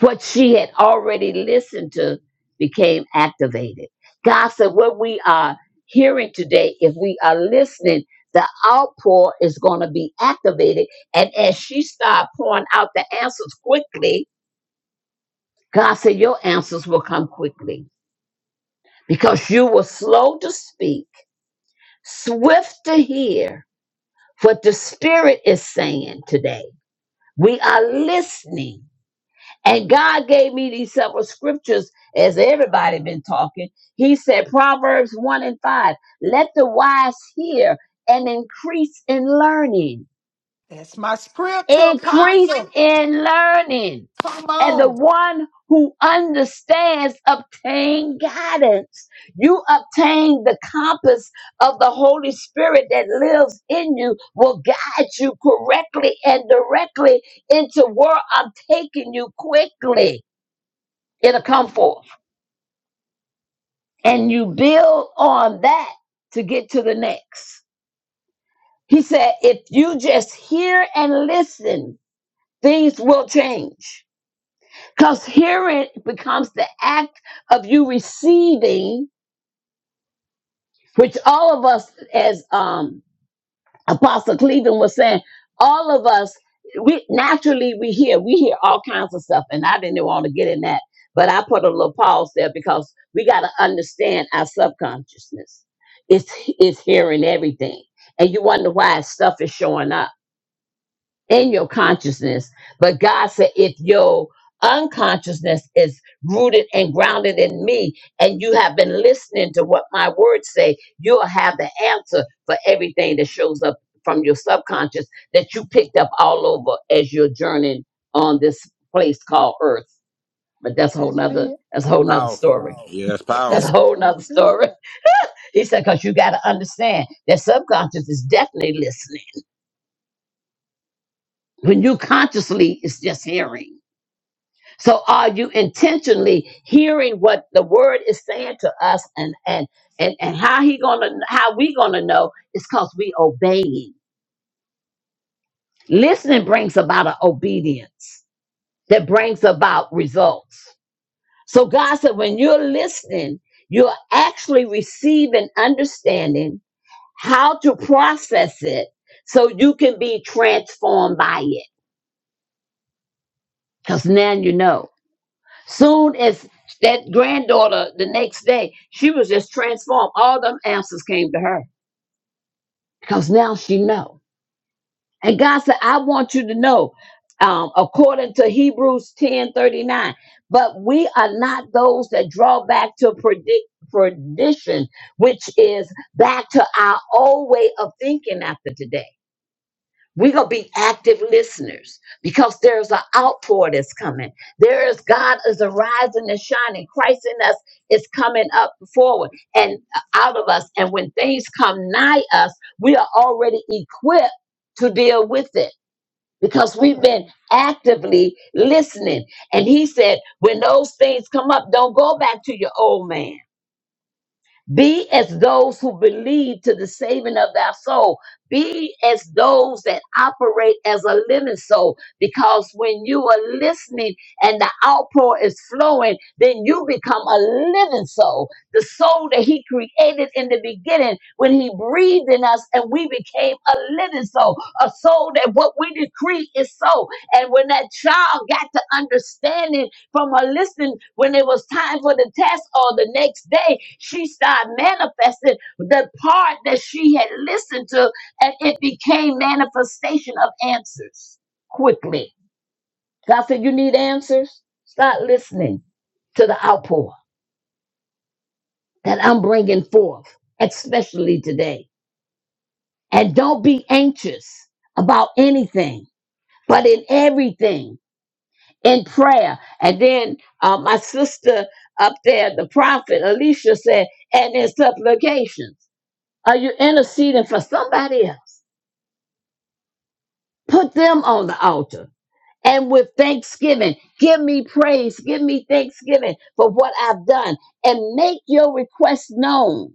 S2: What she had already listened to became activated. God said, What we are hearing today, if we are listening, the outpour is going to be activated. And as she started pouring out the answers quickly, God said, Your answers will come quickly because you were slow to speak, swift to hear what the Spirit is saying today. We are listening And God gave me these several scriptures as everybody been talking. He said Proverbs 1 and 5, let the wise hear and increase in learning.
S5: That's my scripture,
S2: Increase
S5: apostle.
S2: in learning.
S5: Come
S2: And the
S5: on.
S2: one who understands obtain guidance. You obtain the compass of the Holy Spirit that lives in you will guide you correctly and directly into where I'm taking you quickly it'll come forth. And you build on that to get to the next. He said, if you just hear and listen, things will change. Because hearing becomes the act of you receiving, which all of us as um Apostle Cleveland was saying, all of us, we naturally we hear, we hear all kinds of stuff, and I didn't want to get in that, but I put a little pause there because we got to understand our subconsciousness. It's it's hearing everything, and you wonder why stuff is showing up in your consciousness. But God said, if your unconsciousness is rooted and grounded in me, and you have been listening to what my words say, you'll have the answer for everything that shows up from your subconscious that you picked up all over as you're journeying on this place called Earth. But that's a whole nother that's a whole nother
S7: Powerful.
S2: story.
S7: Yes,
S2: That's a
S4: That's,
S7: powerful.
S2: whole nother story. He said, because you gotta understand that subconscious is definitely listening. When you consciously it's just hearing. So are you intentionally hearing what the word is saying to us and and and, and how he gonna how we gonna know is because we obeying. Listening brings about an obedience that brings about results. So God said when you're listening, you're actually receiving understanding how to process it so you can be transformed by it. Because now you know. Soon as that granddaughter, the next day, she was just transformed. All them answers came to her because now she know. And God said, I want you to know, um, according to Hebrews ten thirty nine. but we are not those that draw back to predict perdition, which is back to our old way of thinking after today. We're going to be active listeners because there's an outpour that's coming. There is God is arising and shining. Christ in us is coming up forward and out of us. And when things come nigh us, we are already equipped to deal with it because we've been actively listening. And he said, when those things come up, don't go back to your old man be as those who believe to the saving of thy soul. Be as those that operate as a living soul. Because when you are listening and the outpour is flowing, then you become a living soul. The soul that he created in the beginning when he breathed in us and we became a living soul. A soul that what we decree is so. And when that child got to understanding from her listening, when it was time for the test or the next day, she started manifesting the part that she had listened to, and it became manifestation of answers quickly. God said, You need answers? Start listening to the outpour that I'm bringing forth, especially today. And don't be anxious about anything, but in everything. in prayer. And then uh, my sister up there, the prophet Alicia said, and in supplications. Are you interceding for somebody else? Put them on the altar. And with thanksgiving, give me praise, give me thanksgiving for what I've done, and make your request known.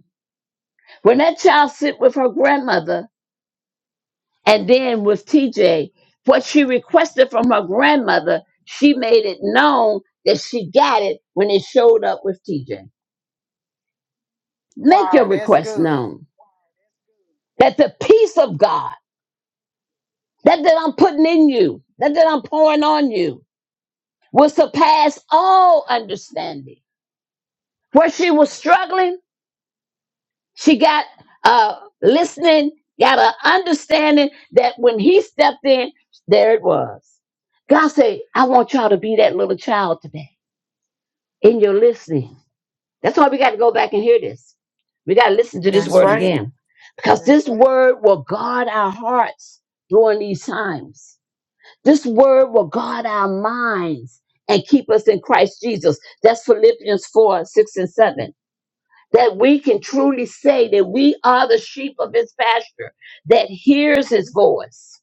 S2: When that child sit with her grandmother, and then with TJ, what she requested from her grandmother, she made it known that she got it when it showed up with TJ. Make your
S5: Wow, that's
S2: request
S5: good.
S2: known. That the peace of God, that that I'm putting in you, that that I'm pouring on you, will surpass all understanding. Where she was struggling, she got uh listening, got an understanding that when he stepped in, there it was. God said, I want y'all to be that little child today in your listening. That's why we got to go back and hear this. We got to listen to this
S1: That's
S2: word
S1: right.
S2: again because this word will guard our hearts during these times. This word will guard our minds and keep us in Christ Jesus. That's Philippians 4 6 and 7. That we can truly say that we are the sheep of his pasture that hears his voice.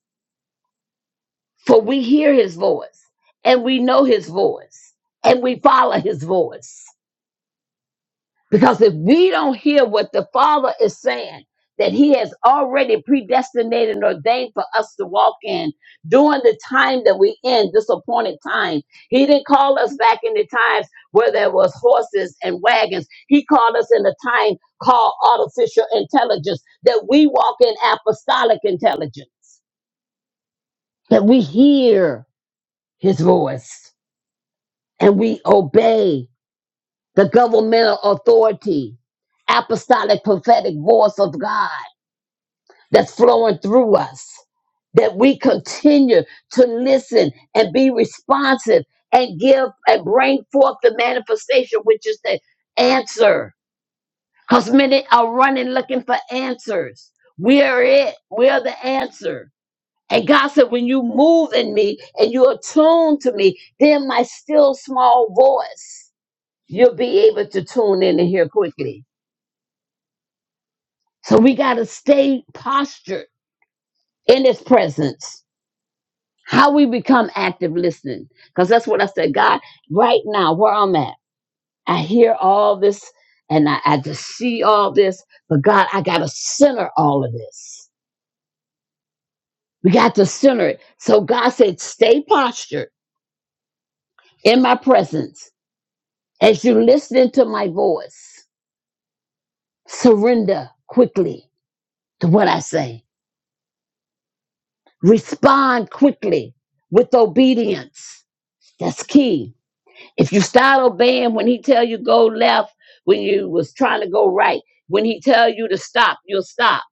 S2: For we hear his voice and we know his voice and we follow his voice. Because if we don't hear what the Father is saying, that He has already predestinated and ordained for us to walk in during the time that we in, this appointed time. He didn't call us back in the times where there was horses and wagons. He called us in a time called artificial intelligence, that we walk in apostolic intelligence, that we hear his voice and we obey. the governmental authority, apostolic prophetic voice of God that's flowing through us, that we continue to listen and be responsive and give and bring forth the manifestation, which is the answer. Because many are running looking for answers. We are it, we are the answer. And God said, when you move in me and you attune to me, then my still small voice, you'll be able to tune in and hear quickly So we got to stay postured in his presence. How we become active listening. Because that's what I said. God, right now, where I'm at, I hear all this and I, I just see all this. But God, I got to center all of this. We got to center it. So God said, stay postured in my presence as you listen to my voice. Surrender quickly to what I say. Respond quickly with obedience. That's key If you start obeying when he tell you go left, when you was trying to go right, when he tell you to stop, you'll stop.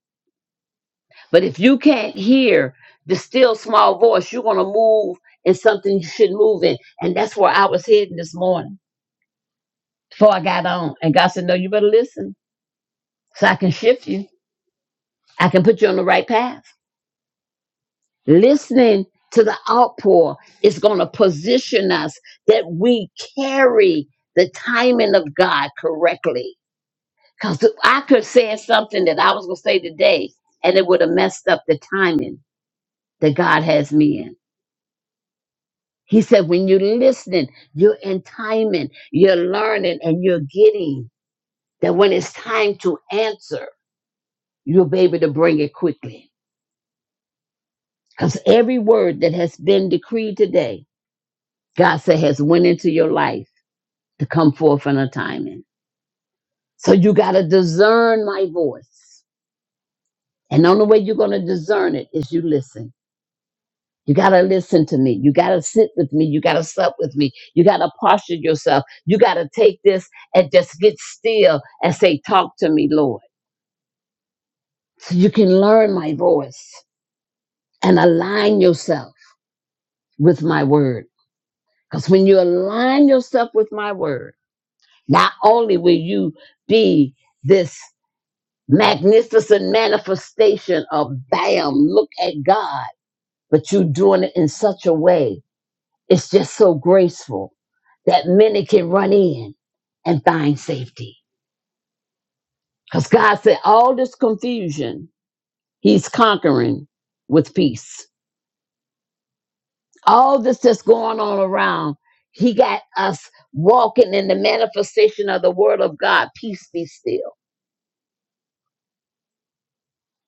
S2: But if you can't hear the still small voice, you're gonna move in something you shouldn't move in. And that's where I was heading this morning before I got on. And God said, No, you better listen so I can shift you. I can put you on the right path. Listening to the outpour is gonna position us that we carry the timing of God correctly Because I could have said something that I was going to say today, and it would have messed up the timing that God has me in. He said, when you're listening, you're in timing, you're learning, and you're getting that when it's time to answer, you'll be able to bring it quickly. Because every word that has been decreed today, God said, has went into your life to come forth in a timing. So you got to discern my voice. And the only way you're going to discern it is you listen. You got to listen to me. You got to sit with me. You got to sup with me. You got to posture yourself. You got to take this and just get still and say, Talk to me, Lord. So you can learn my voice and align yourself with my word. Because when you align yourself with my word, not only will you be this magnificent manifestation of bam, look at God, but you're doing it in such a way It's just so graceful that many can run in and find safety. Because God said, all this confusion, He's conquering with peace. All this that's going on around, He got us walking in the manifestation of the Word of God, peace be still,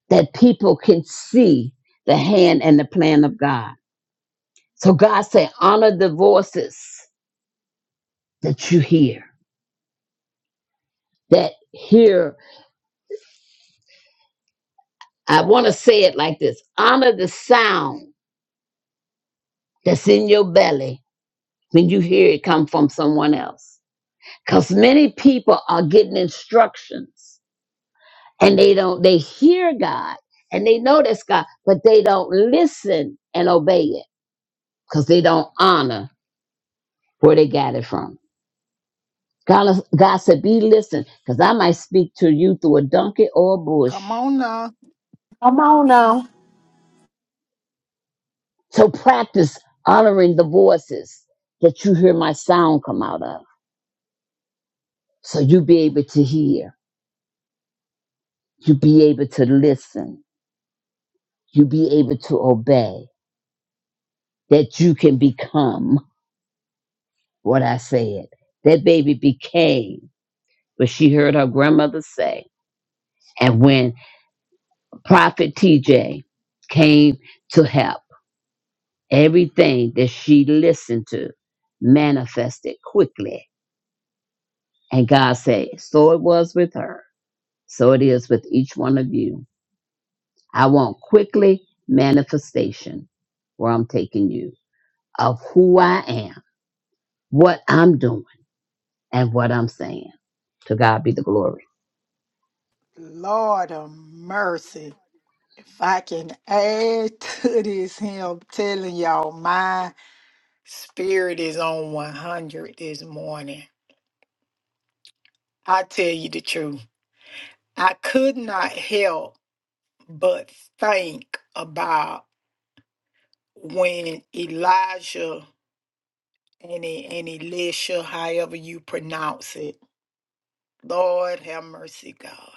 S2: that people can see the hand and the plan of God. So God said, honor the voices that you hear, that hear. I want to say it like this honor the sound that's in your belly when you hear it come from someone else. Because many people are getting instructions and they don't, they hear God and they know that's God, but they don't listen and obey it because they don't honor where they got it from. God, God said, Be listened because I might speak to you through a donkey or a bush.
S5: Come on now.
S4: come on now.
S2: So practice honoring the voices that you hear my sound come out of so you be able to hear, you be able to listen you be able to obey, that you can become what I said. That baby became what she heard her grandmother say. And when Prophet TJ came to help, everything that she listened to manifested quickly. And God said, So it was with her, so it is with each one of you. I want quickly manifestation where I'm taking you of who I am, what I'm doing, and what I'm saying. To God be the glory.
S5: Lord of mercy. If I can add to this, him telling y'all, my spirit is on 100 this morning. I tell you the truth. I could not help but think about when Elijah and, E- and Elisha, however you pronounce it, Lord have mercy, God.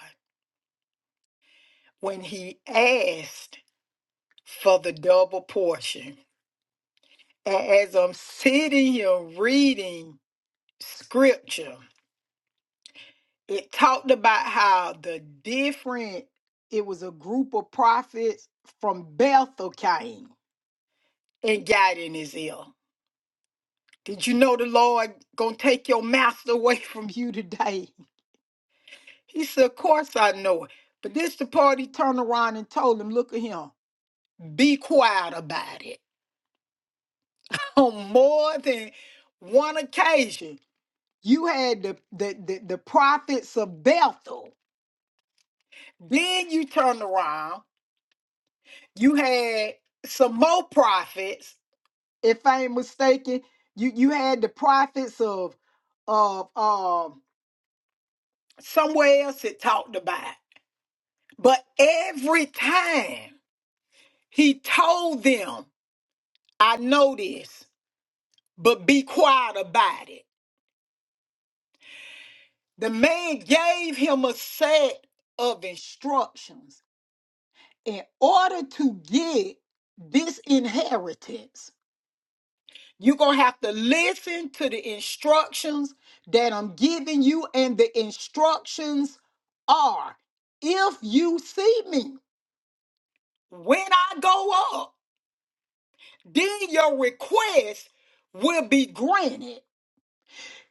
S5: when he asked for the double portion. And as I'm sitting here reading scripture, it talked about how the different, it was a group of prophets from Bethel came and got in his ear. Did you know the Lord gonna take your master away from you today? He said, Of course I know it. But this the part he turned around and told him, look at him, be quiet about it. on more than one occasion. You had the, the, the, the prophets of Bethel. Then you turned around. You had some more prophets, if I ain't mistaken. You you had the prophets of of um somewhere else it talked about. it. But every time he told them, I know this, but be quiet about it. The man gave him a set of instructions. In order to get this inheritance, you're going to have to listen to the instructions that I'm giving you. And the instructions are if you see me when I go up, then your request will be granted.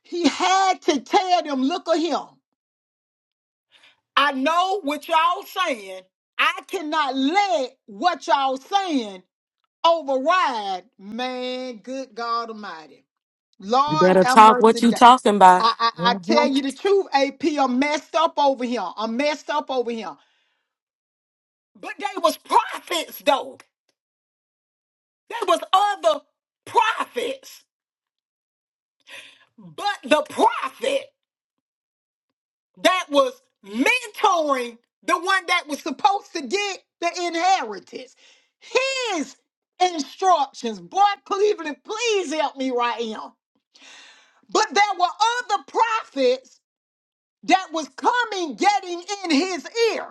S5: He had to tell them, look at him. I know what y'all saying. I cannot let what y'all saying override. Man, good God Almighty.
S1: You
S5: Lord
S1: better
S5: have
S1: talk what
S5: mercy.
S1: you
S5: God.
S1: talking about.
S5: I, I, I
S1: hmm
S5: tell you the truth, AP, I'm messed up over here. I'm messed up over here. But they was prophets, though. There was other prophets. But the prophet that was mentoring the one that was supposed to get the inheritance. His instructions, boy, Cleveland, please help me right now. But there were other prophets that was coming, getting in his ear,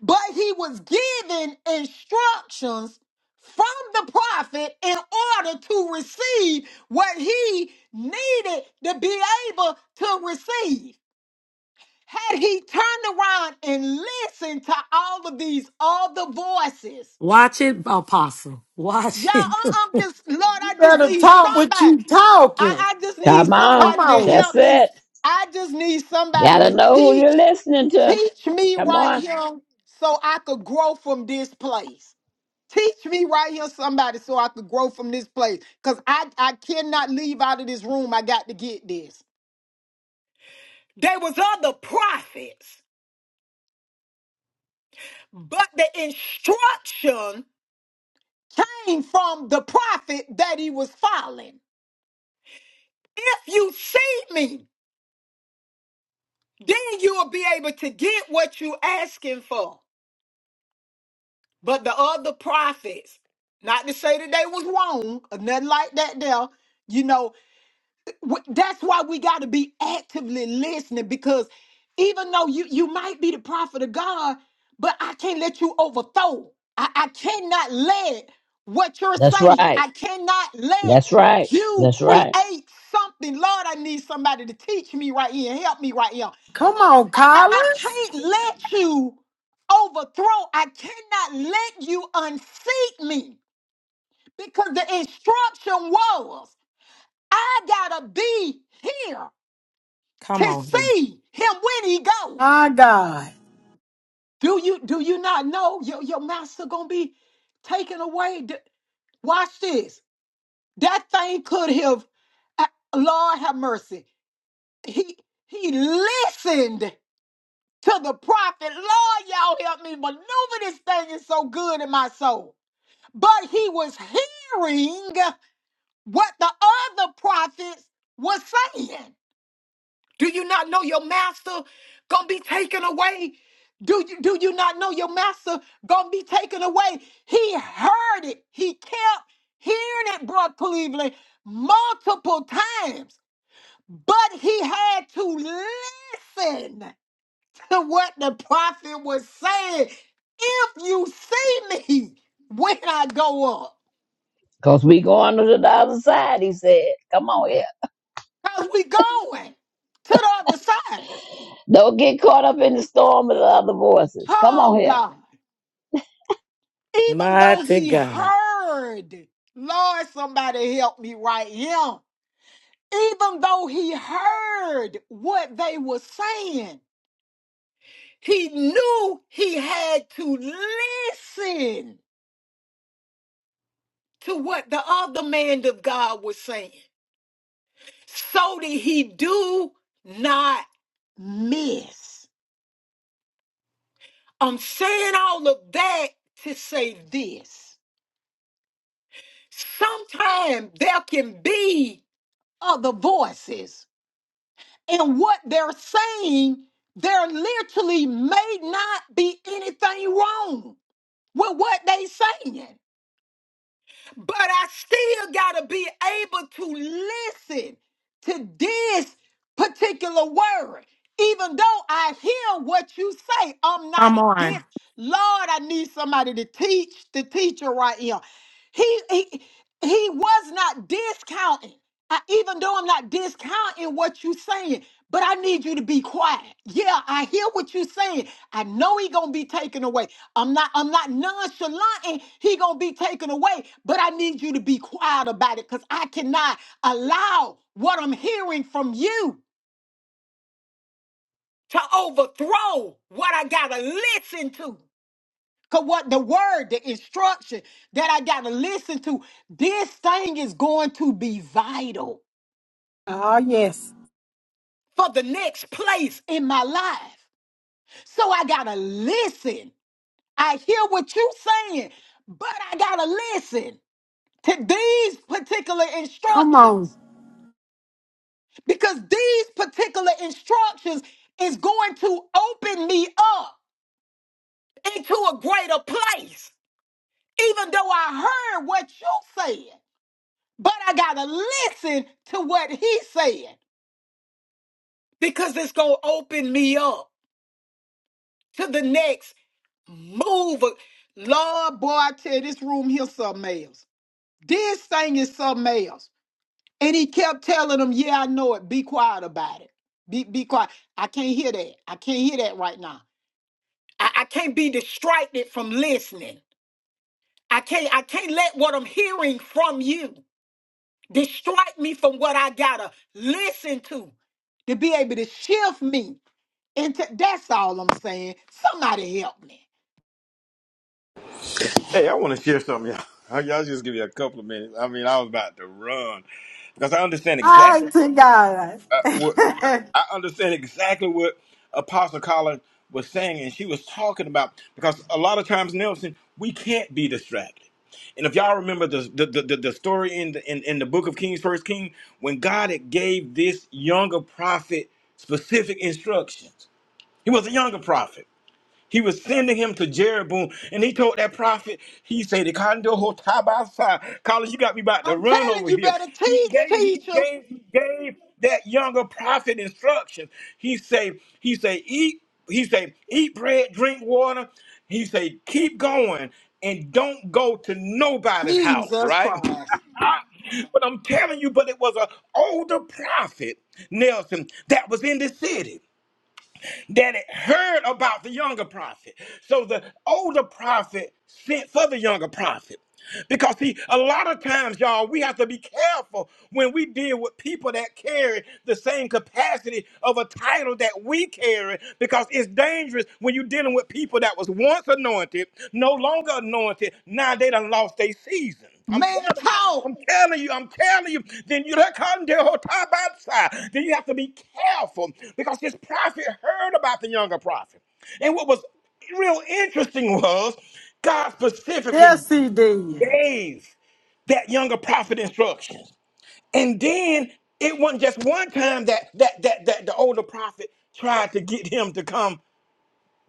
S5: but he was given instructions from the prophet in order to receive what he needed to be able to receive. Had he turned around and listened to all of these other voices,
S1: Watch it, Apostle.
S5: y'all,
S1: Watch it.
S5: I- I'm just, Lord, I
S4: You
S5: just
S4: better
S5: need
S4: talk what you
S5: somebody.
S4: talking.
S5: I, I just need
S2: Come on.
S4: Come
S5: somebody to
S4: on.
S2: That's
S5: help me.
S2: it.
S5: I just need somebody
S2: Gotta
S5: to
S2: know who you're
S5: teach,
S2: listening to.
S5: teach me
S2: Come
S5: right
S2: on.
S5: here so I could grow from this place. Teach me right here, somebody, so I could grow from this place. Cause I, I cannot leave out of this room. I got to get this. There was other prophets, but the instruction came from the prophet that he was following. If you see me, then you will be able to get what you asking for. But the other prophets, not to say that they was wrong or nothing like that there, you know, W- That's why we got to be actively listening because even though you, you might be the prophet of God, but I can't let you overthrow. I, I cannot let what you're
S2: That's
S5: saying.
S2: right.
S5: I cannot let
S2: That's right.
S5: you
S2: That's right.
S5: create something. Lord, I need somebody to teach me right here and help me right here.
S4: Come on,
S5: I, I, I
S4: Collins.
S5: can't let you overthrow. I cannot let you unseat me because the instruction was I got to be here to
S1: Come on.
S5: see him when he go.
S4: My God.
S5: Do you do you not know your, your master gonna be taken away? D- Watch this. That thing could have uh, Lord have mercy. He he listened to the prophet. Lord, y'all help me maneuver this thing is so good in my soul. But he was hearing what the other prophets was saying. Do you not know your master gonna be taken away? Do you do you not know your master gonna be taken away? He heard it. He kept hearing it, Brock Cleveland, multiple times, but he had to listen to what the prophet was saying. If you see me when I go up,
S2: Cause we going to the other side, he said. Come on here.
S5: because we going to the other side.
S2: Don't get caught up in the storm of the other voices. Come
S5: Oh
S2: on here.
S5: God. Even though
S1: Mighty
S5: he
S1: God.
S5: heard, Lord, somebody help me right here. Even though he heard what they were saying, he knew he had to listen to what the other man of God was saying so that he do not miss. I'm saying all of that to say this. Sometimes there can be other voices And what they're saying, there literally may not be anything wrong with what they saying but I still got to be able to listen to this particular word. Even though I hear what you say, I'm not
S1: Come on.
S5: this. Lord, I need somebody to teach the teacher right here. He, he, he was not discounting. I, even though I'm not discounting what you're saying, but I need you to be quiet. Yeah, I hear what you're saying. I know he gonna be taken away. I'm not I'm not nonchalant and he gonna be taken away, but I need you to be quiet about it because I cannot allow what I'm hearing from you to overthrow what I gotta listen to. Cause what the word, the instruction that I gotta listen to, this thing is going to be vital
S4: Oh, yes.
S5: for the next place in my life. So I gotta listen. I hear what you saying, but I gotta listen. to these particular
S4: Come on.
S5: instructions because these particular instructions is going to open me up into a greater place even though i heard what you said but i gotta listen to what he said because it's gonna open me up to the next move lord boy i tell you, this room here something else this thing is something else And he kept telling them, Yeah, I know it. Be quiet about it. Be be quiet. I can't hear that. I can't hear that right now. I, I can't be distracted from listening. I can't I can't let what I'm hearing from you distract me from what I gotta listen to to be able to shift me into that's all I'm saying. Somebody help me.
S7: Hey, I want to share something, y'all. Y'all just give me a couple of minutes. I mean, I was about to run because I understand
S4: I
S7: exactly.
S4: to God.
S7: uh, wh- I understand exactly what Apostle Colin was saying, and she was talking about because a lot of times, Nelson, we can't be distracted. And if y'all remember the the, the, the the story in the in, in the book of Kings, First King, when God had gave this younger prophet specific instructions, he was a younger prophet. He was sending him to Jeroboam, and he told that prophet, he said, "Kondo ho tabasa." College, you got me about to
S5: I'm
S7: run
S5: telling
S7: over
S5: you
S7: here.
S5: better
S7: He
S5: teach,
S7: gave, he
S5: teacher.
S7: gave, he gave that younger prophet instructions. He say, he say, eat, he say, eat bread, drink water. He say, keep going and don't go to nobody's house,
S5: Jesus
S7: right?
S5: Christ.
S7: but I'm telling you, but it was an older prophet, Nelson, that was in the city that had heard about the younger prophet. So the older prophet sent for the younger prophet. Because see, a lot of times, y'all, we have to be careful when we deal with people that carry the same capacity of a title that we carry, because it's dangerous when you're dealing with people that was once anointed, no longer anointed, now they done lost their season. I'm
S5: Man,
S7: telling you.
S5: talk.
S7: I'm telling you, I'm telling you, then you don't come to whole time outside. Then you have to be careful because this prophet heard about the younger prophet. And what was real interesting was God specifically
S4: yes, he did.
S7: gave that younger prophet instructions. And then it wasn't just one time that that that that the older prophet tried to get him to come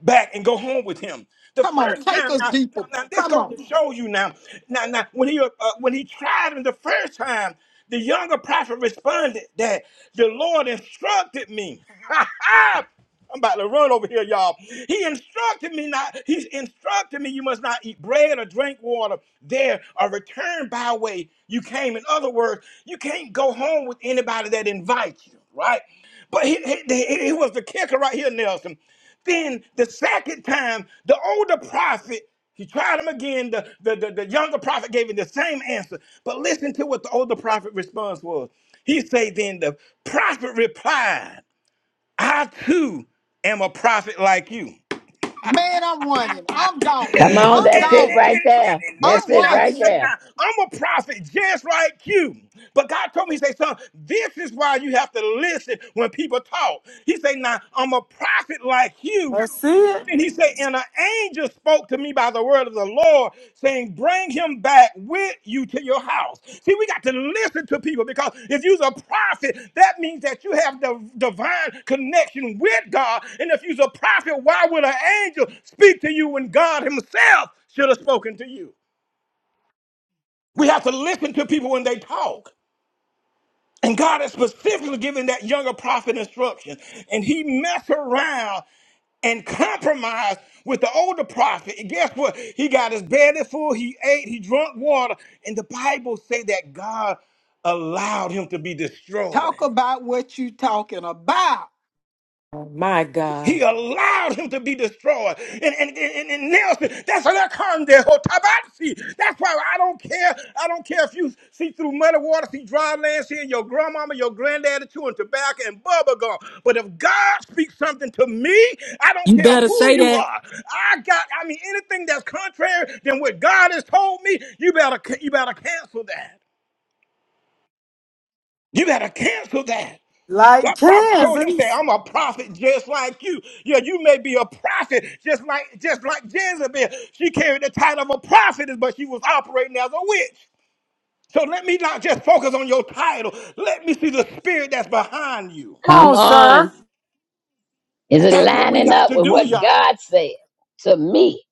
S7: back and go home with him. The
S5: Come on,
S7: first
S5: take
S7: time
S5: us
S7: now,
S5: deeper.
S7: now now this
S5: Come
S7: goes
S5: on.
S7: to show you now, now, now when he uh, uh, when he tried him the first time, the younger prophet responded that the Lord instructed me. I'm about to run over here, y'all. He instructed me not. He's instructed me you must not eat bread or drink water there or return by way you came. In other words, you can't go home with anybody that invites you, right? But he, he, he- he was the kicker right here, Nelson. Then the second time, the older prophet, he tried him again. The, the, the, the younger prophet gave him the same answer. But listen to what the older prophet response was. He said, Then the prophet replied, I too am a prophet like you.
S5: Man, I'm running. I'm gone.
S2: Come
S7: And,
S2: on.
S7: and,
S5: I'm
S2: That's
S7: and,
S2: it
S5: gone.
S7: and-
S2: right
S7: and-
S2: there.
S7: and
S2: That's
S5: I'm
S7: listen
S2: it
S7: now, he
S2: right
S7: said,
S5: running.
S2: there.
S7: now, I'm a prophet just like you. But God told me, he said, son, this is why you have to listen when people talk. He said, now, I'm a prophet like you.
S4: That's it.
S7: And he said, and an angel spoke to me by the word of the Lord door saying, Bring him back with you to your house. See, we got to listen to people because if you're a prophet, that means that you have the divine connection with God. And if you're a prophet, why would an angel speak to you when God Himself should have spoken to you? We have to listen to people when they talk. And God has specifically given that younger prophet instructions. And he messed around and compromised with the older prophet. And guess what? He got his belly full, he ate, he drank water. And the Bible say that God allowed him to be
S5: Talk
S7: destroyed.
S5: about what you talking about.
S1: My God.
S7: He allowed him to be destroyed and, and, and, and nails him. That's an conde hotabatsi. That's why I don't care. I don't care if you see through muddy water, see dry land, seeing your grandmama, your granddaddy chewing tobacco and bubble gum. But if God speaks something to me, I don't
S1: You
S7: care
S1: better
S7: who
S1: say
S7: you
S1: that.
S7: are. I got, I mean, anything that's contrary than what God has told me, you better, you better cancel that. You better cancel that. That
S4: Like
S7: prophet told him, "Say,
S4: Kansas.
S7: I'm a prophet just like you. Yeah, you may be a prophet just like just like Jezebel. She carried the title of a prophetess, but she was operating as a witch. So let me not just focus on your title. Let me see the spirit that's behind you,
S4: Come
S2: Come
S4: on, sir.
S2: on. Is
S7: and
S2: it
S7: that's what we
S2: lining
S7: got
S2: up
S7: to
S2: with
S7: do,
S2: what
S7: y'all.
S2: God said to me?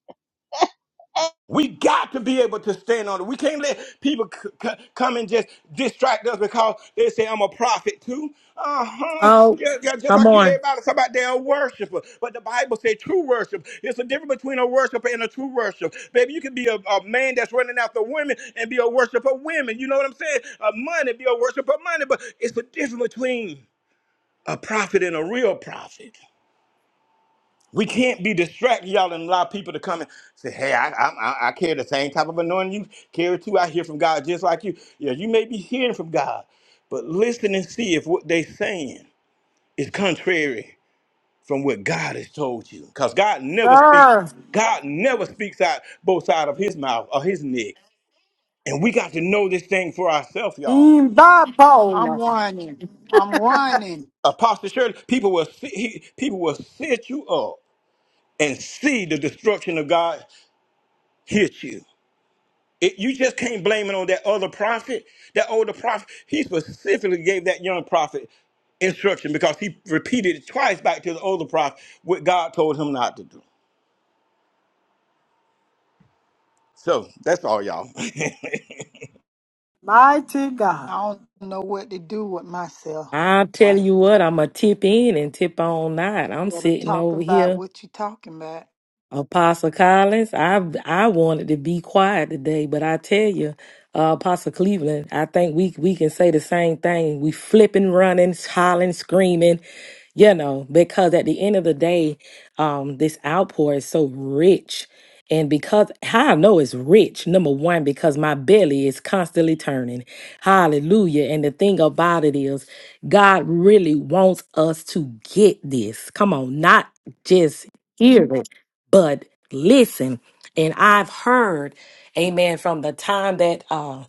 S7: We got to be able to stand on it. We can't let people c- c- come and just distract us because they say I'm a prophet too. Uh huh.
S1: Oh,
S7: Just, just
S1: come
S7: like you,
S1: on.
S7: everybody, somebody they're a worshiper. But the Bible says true worship. It's a difference between a worshiper and a true worship. Baby, you can be a, a man that's running after women and be a worshiper of women. You know what I'm saying? A money, be a worshiper of money. But it's the difference between a prophet and a real prophet. We can't be distracted, y'all, and allow people to come and say, "Hey, I, I, I I carry the same type of anointing you carry too. I hear from God just like you." Yeah, you may be hearing from God, but listen and see if what they saying is contrary from what God has told you, because God never speaks.
S4: Sir.
S7: God never speaks out both sides of His mouth or His neck, and we got to know this thing for ourselves,
S4: He
S7: y'all.
S4: ain't
S5: I'm
S4: bipolar.
S5: running. I'm running.
S7: Apostle Shirley, people will see, he, people will set you up and see the destruction of God hit you. It, you just can't blame it on that other prophet. That older prophet, he specifically gave that young prophet instruction because he repeated it twice back to the older prophet what God told him not to do. So that's all, y'all.
S4: Mighty God.
S5: I don't know what to do with myself.
S1: I'll tell
S5: Right.
S1: you what, I'm going to tip in and tip on out. I'm
S5: Gotta
S1: sitting
S5: talk
S1: over
S5: about
S1: here
S5: what you talking about.
S1: Apostle Collins, I I wanted to be quiet today, but I tell you, uh, Apostle Cleveland, I think we we can say the same thing. We flipping, running, hollering, screaming, you know, because at the end of the day, um, this outpour is so rich. And because how I know it's rich, number one, because my belly is constantly turning. Hallelujah. And the thing about it is, God really wants us to get this. Come on, not just hear it, but listen. And I've heard, amen, from the time that uh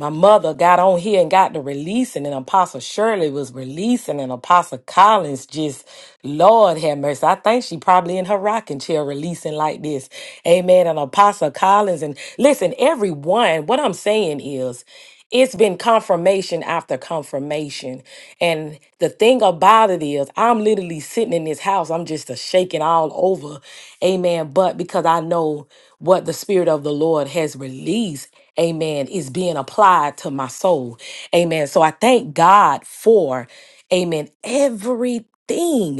S1: my mother got on here and got to releasing, and Apostle Shirley was releasing, and Apostle Collins just, Lord have mercy. I think she probably in her rocking chair releasing like this. Amen. And Apostle Collins, and listen, everyone, what I'm saying is, it's been confirmation after confirmation. And the thing about it is, I'm literally sitting in this house. I'm just a shaking all over. Amen. But because I know what the Spirit of the Lord has released, amen, is being applied to my soul. Amen. So I thank God for, amen, everything.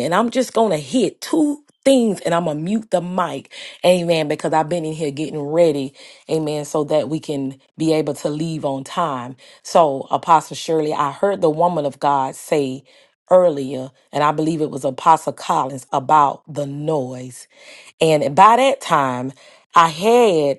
S1: And I'm just going to hit two things and I'm going to mute the mic. Amen. Because I've been in here getting ready. Amen. So that we can be able to leave on time. So, Apostle Shirley, I heard the woman of God say earlier, and I believe it was Apostle Collins, about the noise. And by that time, I had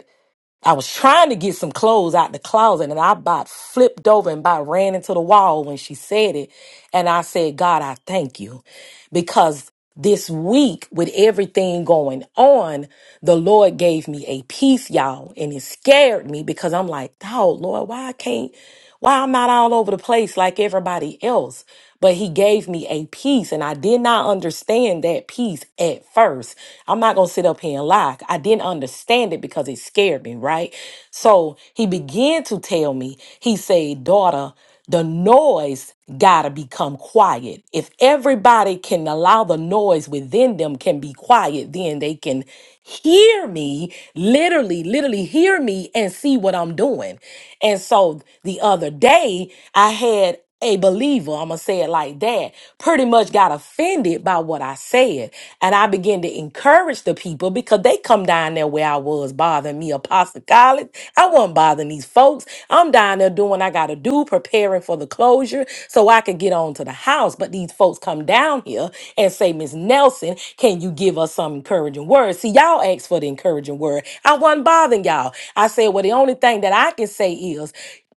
S1: I was trying to get some clothes out the closet and I about flipped over and about ran into the wall when she said it. And I said, God, I thank you because this week with everything going on, the Lord gave me a peace, y'all. And it scared me because I'm like, oh, Lord, why I can't, why I'm not all over the place like everybody else but he gave me a peace and I did not understand that peace at first. I'm not going to sit up here and lie. I didn't understand it because it scared me, right? So he began to tell me, he said, daughter, the noise gotta become quiet. If everybody can allow the noise within them can be quiet, then they can hear me, literally, literally hear me and see what I'm doing. And so the other day, I had a believer, I'm gonna say it like that, pretty much got offended by what I said. And I began to encourage the people because they come down there where I was bothering me, Boston College. I wasn't bothering these folks. I'm down there doing what I got to do, preparing for the closure so I could get on to the house. But these folks come down here and say, Miss Nelson, can you give us some encouraging words? See, y'all asked for the encouraging word. I wasn't bothering y'all. I said, well, the only thing that I can say is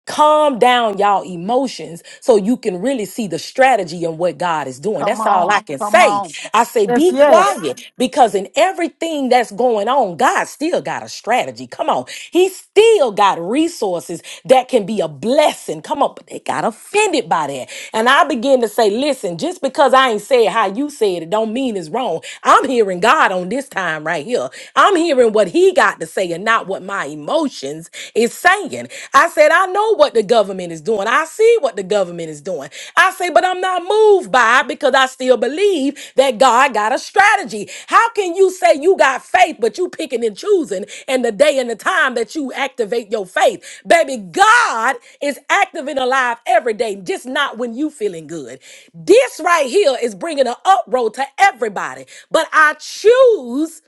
S1: calm down y'all emotions so you can really see the strategy and what God is doing.
S5: Come
S1: That's all I
S5: on.
S1: can
S5: Come
S1: say.
S5: on.
S1: I say
S4: Yes,
S1: be
S4: yes.
S1: quiet because in everything that's going on, God still got a strategy. Come on. He still got resources that can be a blessing. Come on, but they got offended by that. And I begin to say, listen, just because I ain't said how you said it don't mean it's wrong. I'm hearing God on this time right here. I'm hearing what he got to say and not what my emotions is saying. I said, I know what the government is doing. I see what the government is doing. I say, but I'm not moved by it because I still believe that God got a strategy. How can you say you got faith, but you picking and choosing and the day and the time that you activate your faith? Baby, God is active and alive every day, just not when you feeling good. This right here is bringing an uproar to everybody, but I choose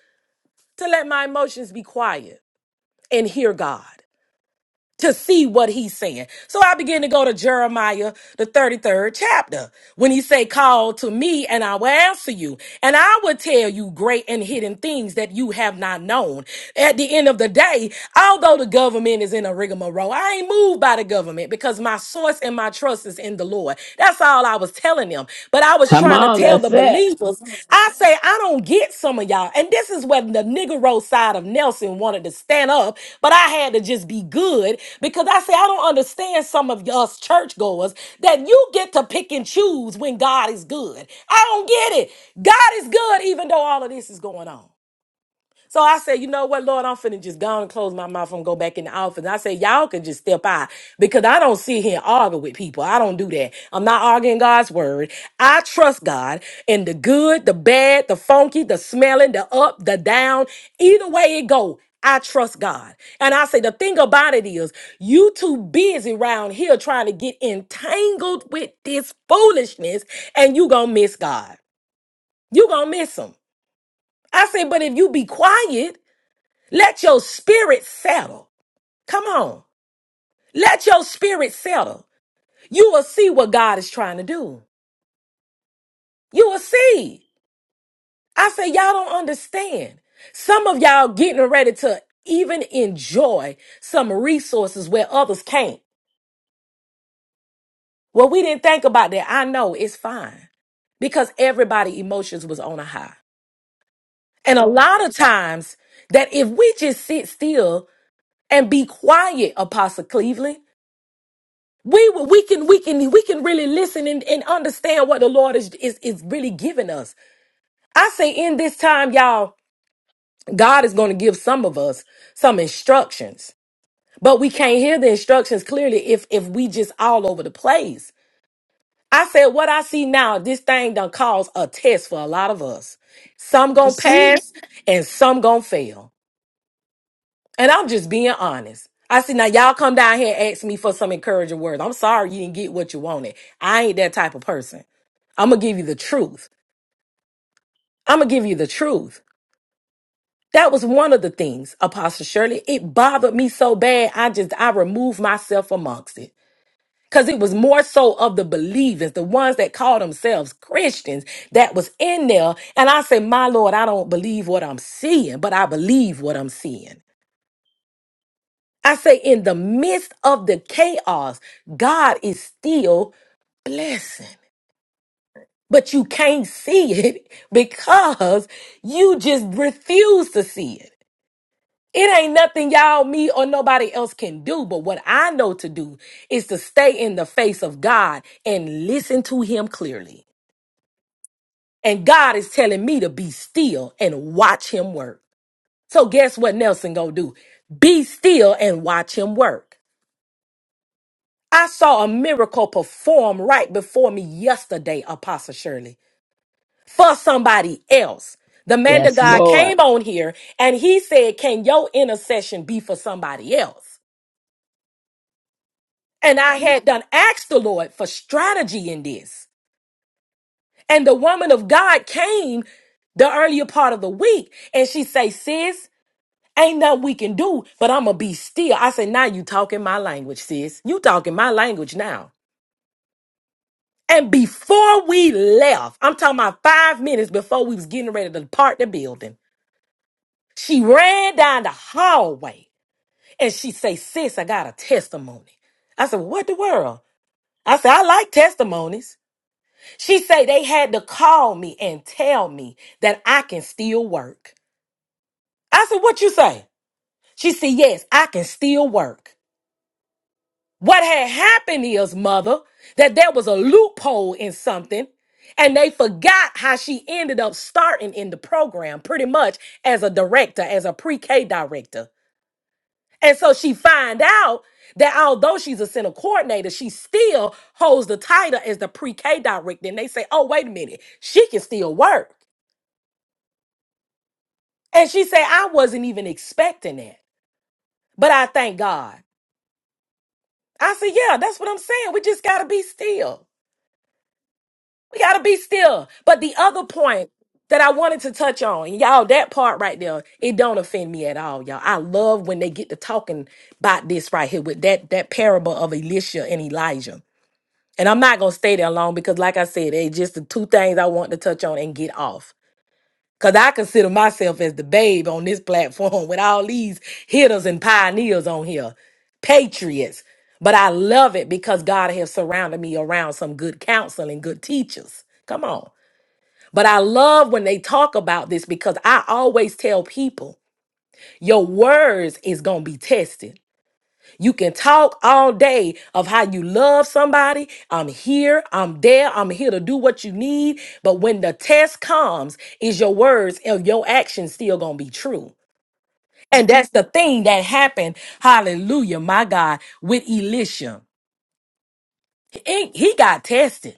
S1: to let my emotions be quiet and hear God to see what he's saying. So I begin to go to Jeremiah, the 33rd chapter, when he say, call to me and I will answer you. And I will tell you great and hidden things that you have not known. At the end of the day, although the government is in a rigmarole, I ain't moved by the government because my source and my trust is in the Lord. That's all I was telling telling them, but I was
S2: Come
S1: trying to
S2: on.
S1: tell the
S2: That's it.
S1: believers. I say, I don't get some of y'all. And this is where the Negro side of Nelson wanted to stand up, but I had to just be good because I say, I don't understand some of us churchgoers that you get to pick and choose when God is good. I don't get it. God is good even though all of this is going on. So I said, you know what, Lord, I'm finna just go on and close my mouth and go back in the office. I said, y'all can just step out because I don't sit here and argue with people. I don't do that. I'm not arguing God's word. I trust God in the good, the bad, the funky, the smelling, the up, the down. Either way it go, I trust God. And I say the thing about it is, you too busy around here trying to get entangled with this foolishness and you gonna miss God. You gonna miss him. I say, but if you be quiet let your spirit settle. Come on. Let your spirit settle. You will see what God is trying to do. You will see. I say, y'all don't understand. Some of y'all getting ready to even enjoy some resources where others can't. Well, we didn't think about that. I know it's fine because everybody' emotions was on a high. And a lot of times that if we just sit still and be quiet, Apostle Cleveland, we will- we can we can we can really listen and, and understand what the lord is, is is really giving us i say in this time y'all god is going to give some of us some instructions but we can't hear the instructions clearly if if we just all over the place i said what i see now this thing done caused a test for a lot of us some
S4: I
S1: gonna
S4: see it.
S1: pass and some gonna fail And I'm just being honest. I said, now y'all come down here and ask me for some encouraging words. I'm sorry you didn't get what you wanted. I ain't that type of person. I'm gonna give you the truth. I'm gonna give you the truth. That was one of the things, Apostle Shirley. It bothered me so bad. I just I removed myself amongst it. Cause it was more so of the believers, the ones that call themselves Christians that was in there. And I said, My Lord, I don't believe what I'm seeing, but I believe what I'm seeing. I say, in the midst of the chaos, God is still blessing. But you can't see it because you just refuse to see it. It ain't nothing y'all, me, or nobody else can do. But what I know to do is to stay in the face of God and listen to Him clearly. And God is telling me to be still and watch Him work. So guess what Nelson gonna do? Be still and watch Him work. I saw a miracle perform right before me yesterday, Apostle Shirley, for somebody else. The man of
S2: Yes,
S1: God
S2: Lord.
S1: came on here and he said, Can your intercession be for somebody else? And I had done asked the Lord for strategy in this. And the woman of God came the earlier part of the week and she say, Sis, ain't nothing we can do, but I'ma be still. I said, Now you talking my language, sis. You talking my language now. And before we left, I'm talking about five minutes before we was getting ready to depart the building, she ran down the hallway and she say, sis, I got a testimony. I said, what the world? I said, I like testimonies. She say they had to call me and tell me that I can still work. I said, what you say? She said, yes, I can still work. What had happened is, mother, that there was a loophole in something, and they forgot how she ended up starting in the program, pretty much as a director, as a pre-K director. And so she find out that although she's a center coordinator, she still holds the title as the pre-K director. And they say, oh, wait a minute, she can still work. And she said, I wasn't even expecting that. But I thank God. I said, yeah, that's what I'm saying. We just gotta be still. We gotta be still. But the other point that I wanted to touch on, and y'all, that part right there, it don't offend me at all, y'all. I love when they get to talking about this right here with that that parable of Elisha and Elijah. And I'm not gonna stay there long because, like I said, they just the two things I want to touch on and get off. Cause I consider myself as the babe on this platform with all these hitters and pioneers on here, patriots. But I love it because God has surrounded me around some good counsel and good teachers. Come on. But I love when they talk about this because I always tell people your words is going to be tested. You can talk all day of how you love somebody. I'm here, I'm there, I'm here to do what you need. But when the test comes, is your words and your actions still going to be true? And that's the thing that happened, hallelujah, my God, with Elisha. He, he got tested.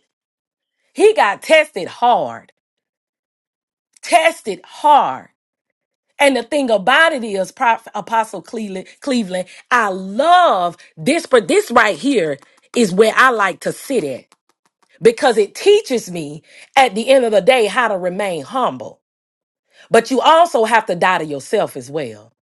S1: He got tested hard, tested hard. And the thing about it is, Prof, Apostle Cleveland, Cleveland, I love this, but this right here is where I like to sit at because it teaches me at the end of the day how to remain humble. But you also have to die to yourself as well.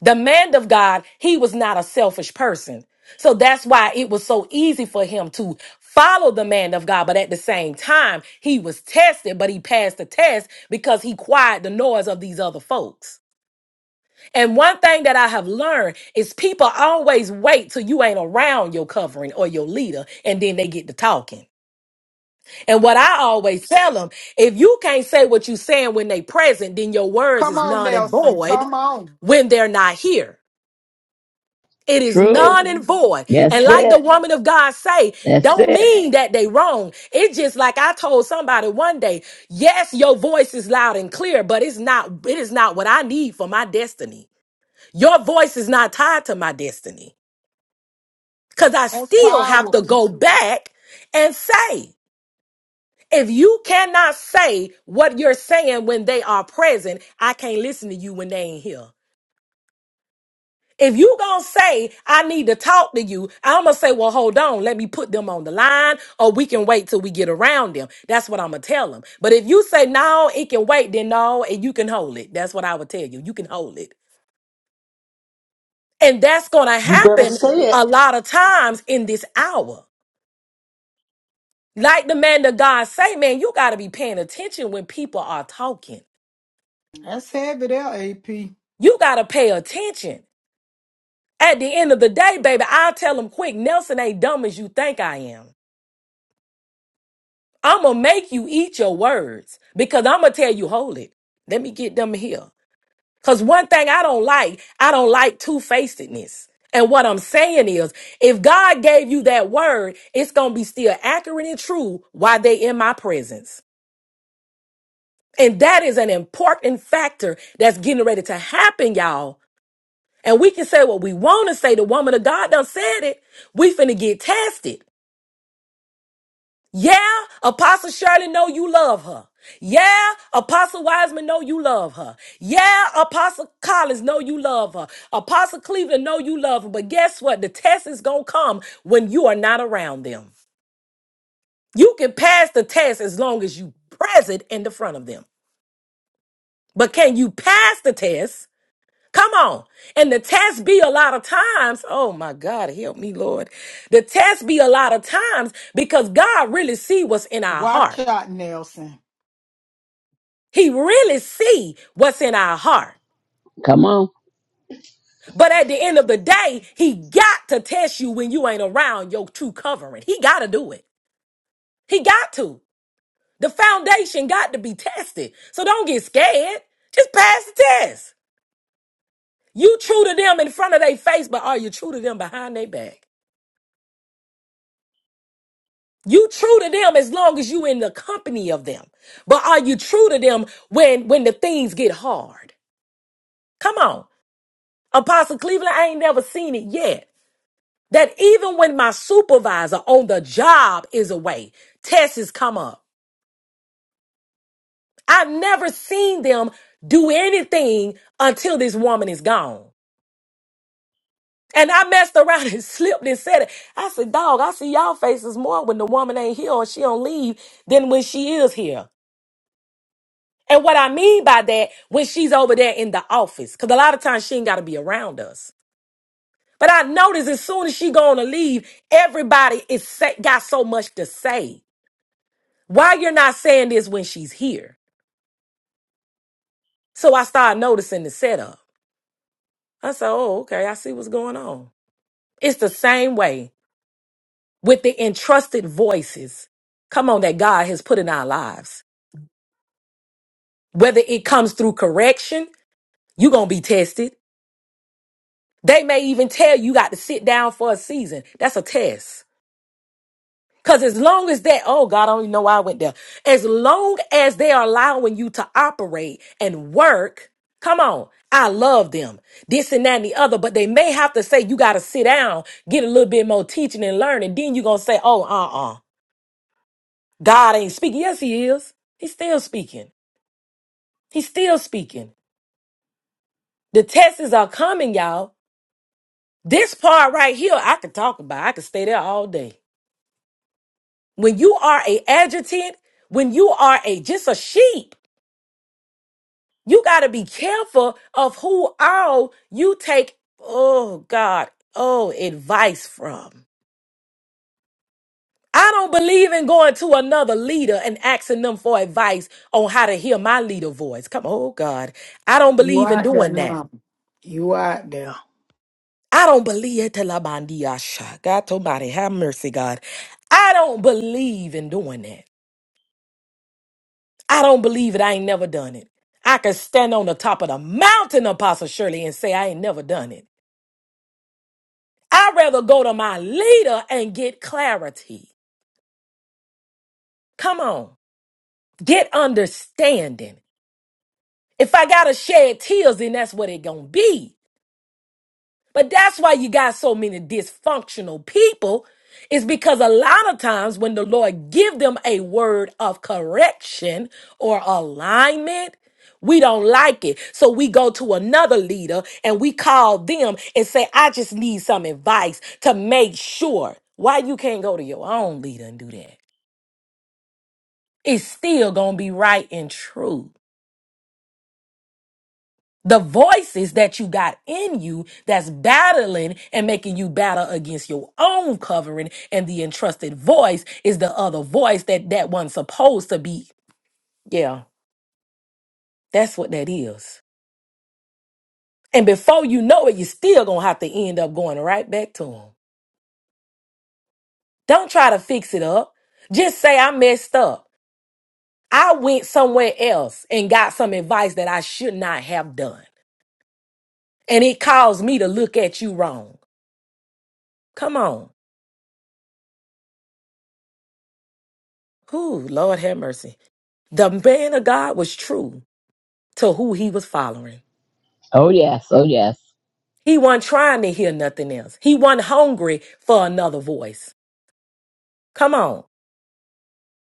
S1: The man of God, he was not a selfish person. So that's why it was so easy for him to follow the man of God. But at the same time, he was tested, but he passed the test because he quieted the noise of these other folks. And one thing that I have learned is people always wait till you ain't around your covering or your leader, and then they get to talking. And what I always tell them, if you can't say what you saying when they present, then your words
S5: Come
S1: is
S5: on,
S1: non and
S5: Nelson.
S1: void
S5: Come on.
S1: when they're not here. It is
S2: Truth.
S1: non and void.
S2: That's
S1: And like the
S2: it.
S1: woman of God say,
S2: That's
S1: don't
S2: it.
S1: mean that they wrong. It's just like I told somebody one day, yes, your voice is loud and clear, but it's not, it is not what I need for my destiny. Your voice is not tied to my destiny because I
S5: That's
S1: still have to
S5: powerful.
S1: go back and say, if you cannot say what you're saying when they are present, I can't listen to you when they ain't here. If you gonna say I need to talk to you, I'm gonna say, well, hold on, let me put them on the line, or we can wait till we get around them. That's what I'm gonna tell them. But if you say no, it can wait, then no, and you can hold it. That's what I would tell you. You can hold it, and that's gonna
S3: You better
S1: happen
S3: say it.
S1: a lot of times in this hour. Like the man of God say, man, you got to be paying attention when people are talking.
S5: That's heavy there, AP.
S1: You got to pay attention. At the end of the day, baby, I'll tell them quick, Nelson ain't dumb as you think I am. I'm going to make you eat your words because I'm going to tell you, hold it. Let me get them here. Because one thing I don't like, I don't like two facedness. And what I'm saying is, if God gave you that word, it's going to be still accurate and true while they in my presence. And that is an important factor that's getting ready to happen, y'all. And we can say what we want to say. The woman of God done said it. We finna get tested. Yeah, Apostle Shirley know you love her. Yeah, Apostle Wiseman know you love her. Yeah, Apostle Collins know you love her. Apostle Cleveland know you love her. But guess what? The test is gonna come when you are not around them. You can pass the test as long as you present in the front of them. But can you pass the test Come on. And the test be a lot of times. Oh my God, help me, Lord. The test be a lot of times because God really see what's in our
S5: Watch
S1: heart.
S5: out, Nelson.
S1: He really see what's in our heart.
S2: Come on.
S1: But at the end of the day, he got to test you when you ain't around your true covering. He got to do it. He got to. The foundation got to be tested. So don't get scared. Just pass the test. You true to them in front of their face, but are you true to them behind their back? You true to them as long as you in the company of them. But are you true to them when when the things get hard? Come on. Apostle Cleveland, I ain't never seen it yet. That even when my supervisor on the job is away, tests come up. I've never seen them do anything until this woman is gone. And I messed around and slipped and said it. I said, dog, I see y'all faces more when the woman ain't here or she don't leave than when she is here. And what I mean by that, when she's over there in the office, because a lot of times she ain't got to be around us. But I notice as soon as she gonna leave, everybody is sa- got so much to say. Why you're not saying this when she's here? So I started noticing the setup. I said, "Oh, okay, I see what's going on." It's the same way with the entrusted voices. Come on, that God has put in our lives. Whether it comes through correction, you're gonna be tested. They may even tell you, you got to sit down for a season. That's a test. Because as long as that, oh God, I don't even know why I went there. As long as they are allowing you to operate and work, come on. I love them. This and that and the other, but they may have to say, you got to sit down, get a little bit more teaching and learning. Then you're going to say, oh, uh uh. God ain't speaking. Yes, He is. He's still speaking. He's still speaking. The tests are coming, y'all. This part right here, I could talk about. I could stay there all day. when you are a adjutant, when you are a just a sheep, you got to be careful of who all you take. Oh God, oh advice from. I don't believe in going to another leader and asking them for advice on how to hear my leader voice. Come, on, oh God, I don't
S5: You
S1: believe in
S5: out there
S1: doing that.
S5: now. You out there.
S1: I don't believe it till i God somebody have mercy, God. I don't believe in doing that. I don't believe it. I ain't never done it. I can stand on the top of the mountain, Apostle Shirley, and say I ain't never done it. I'd rather go to my leader and get clarity. Come on, get understanding. If I gotta shed tears, then that's what it gonna be. But that's why you got so many dysfunctional people is because a lot of times when the Lord give them a word of correction or alignment, we don't like it. So we go to another leader and we call them and say, I just need some advice to make sure why you can't go to your own leader and do that. It's still going to be right and true. the voices that you got in you that's battling and making you battle against your own covering and the entrusted voice is the other voice that that one's supposed to be yeah that's what that is and before you know it you're still gonna have to end up going right back to him don't try to fix it up just say i messed up i went somewhere else and got some advice that i should not have done and it caused me to look at you wrong come on who lord have mercy The man of God was true to who he was following.
S2: Oh, yes. Oh, yes.
S1: He wasn't trying to hear nothing else. He wasn't hungry for another voice. Come on.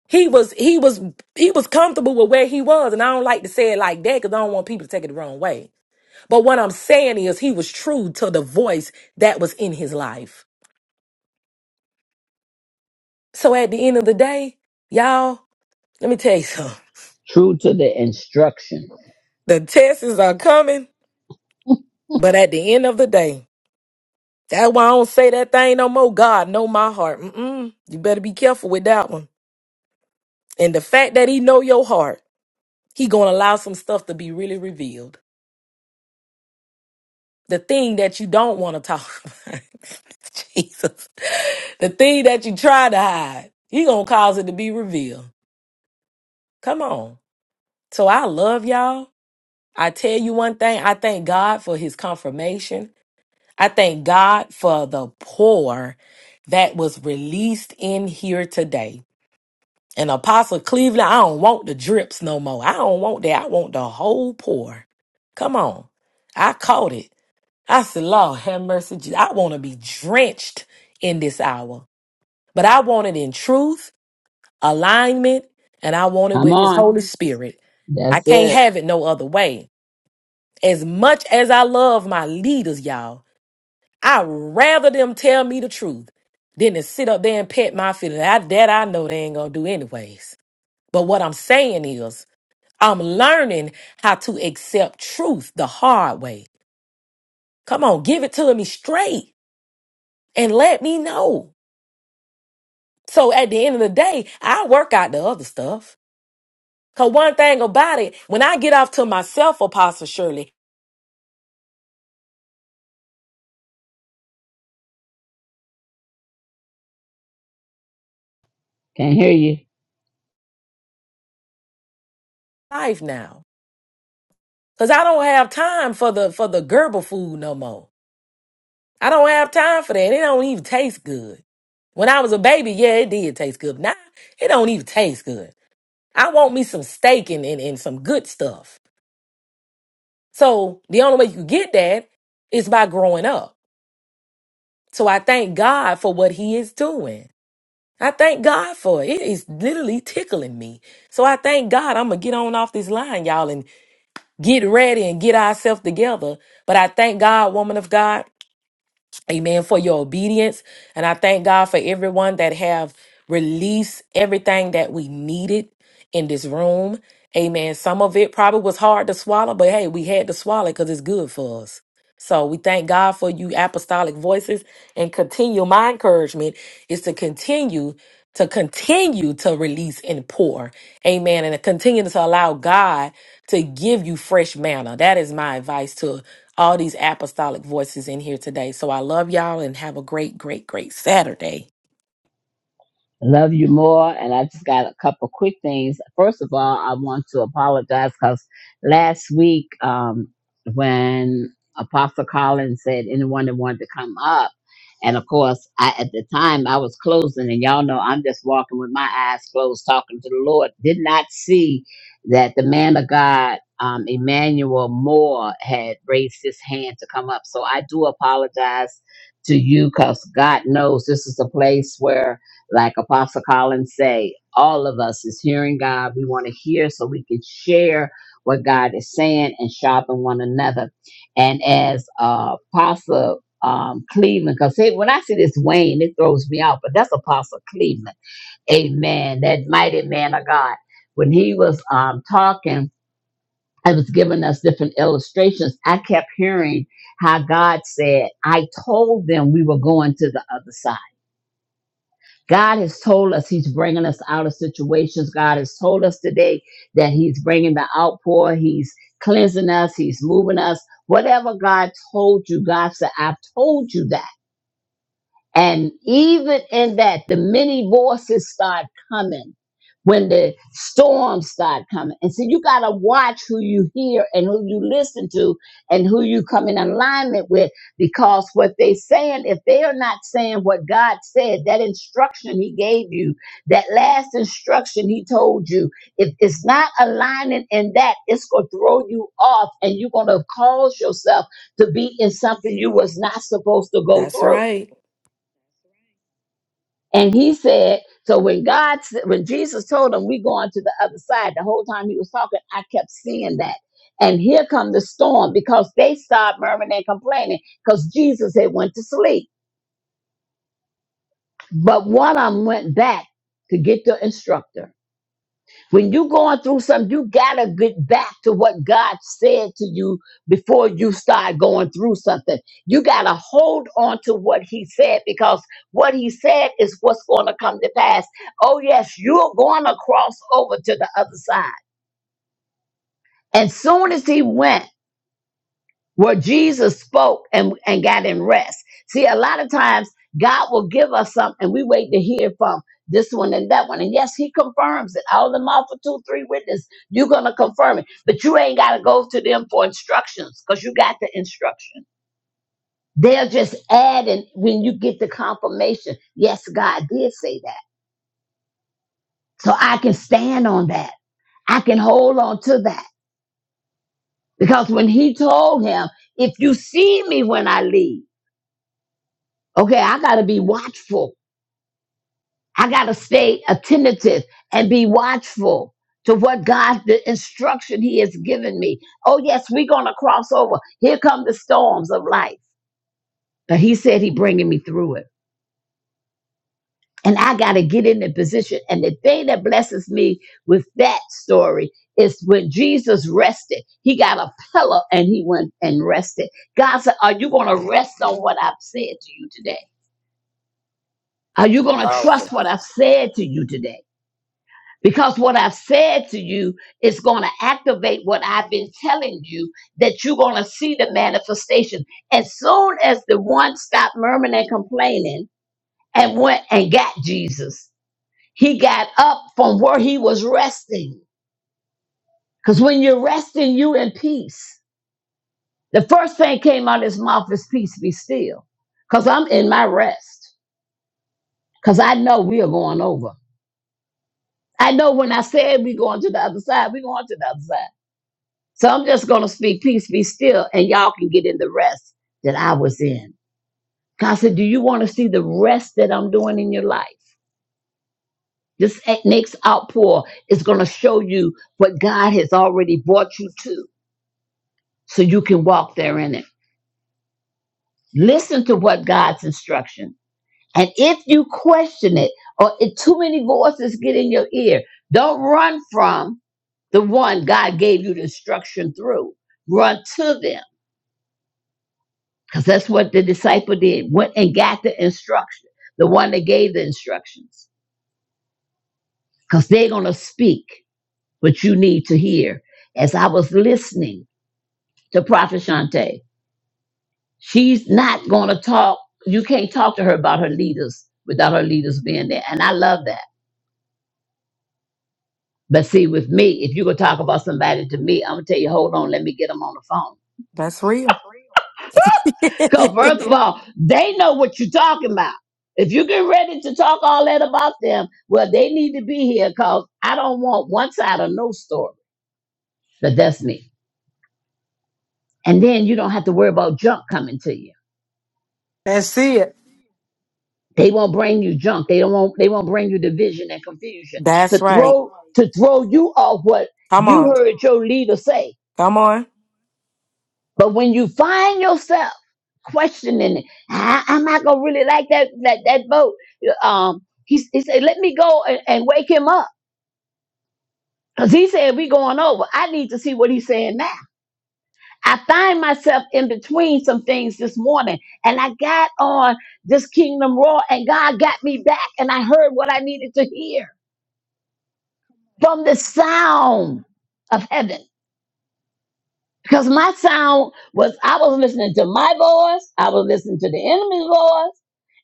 S1: He was he was he was comfortable with where he was, and I don't like to say it like that because I don't want people to take it the wrong way. But what I'm saying is he was true to the voice that was in his life. So at the end of the day, y'all, let me tell you something.
S2: True to the instruction.
S1: The tests are coming, but at the end of the day, That's why I don't say that thing no more. God know my heart. Mm-mm. You better be careful with that one. And the fact that he know your heart, he gonna allow some stuff to be really revealed. The thing that you don't want to talk about, Jesus. The thing that you try to hide, he gonna cause it to be revealed. Come on. So I love y'all. I tell you one thing. I thank God for His confirmation. I thank God for the pour that was released in here today. And Apostle Cleveland, I don't want the drips no more. I don't want that. I want the whole pour. Come on. I caught it. I said, Lord, have mercy. Jesus. I want to be drenched in this hour. But I want it in truth, alignment, and I want it
S2: Come
S1: with his
S2: on.
S1: Holy Spirit. I
S2: That's
S1: can't
S2: it.
S1: have it no other way. As much as I love my leaders, y'all, I'd rather them tell me the truth than to sit up there and pet my feelings. I, that I know they ain't going to do anyways. But what I'm saying is, I'm learning how to accept truth the hard way. Come on, give it to me straight and let me know. So at the end of the day, I work out the other stuff. Cause one thing about it, when I get off to myself, Apostle Shirley,
S2: Can't hear you.
S1: life now. Cause I don't have time for the for the Gerber food no more. I don't have time for that. It don't even taste good. When I was a baby, yeah, it did taste good. Now it don't even taste good. I want me some steak and, and, and some good stuff. So the only way you get that is by growing up. So I thank God for what He is doing. I thank God for it. It is literally tickling me. So I thank God I'm going to get on off this line, y'all, and get ready and get ourselves together. But I thank God, woman of God. Amen for your obedience. And I thank God for everyone that have released everything that we needed in this room. Amen. Some of it probably was hard to swallow, but hey, we had to swallow it because it's good for us. So we thank God for you apostolic voices and continue. My encouragement is to continue to continue to release and pour. Amen. And to continue to allow God to give you fresh manna. That is my advice to all these apostolic voices in here today. So I love y'all and have a great, great, great Saturday.
S2: Love you more. And I just got a couple quick things. First of all, I want to apologize because last week, um, when Apostle Collins said anyone that wanted to come up, and of course, I at the time I was closing, and y'all know I'm just walking with my eyes closed, talking to the Lord. Did not see that the man of God, um, Emmanuel Moore, had raised his hand to come up. So I do apologize to you because God knows this is a place where like Apostle Collins say, all of us is hearing God. We want to hear so we can share what God is saying and sharpen one another. And as uh, Apostle um, Cleveland, because when I see this Wayne, it throws me out, but that's Apostle Cleveland. Amen. That mighty man of God. When he was um, talking, I was giving us different illustrations. I kept hearing how God said, I told them we were going to the other side. God has told us He's bringing us out of situations. God has told us today that He's bringing the outpour. He's cleansing us. He's moving us. Whatever God told you, God said, I've told you that. And even in that, the many voices start coming when the storms start coming. And so you got to watch who you hear and who you listen to and who you come in alignment with because what they saying, if they are not saying what God said, that instruction he gave you, that last instruction he told you, if it's not aligning in that, it's going to throw you off and you're going to cause yourself to be in something you was not supposed to go
S1: That's
S2: through.
S1: right.
S2: And he said, so when God, s- when Jesus told him, we going to the other side, the whole time he was talking, I kept seeing that. And here come the storm because they started murmuring and complaining because Jesus had went to sleep. But one of them went back to get the instructor. When you going through something, you gotta get back to what God said to you before you start going through something. You gotta hold on to what He said because what He said is what's gonna come to pass. Oh yes, you're gonna cross over to the other side. And soon as He went where Jesus spoke and, and got in rest. See, a lot of times God will give us something and we wait to hear from this one and that one. And yes, he confirms it. Out of the mouth of two, three witness, you're gonna confirm it. But you ain't gotta go to them for instructions because you got the instruction. They're just adding when you get the confirmation. Yes, God did say that. So I can stand on that. I can hold on to that. Because when he told him, if you see me when I leave, Okay, I gotta be watchful. I gotta stay attentive and be watchful to what God, the instruction He has given me. Oh yes, we're gonna cross over. Here come the storms of life, but He said He bringing me through it, and I gotta get in the position. And the thing that blesses me with that story is when Jesus rested, He got a pillow and He went and rested. God said, "Are you gonna rest on what I've said to you today? Are you gonna
S7: Powerful.
S2: trust what I've said to you today?" Because what I've said to you is going to activate what I've been telling you that you're going to see the manifestation. As soon as the one stopped murmuring and complaining and went and got Jesus, he got up from where he was resting. Because when you're resting, you in peace. The first thing came out of his mouth is peace be still. Because I'm in my rest. Because I know we are going over. I know when I said we're going to the other side, we're going to the other side. So I'm just going to speak, peace be still, and y'all can get in the rest that I was in. God said, Do you want to see the rest that I'm doing in your life? This a- next outpour is going to show you what God has already brought you to so you can walk there in it. Listen to what God's instruction. And if you question it or if too many voices get in your ear, don't run from the one God gave you the instruction through. Run to them because that's what the disciple did went and got the instruction the one that gave the instructions because they're going to speak what you need to hear as i was listening to prophet shante she's not going to talk you can't talk to her about her leaders without her leaders being there and i love that but see with me if you're going to talk about somebody to me i'm going to tell you hold on let me get them on the phone
S1: That's real.
S2: Because first of all, they know what you're talking about. If you get ready to talk all that about them, well, they need to be here because I don't want one side of no story. But that's me. And then you don't have to worry about junk coming to you.
S4: I see it.
S2: They won't bring you junk. They don't want they won't bring you division and confusion.
S1: That's
S2: To
S1: right.
S2: throw to throw you off what
S1: Come
S2: you
S1: on.
S2: heard your leader say.
S1: Come on.
S2: But when you find yourself questioning, it, I, am not gonna really like that that that boat. Um, he, he said, let me go and, and wake him up, cause he said we going over. I need to see what he's saying now. I find myself in between some things this morning, and I got on this Kingdom Raw, and God got me back, and I heard what I needed to hear from the sound of heaven. Because my sound was, I was listening to my voice, I was listening to the enemy's voice,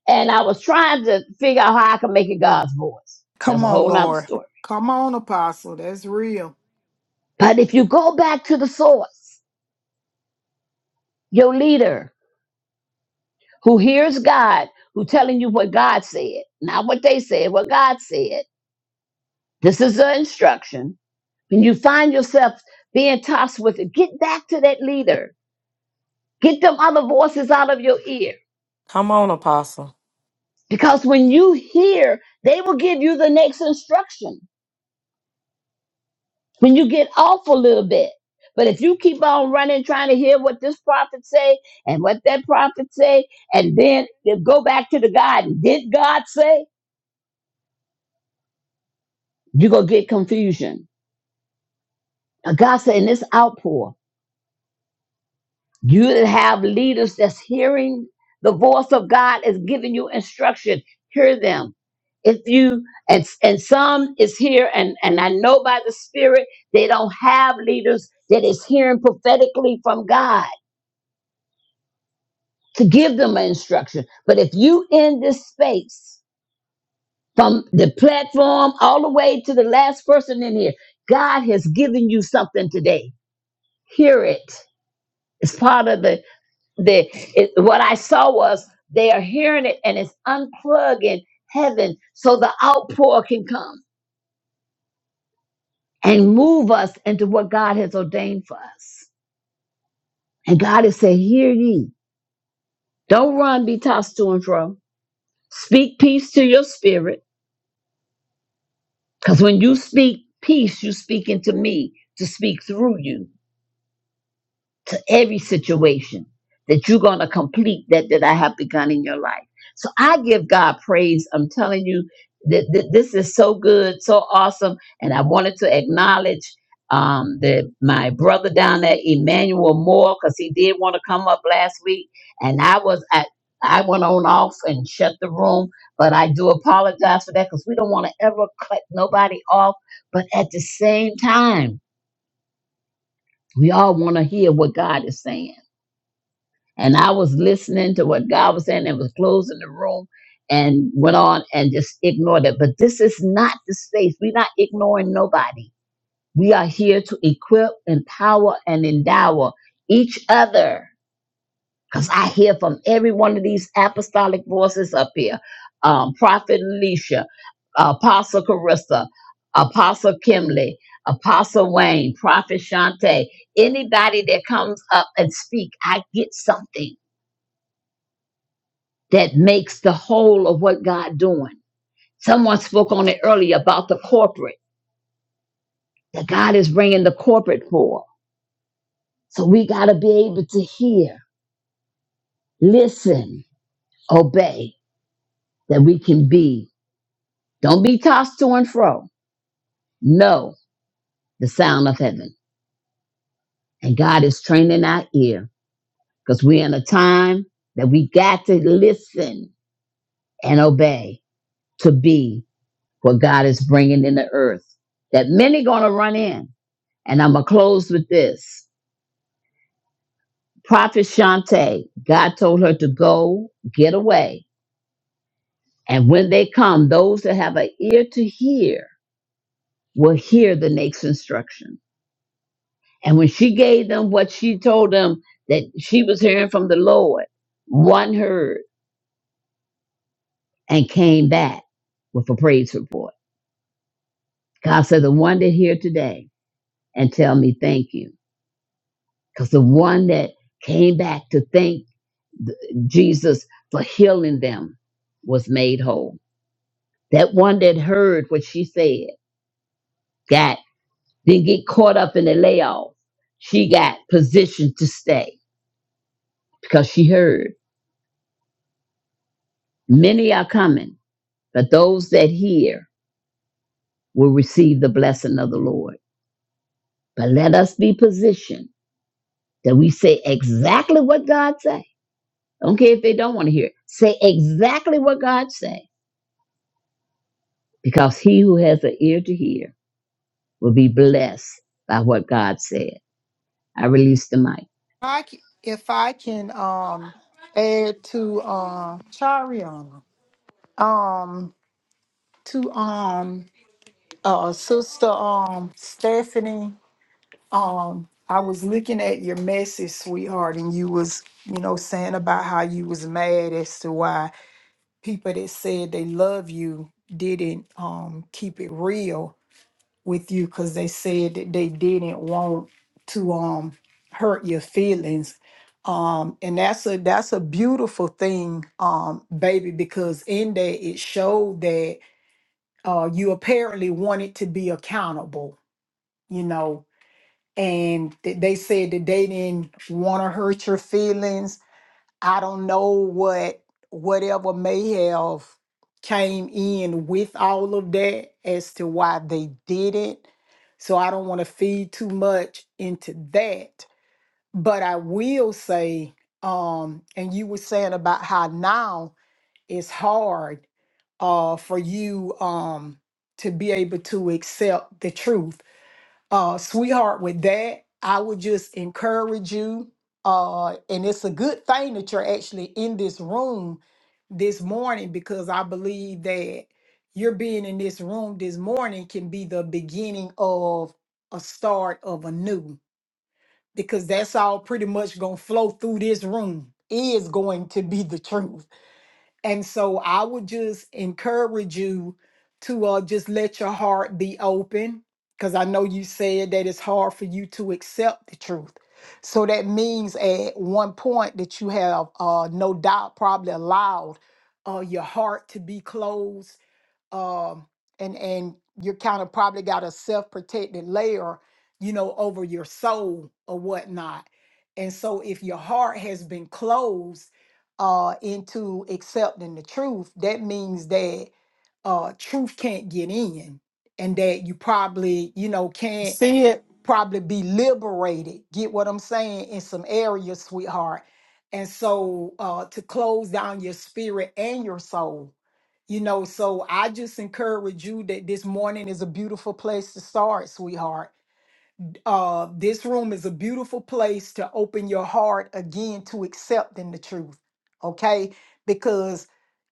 S2: And I was trying to figure out how I could make it God's voice. That's
S5: Come
S2: a
S5: on,
S2: whole nother
S5: Lord.
S2: story.
S5: Come on, Apostle. That's real.
S2: But if you go back to the source, your leader who hears God, who telling you what God said, not what they said, what God said. This is the instruction. When you find yourself being tossed with it, get back to that leader. Get them other voices out of your ear.
S1: Come on, Apostle.
S2: Because when you hear, they will give you the next instruction. when you get off a little bit. But if you keep on running, trying to hear what this prophet say and what that prophet say, and then you go back to the garden, did God say? You're gonna get confusion. And God said in this outpour, you will have leaders that's hearing the voice of God is giving you instruction. Hear them. If you and and some is here, and and I know by the Spirit they don't have leaders that is hearing prophetically from God to give them an instruction. But if you in this space, from the platform all the way to the last person in here, God has given you something today. Hear it. It's part of the the it, what I saw was they are hearing it and it's unplugging heaven so the outpour can come and move us into what God has ordained for us. And God has said, Hear ye. Don't run, be tossed to and fro. Speak peace to your spirit Because when you speak peace, you speak into me to speak through you to every situation that you're going to complete that that I have begun in your life. So I give God praise. I'm telling you that, that this is so good, so awesome, and I wanted to acknowledge um, the my brother down there, Emmanuel Moore, because he did want to come up last week, and I was I I went on off and shut the room, but I do apologize for that because we don't want to ever cut nobody off. But at the same time, we all want to hear what God is saying and I was listening to what God was saying and was closing the room and went on and just ignored it. But this is not the space. We're not ignoring nobody. We are here to equip, empower, and endow each other. Because I hear from every one of these apostolic voices up here. Um, Prophet Alicia, Apostle Carissa, Apostle Kimley, Apostle Wayne, Prophet Shante, anybody that comes up and speak, I get something that makes the whole of what God doing. Someone spoke on it earlier about the corporate that God is bringing the corporate for. So we got to be able to hear, listen, obey that we can be. Don't be tossed to and fro. Know the sound of heaven. And God is training our ear because we're in a time that we got to listen and obey to be what God is bringing in the earth that many going to run in. And I'm going to close with this. Prophet Shante, God told her to go, get away. And when they come, those that have an ear to hear will hear the next instruction. And when she gave them what she told them that she was hearing from the Lord, one heard and came back with a praise report. God said, The one that hear today and tell me thank you. Because the one that came back to thank th- Jesus for healing them was made whole. That one that heard what she said got, didn't get caught up in the layoff. She got positioned to stay because she heard. Many are coming, but those that hear will receive the blessing of the Lord. But let us be positioned that we say exactly what God say. Don't care if they don't want to hear it. Say exactly what God say. Because he who has an ear to hear will be blessed by what God said. I release the mic.
S5: I c- if I can um add to um Chariana, um to um uh sister um Stephanie, um I was looking at your message, sweetheart, and you was you know saying about how you was mad as to why people that said they love you didn't um keep it real with you because they said that they didn't want to um hurt your feelings um and that's a that's a beautiful thing um baby because in that it showed that uh you apparently wanted to be accountable you know and th- they said that they didn't want to hurt your feelings I don't know what whatever may have came in with all of that as to why they did it. So I don't want to feed too much into that. But I will say, um, and you were saying about how now it's hard uh for you um to be able to accept the truth uh, sweetheart, with that, I would just encourage you. Uh, and it's a good thing that you're actually in this room this morning because I believe that your being in this room this morning can be the beginning of a start of a new because that's all pretty much gonna flow through this room is going to be the truth and so I would just encourage you to uh, just let your heart be open because I know you said that it's hard for you to accept the truth. So that means at one point that you have uh, no doubt probably allowed uh, your heart to be closed um and and you kind of probably got a self-protected layer you know over your soul or whatnot and so if your heart has been closed uh into accepting the truth that means that uh truth can't get in and that you probably you know
S4: I
S5: can't
S4: see it.
S5: probably be liberated. Get what I'm saying in some areas, sweetheart. And so uh, to close down your spirit and your soul, you know. So I just encourage you that this morning is a beautiful place to start, sweetheart uh, this room is a beautiful place to open your heart again to accepting the truth, okay? Because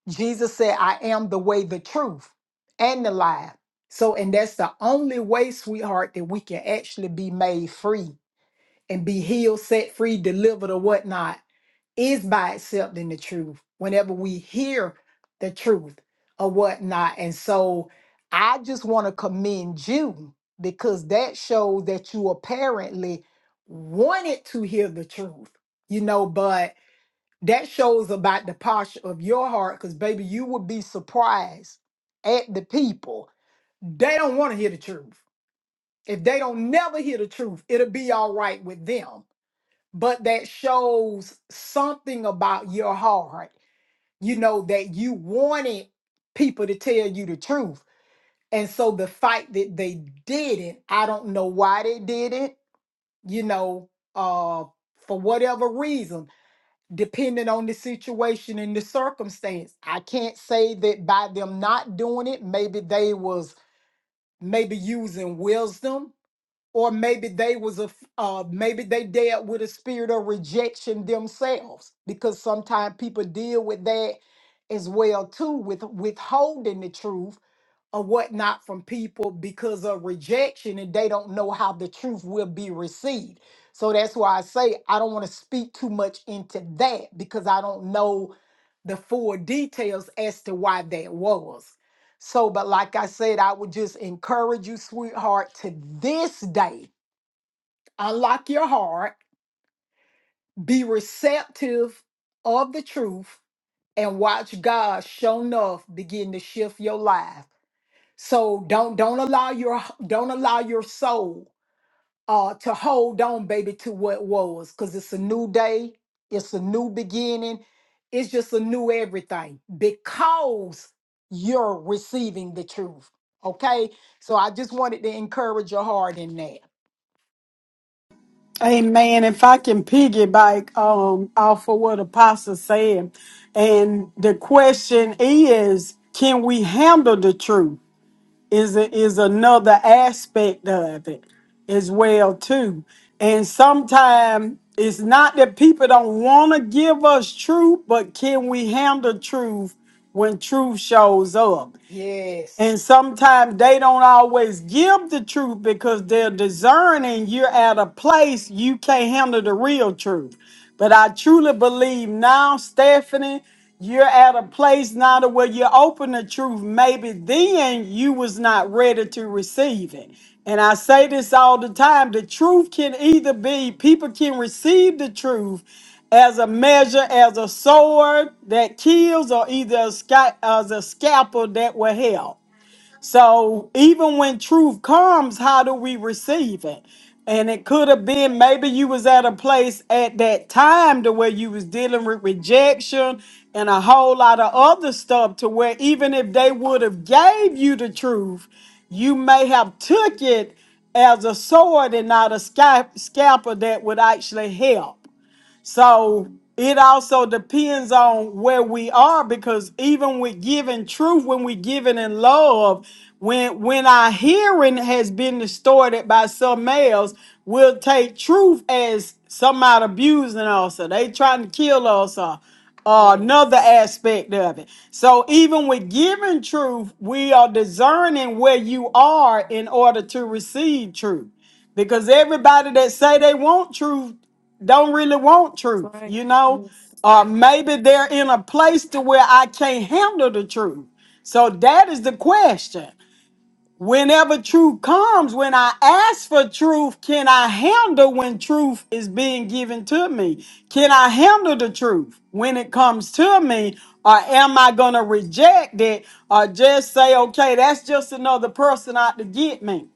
S5: Jesus said, I am the way, the truth, and the life. So, and that's the only way, sweetheart, that we can actually be made free and be healed, set free, delivered, or whatnot is by itself than the truth whenever we hear the truth or whatnot. And so I just want to commend you because that shows that you apparently wanted to hear the truth, you know, but that shows about the posture of your heart because, baby, you would be surprised at the people. They don't want to hear the truth. If they don't never hear the truth, it'll be all right with them but that shows something about your heart, you know, that you wanted people to tell you the truth. And so the fact that they didn't, I don't know why they didn't, you know, uh, for whatever reason, depending on the situation and the circumstance. I can't say that by them not doing it, maybe they was maybe using wisdom or maybe they was a f- uh, maybe they dealt with a spirit of rejection themselves because sometimes people deal with that as well too with withholding the truth or whatnot from people because of rejection and they don't know how the truth will be received so that's why i say i don't want to speak too much into that because i don't know the full details as to why that was so, but like I said, I would just encourage you, sweetheart, to this day unlock your heart, be receptive of the truth, and watch God show enough begin to shift your life. So don't don't allow your don't allow your soul uh to hold on, baby, to what was, because it's a new day, it's a new beginning, it's just a new everything because you're receiving the truth. Okay. So I just wanted to encourage your heart in that.
S4: Amen. If I can piggyback um, off of what Apostle said, and the question is, can we handle the truth? Is it is another aspect of it as well too. And sometimes it's not that people don't want to give us truth, but can we handle truth when truth shows up?
S5: Yes.
S4: And sometimes they don't always give the truth because they're discerning. You're at a place you can't handle the real truth. But I truly believe now, Stephanie, you're at a place now to where you open the truth. Maybe then you was not ready to receive it. And I say this all the time. The truth can either be people can receive the truth as a measure, as a sword that kills, or either a sca- as a scalpel that will help. So even when truth comes, how do we receive it? And it could have been maybe you was at a place at that time to where you was dealing with rejection and a whole lot of other stuff to where even if they would have gave you the truth, you may have took it as a sword and not a sca- scalpel that would actually help. So it also depends on where we are because even with giving truth, when we giving in love, when when our hearing has been distorted by some else, we'll take truth as somebody abusing us or they trying to kill us or uh,
S1: Yes.
S4: another aspect of it. So even with giving truth, we are discerning where you are in order to receive truth. Because everybody that say they want truth don't really want
S1: That's
S4: truth,
S1: right.
S4: you know?
S1: Yes.
S4: Or maybe they're in a place to where I can't handle the truth. So that is the question. Whenever truth comes, when I ask for truth, can I handle when truth is being given to me? Can I handle the truth when it comes to me? Or am I going to reject it or just say, okay, that's just another person out to get me?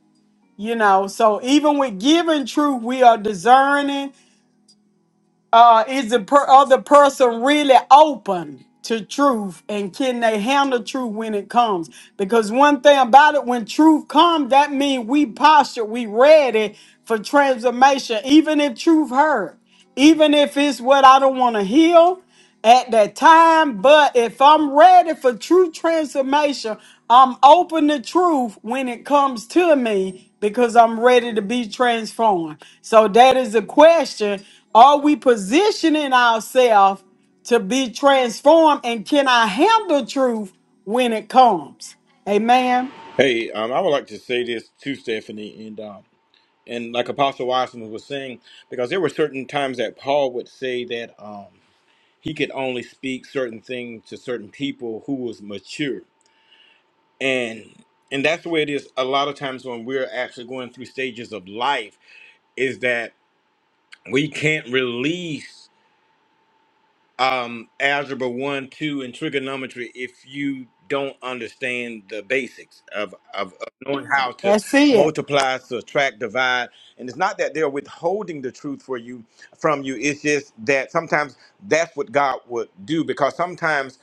S4: You know, so even with giving truth, we are discerning uh, is the per- other person really open to truth and can they handle truth when it comes because one thing about it when truth comes that means we posture we ready for transformation even if truth hurt even if it's what i don't want to hear at that time. But if I'm ready for true transformation, I'm open to truth when it comes to me because I'm ready to be transformed. So that is the question. Are we positioning ourselves to be transformed and can I handle truth when it comes? Amen.
S7: Hey, um, I would like to say this to Stephanie, and um, and like Apostle Watson was saying, because there were certain times that Paul would say that um, he could only speak certain things to certain people who was mature. and and that's the way it is a lot of times when we're actually going through stages of life is that we can't release um, algebra one, two, and trigonometry if you don't understand the basics of, of, of knowing how to
S4: That's it.
S7: multiply, subtract, divide. And it's not that they're withholding the truth for you from you. It's just that sometimes that's what God would do because sometimes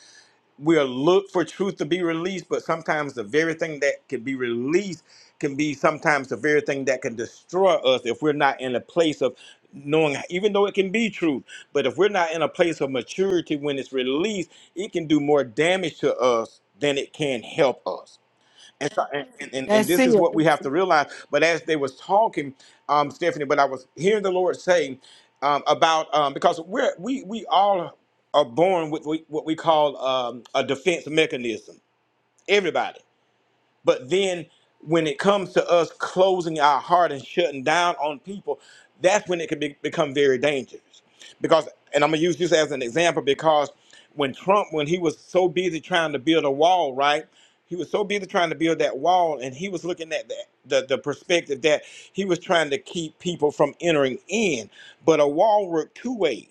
S7: we'll look for truth to be released, but sometimes the very thing that can be released can be sometimes the very thing that can destroy us if we're not in a place of knowing, even though it can be truth, but if we're not in a place of maturity when it's released, it can do more damage to us than it can help us. And, so, and, and, and
S4: That's
S7: this is
S4: it.
S7: what we have to realize. But as they was talking, um, Stephanie, but I was hearing the Lord saying um, about um, because we're we we all are born with we, what we call um, a defense mechanism. Everybody but then when it comes to us closing our heart and shutting down on people, that's when it can be, become very dangerous. Because, and I'm gonna use this as an example because when Trump, when he was so busy trying to build a wall, right? He was so busy trying to build that wall, and he was looking at that the, the perspective that he was trying to keep people from entering in. But a wall worked two ways.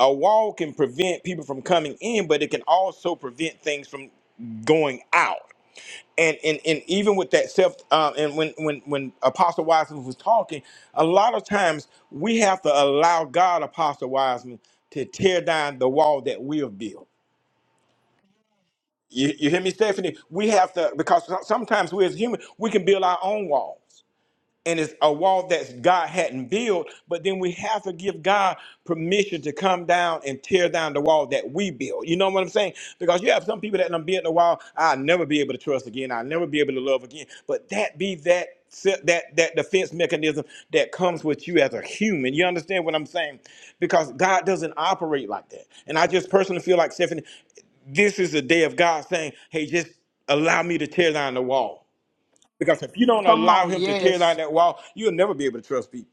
S7: A wall can prevent people from coming in, but it can also prevent things from going out and and and even with that self uh, and when when when apostle wiseman was talking a lot of times we have to allow god apostle wiseman to tear down the wall that we have built you, you hear me stephanie we have to because so- sometimes we as human we can build our own walls and it's a wall that God hadn't built, but then we have to give God permission to come down and tear down the wall that we built. You know what I'm saying? Because you have some people that done built the wall, I'll never be able to trust again, I'll never be able to love again. But that be that se- that that defense mechanism that comes with you as a human. You understand what I'm saying? Because God doesn't operate like that. And I just personally feel like Stephanie, this is the day of God saying, hey, just allow me to tear down the wall because if you don't
S5: Come
S7: allow
S5: on,
S7: him to tear
S5: yes.
S7: down that wall, you'll never be able to trust people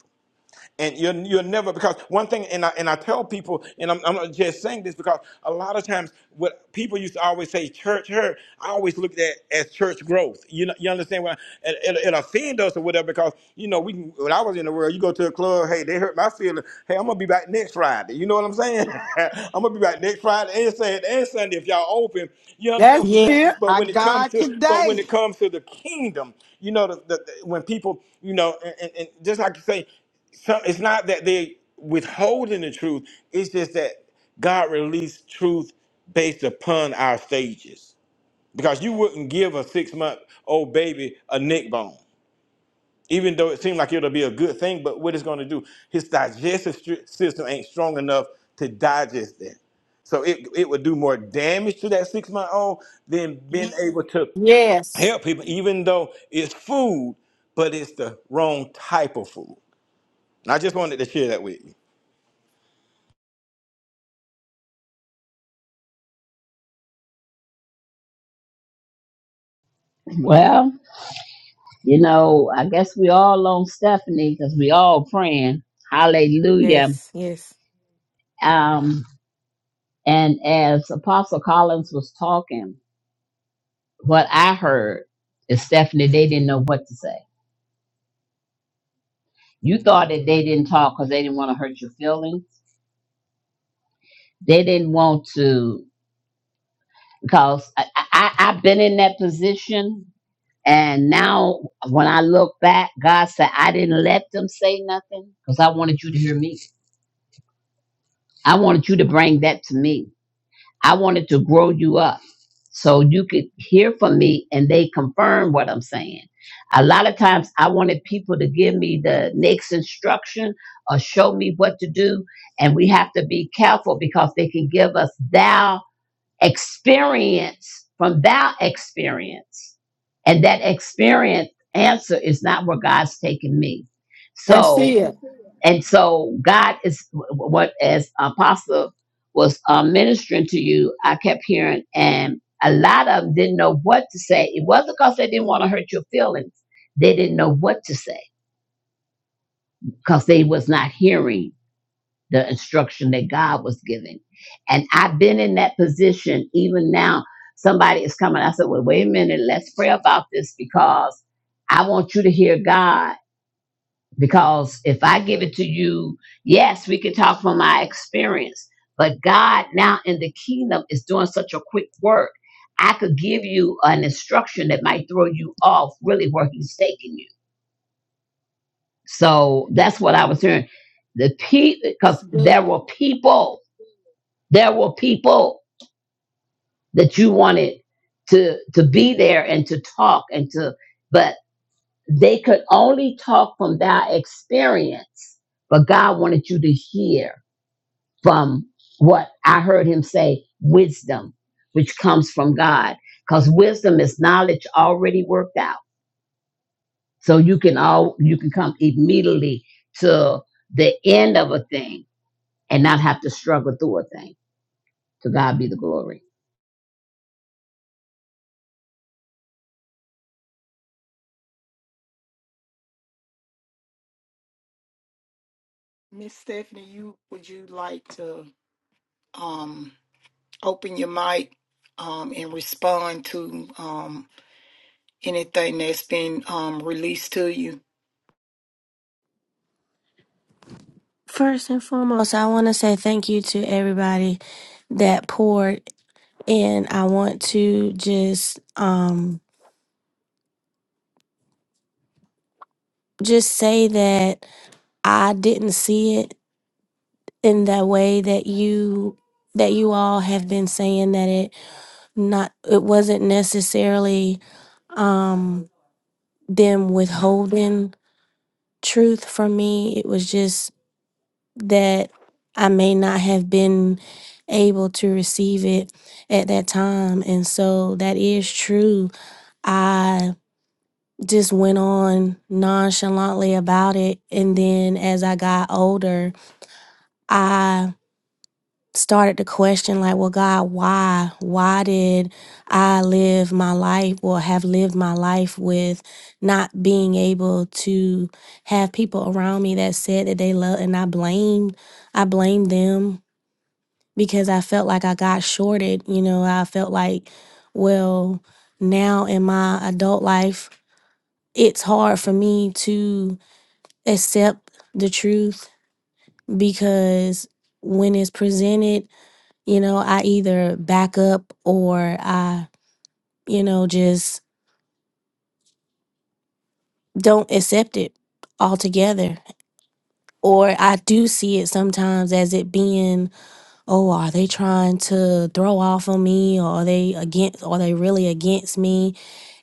S7: and you're you're never because one thing and I and I tell people and I'm, I'm just saying this because a lot of times what people used to always say church hurt I always look at that as church growth you know you understand what I, it, it, it offend us or whatever because you know we can, when I was in the world you go to a club hey they hurt my feelings hey I'm gonna be back next Friday you know what I'm saying I'm gonna be back next Friday and Sunday and Sunday if y'all open you understand
S4: That's
S7: what I'm saying
S4: it.
S7: but
S5: I
S7: when it comes
S5: God
S7: to but when
S5: today.
S7: it comes to the kingdom you know the, the, the- when people you know and, and and just like you say so it's not that they're withholding the truth. It's just that God released truth based upon our stages. Because you wouldn't give a six month old baby a neck bone, even though it seemed like it'll be a good thing. But what it's going to do, his digestive str- system ain't strong enough to digest that. So it, it would do more damage to that six month old than being able to
S4: Yes.
S7: help people, even though it's food, but it's the wrong type of food. And I just wanted to share that with you.
S2: Well. You know, I guess we all on Stephanie because we all praying. Hallelujah.
S1: Yes. Yes.
S2: Um, and as Apostle Collins was talking, what I heard is Stephanie, they didn't know what to say. You thought that they didn't talk because they didn't want to hurt your feelings. They didn't want to because I, I, I've been in that position. And now when I look back, God said, I didn't let them say nothing because I wanted you to hear me. I wanted you to bring that to me I wanted to grow you up so you could hear from me and they confirm what I'm saying. A lot of times I wanted people to give me the next instruction or show me what to do. And we have to be careful because they can give us thou experience from that experience. And that experience answer is not where God's taking me.
S4: That's
S2: So, That's
S4: it.
S2: it. and so God is what, as Apostle was uh, ministering to you, I kept hearing, and a lot of them didn't know what to say. It wasn't because they didn't want to hurt your feelings. They didn't know what to say because they was not hearing the instruction that God was giving. And I've been in that position even now. Somebody is coming. I said, Well, wait a minute, let's pray about this because I want you to hear God. Because if I give it to you, yes, we can talk from my experience, but God now in the kingdom is doing such a quick work. I could give you an instruction that might throw you off really where He's taking you. So that's what I was hearing. The people, because
S5: That's
S2: there
S5: good.
S2: were people There were people that you wanted to to be there and to talk and to, but they could only talk from their experience. But God wanted you to hear from what I heard Him say, wisdom, which comes from God, because wisdom is knowledge already worked out. So you can all you can come immediately to the end of a thing and not have to struggle through a thing. To God be the glory.
S5: Miss Stephanie, you would you like to um, open your mic um, and respond to um, anything that's been um, released to you?
S8: First and foremost, I want to say thank you to everybody that poured in. I want to just um just say that I didn't see it in that way that you that you all have been saying that it not it wasn't necessarily um them withholding truth from me. It was just that I may not have been able to receive it at that time. And so that is true. I just went on nonchalantly about it. And then as I got older, I started to question, like, well, God, why? Why did I live my life or have lived my life with not being able to have people around me that said that they love? And I blamed, I blamed them because I felt like I got shorted. You know, I felt like, well, now in my adult life, it's hard for me to accept the truth because when it's presented, you know, I either back up or I, you know, just don't accept it altogether. Or I do see it sometimes as it being oh, are they trying to throw off on me or are they against are they really against me?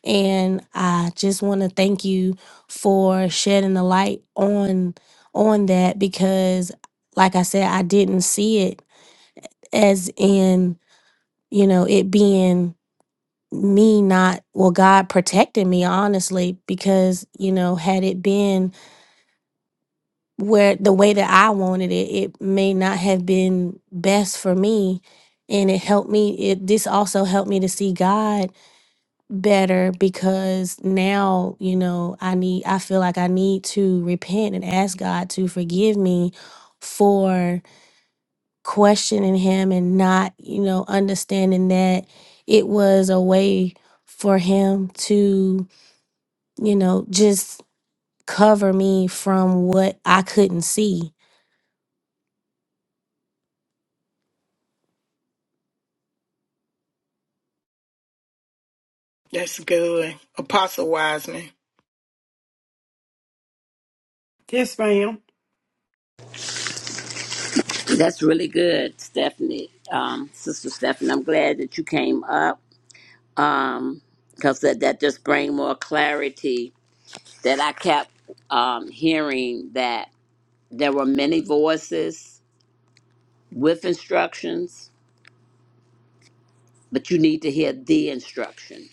S8: And I just want to thank you for shedding the light on on that because like I said, I didn't see it as in, you know, it being me not well God protected me honestly because, you know, had it been where the way that I wanted it, it may not have been best for me. And it helped me, it this also helped me to see God better because now, you know, I need I feel like I need to repent and ask God to forgive me for questioning him and not, you know, understanding that it was a way for him to, you know, just cover me from what I couldn't see
S5: That's good, Apostle Wiseman.
S4: Yes, ma'am.
S2: That's really good, Stephanie. Um, Sister Stephanie, I'm glad that you came up um, because that, that just bring more clarity that I kept um, hearing that there were many voices with instructions, but you need to hear the instruction.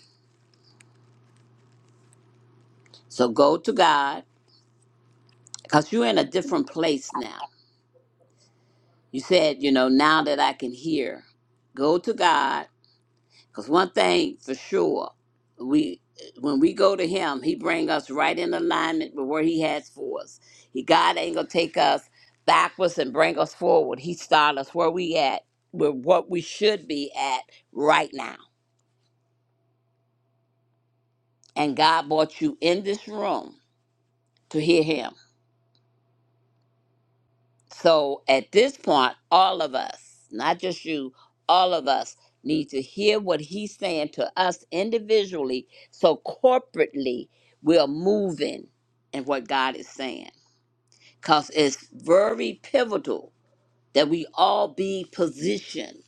S2: So go to God because you're in a different place now. You said, you know, now that I can hear, go to God Because one thing for sure, we when we go to him, he bring us right in alignment with where he has for us. He God ain't gonna take us backwards and bring us forward. He start us where we at, with what we should be at right now. And God brought you in this room to hear him. So at this point, all of us, not just you, all of us need to hear what he's saying to us individually. So corporately, we're moving in what God is saying. Because it's very pivotal that we all be positioned,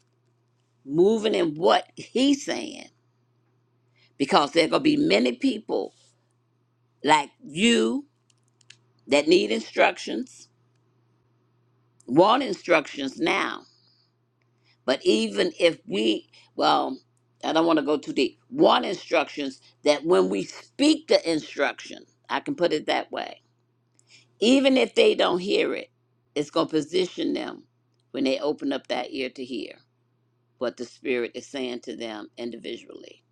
S2: moving in what he's saying. Because there are going to be many people like you that need instructions, want instructions now But even if we, well, I don't want to go too deep. Want instructions that when we speak the instruction, I can put it that way. Even if they don't hear it, it's going to position them when they open up that ear to hear what the Spirit is saying to them individually.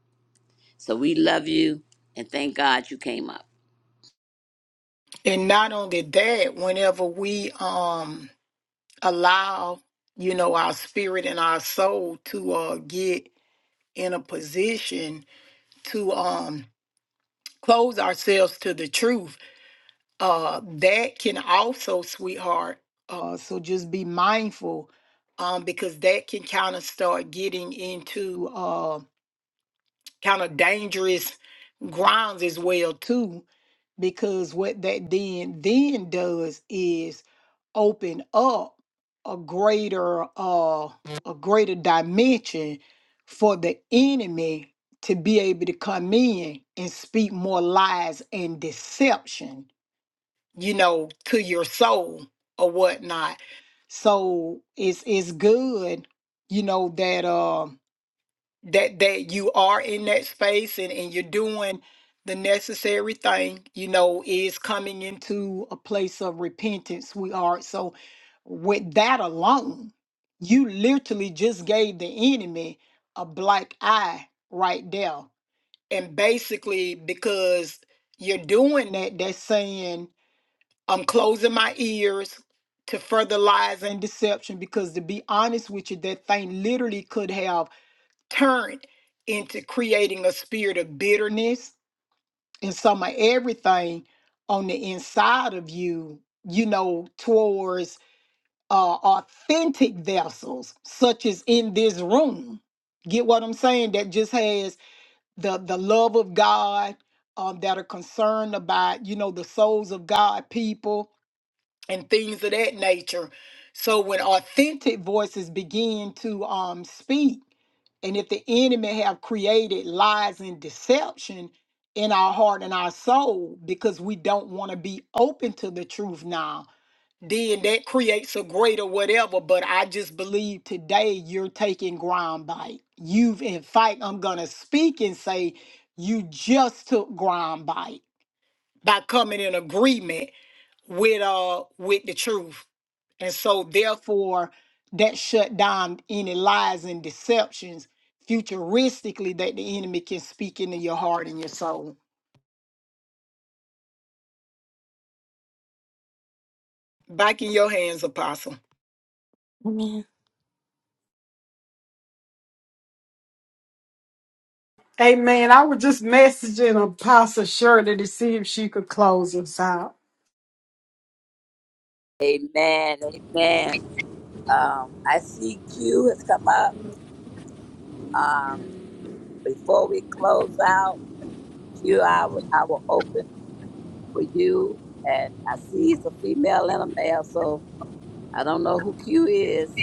S2: So we love you and thank God you came up.
S5: And not only that, whenever we um, allow, you know, our spirit and our soul to uh, get in a position to um, close ourselves to the truth uh, that can also, sweetheart, uh, so just be mindful um, because that can kind of start getting into uh, kind of dangerous grounds as well too because what that then then does is open up a greater uh a greater dimension for the enemy to be able to come in and speak more lies and deception you know, to your soul or whatnot. So it's it's good, you know, that um that that you are in that space and, and you're doing the necessary thing, you know, is coming into a place of repentance. We are so with that alone, you literally just gave the enemy a black eye right there. And basically because you're doing that, that's saying I'm closing my ears to further lies and deception because, to be honest with you, that thing literally could have turned into creating a spirit of bitterness and some of everything on the inside of you, you know, towards uh, authentic vessels, such as in this room. Get what I'm saying? That just has the the love of God, um, that are concerned about, you know, the souls of God people and things of that nature. So when authentic voices begin to um, speak, and if the enemy have created lies and deception in our heart and our soul because we don't want to be open to the truth now, then that creates a greater whatever. But I just believe today you're taking ground bite. You've, in fact, I'm going to speak and say you just took ground bite by coming in agreement with uh with the truth. And so therefore that shut down any lies and deceptions futuristically that the enemy can speak into your heart and your soul. Back in your hands, Apostle.
S4: Hey man, I was just messaging Apostle Shirley to see if she could close us out.
S2: Amen. Amen. Um, I see Q has come up. Um, before we close out, Q, I will I will open. for you. And I see he's a female and a male, so I don't know who Q is.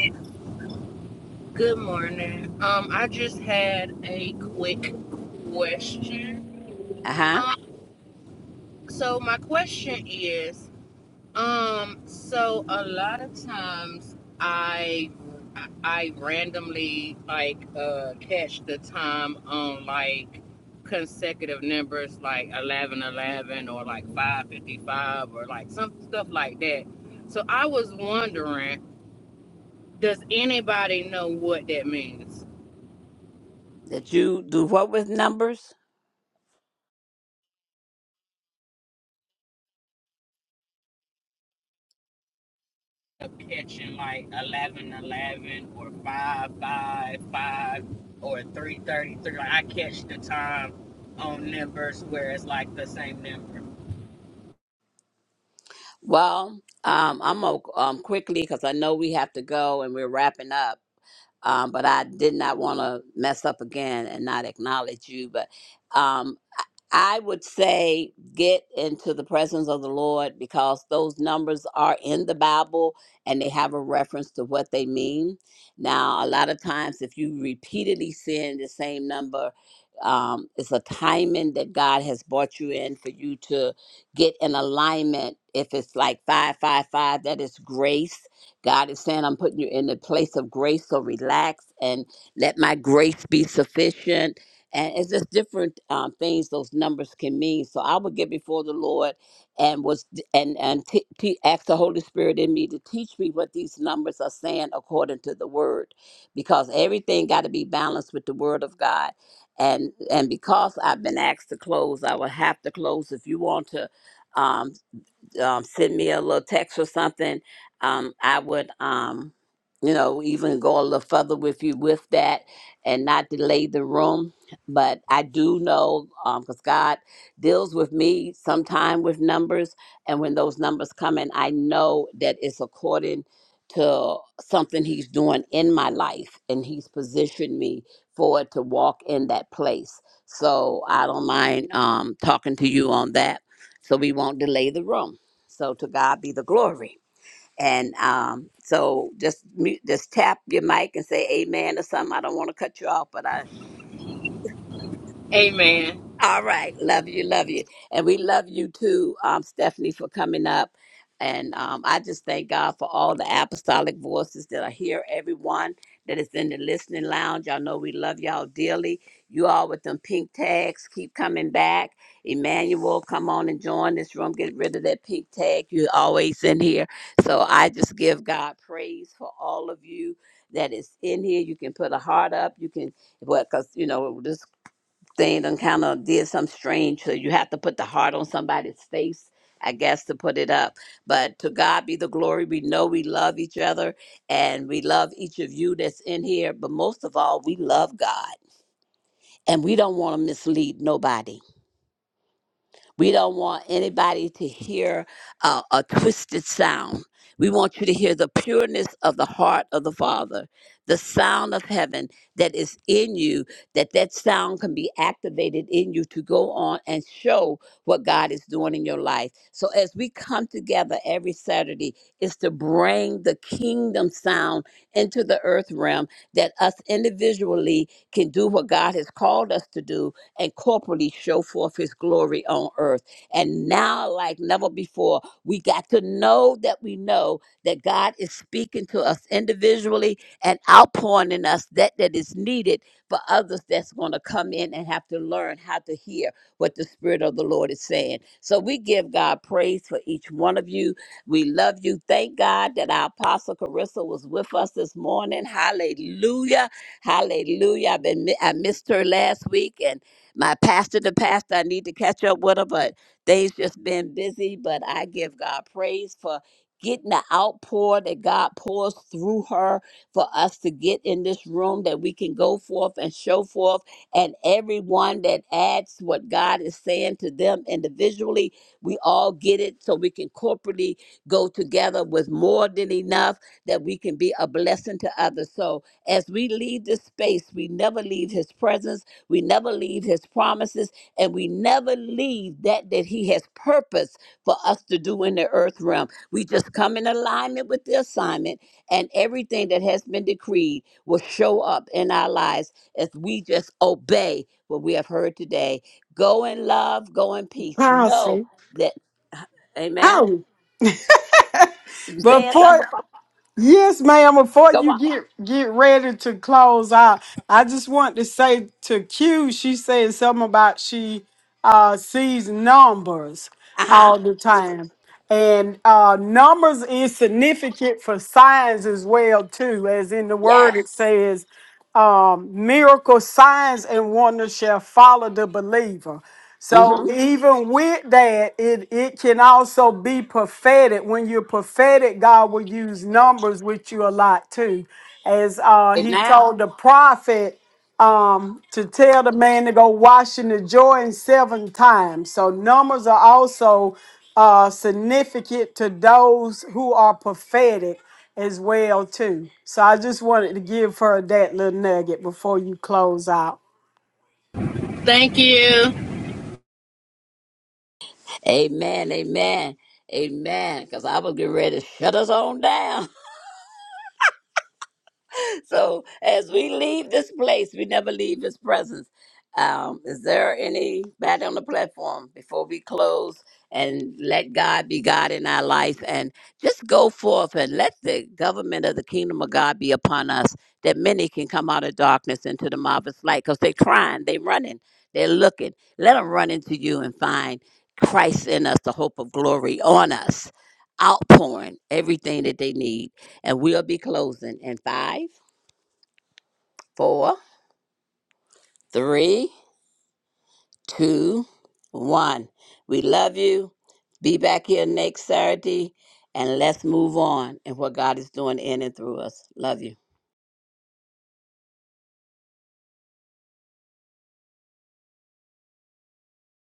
S9: Good morning. Um, I just had a quick question.
S2: Uh huh.
S9: Um, so my question is, um, so a lot of times I I randomly like uh catch the time on like consecutive numbers like eleven eleven or like five fifty five or like some stuff like that. So I was wondering, does anybody know what that means?
S2: That you do what with numbers?
S9: up catching like 11, 11, or 5, 5, 5, or 3, 33. Like I catch the time on numbers where it's like the same number.
S2: Well, um, I'm gonna um, quickly because I know we have to go and we're wrapping up um, but I did not want to mess up again and not acknowledge you. But um, I would say get into the presence of the Lord because those numbers are in the Bible and they have a reference to what they mean. Now, a lot of times, if you repeatedly sin the same number, um, it's a timing that God has brought you in for you to get in alignment. If it's like 555, that is grace. God is saying, I'm putting you in a place of grace, so relax and let my grace be sufficient and it's just different um, things those numbers can mean. So I would get before the Lord and was and and t- t- ask the Holy Spirit in me to teach me what these numbers are saying according to the Word, because everything got to be balanced with the Word of God. And and because I've been asked to close, I will have to close. If you want to. um um, send me a little text or something, um, I would, um, you know, even go a little further with you with that and not delay the room. But I do know because God deals with me sometime with numbers. And when those numbers come in, I know that it's according to something He's doing in my life and He's positioned me for it to walk in that place. So I don't mind um, talking to you on that so we won't delay the room. So to God be the glory. And um, so just mute, just tap your mic and say amen or something. I don't want to cut you off, but I
S9: Amen.
S2: all right. Love you. Love you. And we love you too, um, Stephanie, for coming up. And um, I just thank God for all the apostolic voices that are here, everyone that is in the listening lounge. Y'all know we love y'all dearly. You all with them pink tags, keep coming back. Emmanuel, come on and join this room. Get rid of that pink tag. You're always in here. So I just give God praise for all of you that is in here. You can put a heart up. You can, well, because, you know, this thing done kind of did something strange. So you have to put the heart on somebody's face, I guess, to put it up. But to God be the glory. We know we love each other and we love each of you that's in here. But most of all, we love God and we don't want to mislead nobody. We don't want anybody to hear uh, a twisted sound. We want you to hear the pureness of the heart of the Father, the sound of heaven that is in you, that that sound can be activated in you to go on and show what God is doing in your life. So as we come together every Saturday, is to bring the kingdom sound into the earth realm that us individually can do what God has called us to do and corporately show forth his glory on earth. And now, like never before, we got to know that we know that God is speaking to us individually and outpouring in us that that is needed for others that's going to come in and have to learn how to hear what the Spirit of the Lord is saying. So we give God praise for each one of you. We love you. Thank God that our Apostle Carissa was with us this morning. Hallelujah. Hallelujah. I've been, I missed her last week, and my pastor the pastor i need to catch up with her but they've just been busy but i give god praise for getting the outpour that god pours through her for us to get in this room that we can go forth and show forth and everyone that adds what god is saying to them individually we all get it so we can corporately go together with more than enough that we can be a blessing to others so as we leave this space we never leave his presence we never leave his promises and we never leave that that he has purpose for us to do in the earth realm. We just come in alignment with the assignment and everything that has been decreed will show up in our lives as we just obey what we have heard today. Go in love, go in peace. Know
S4: Apostle.
S2: that, amen.
S4: Oh.
S2: You saying
S4: Before
S2: something? Apo-
S4: yes, ma'am, before
S2: Go
S4: you
S2: on.
S4: get get ready to close out, I just want to say to Q, she said something about she uh sees numbers
S2: Uh huh.
S4: all the time. And uh numbers is significant for signs as well too, as in the word
S2: Yes.
S4: it says um, miracle signs and wonders shall follow the believer. So
S2: Mm-hmm.
S4: even with that, it, it can also be prophetic. When you're prophetic, God will use numbers with you a lot too. As uh, he
S2: Amen.
S4: told the prophet, um, to tell the man to go wash in the Jordan seven times. So numbers are also uh, significant to those who are prophetic as well too. So I just wanted to give her that little nugget before you close out.
S9: Thank you.
S2: Amen. Amen. Amen. Because I was getting ready to shut us on down. so as we leave this place, we never leave his presence. Um, is there anybody on the platform before we close and let God be God in our life and just go forth and let the government of the kingdom of God be upon us that many can come out of darkness into the marvelous light because they're crying, they're running, they're looking. Let them run into you and find Christ in us, the hope of glory on us, outpouring everything that they need. And we'll be closing in five four, three, two, one. We love you. Be back here next Saturday and let's move on in what God is doing in and through us. Love you.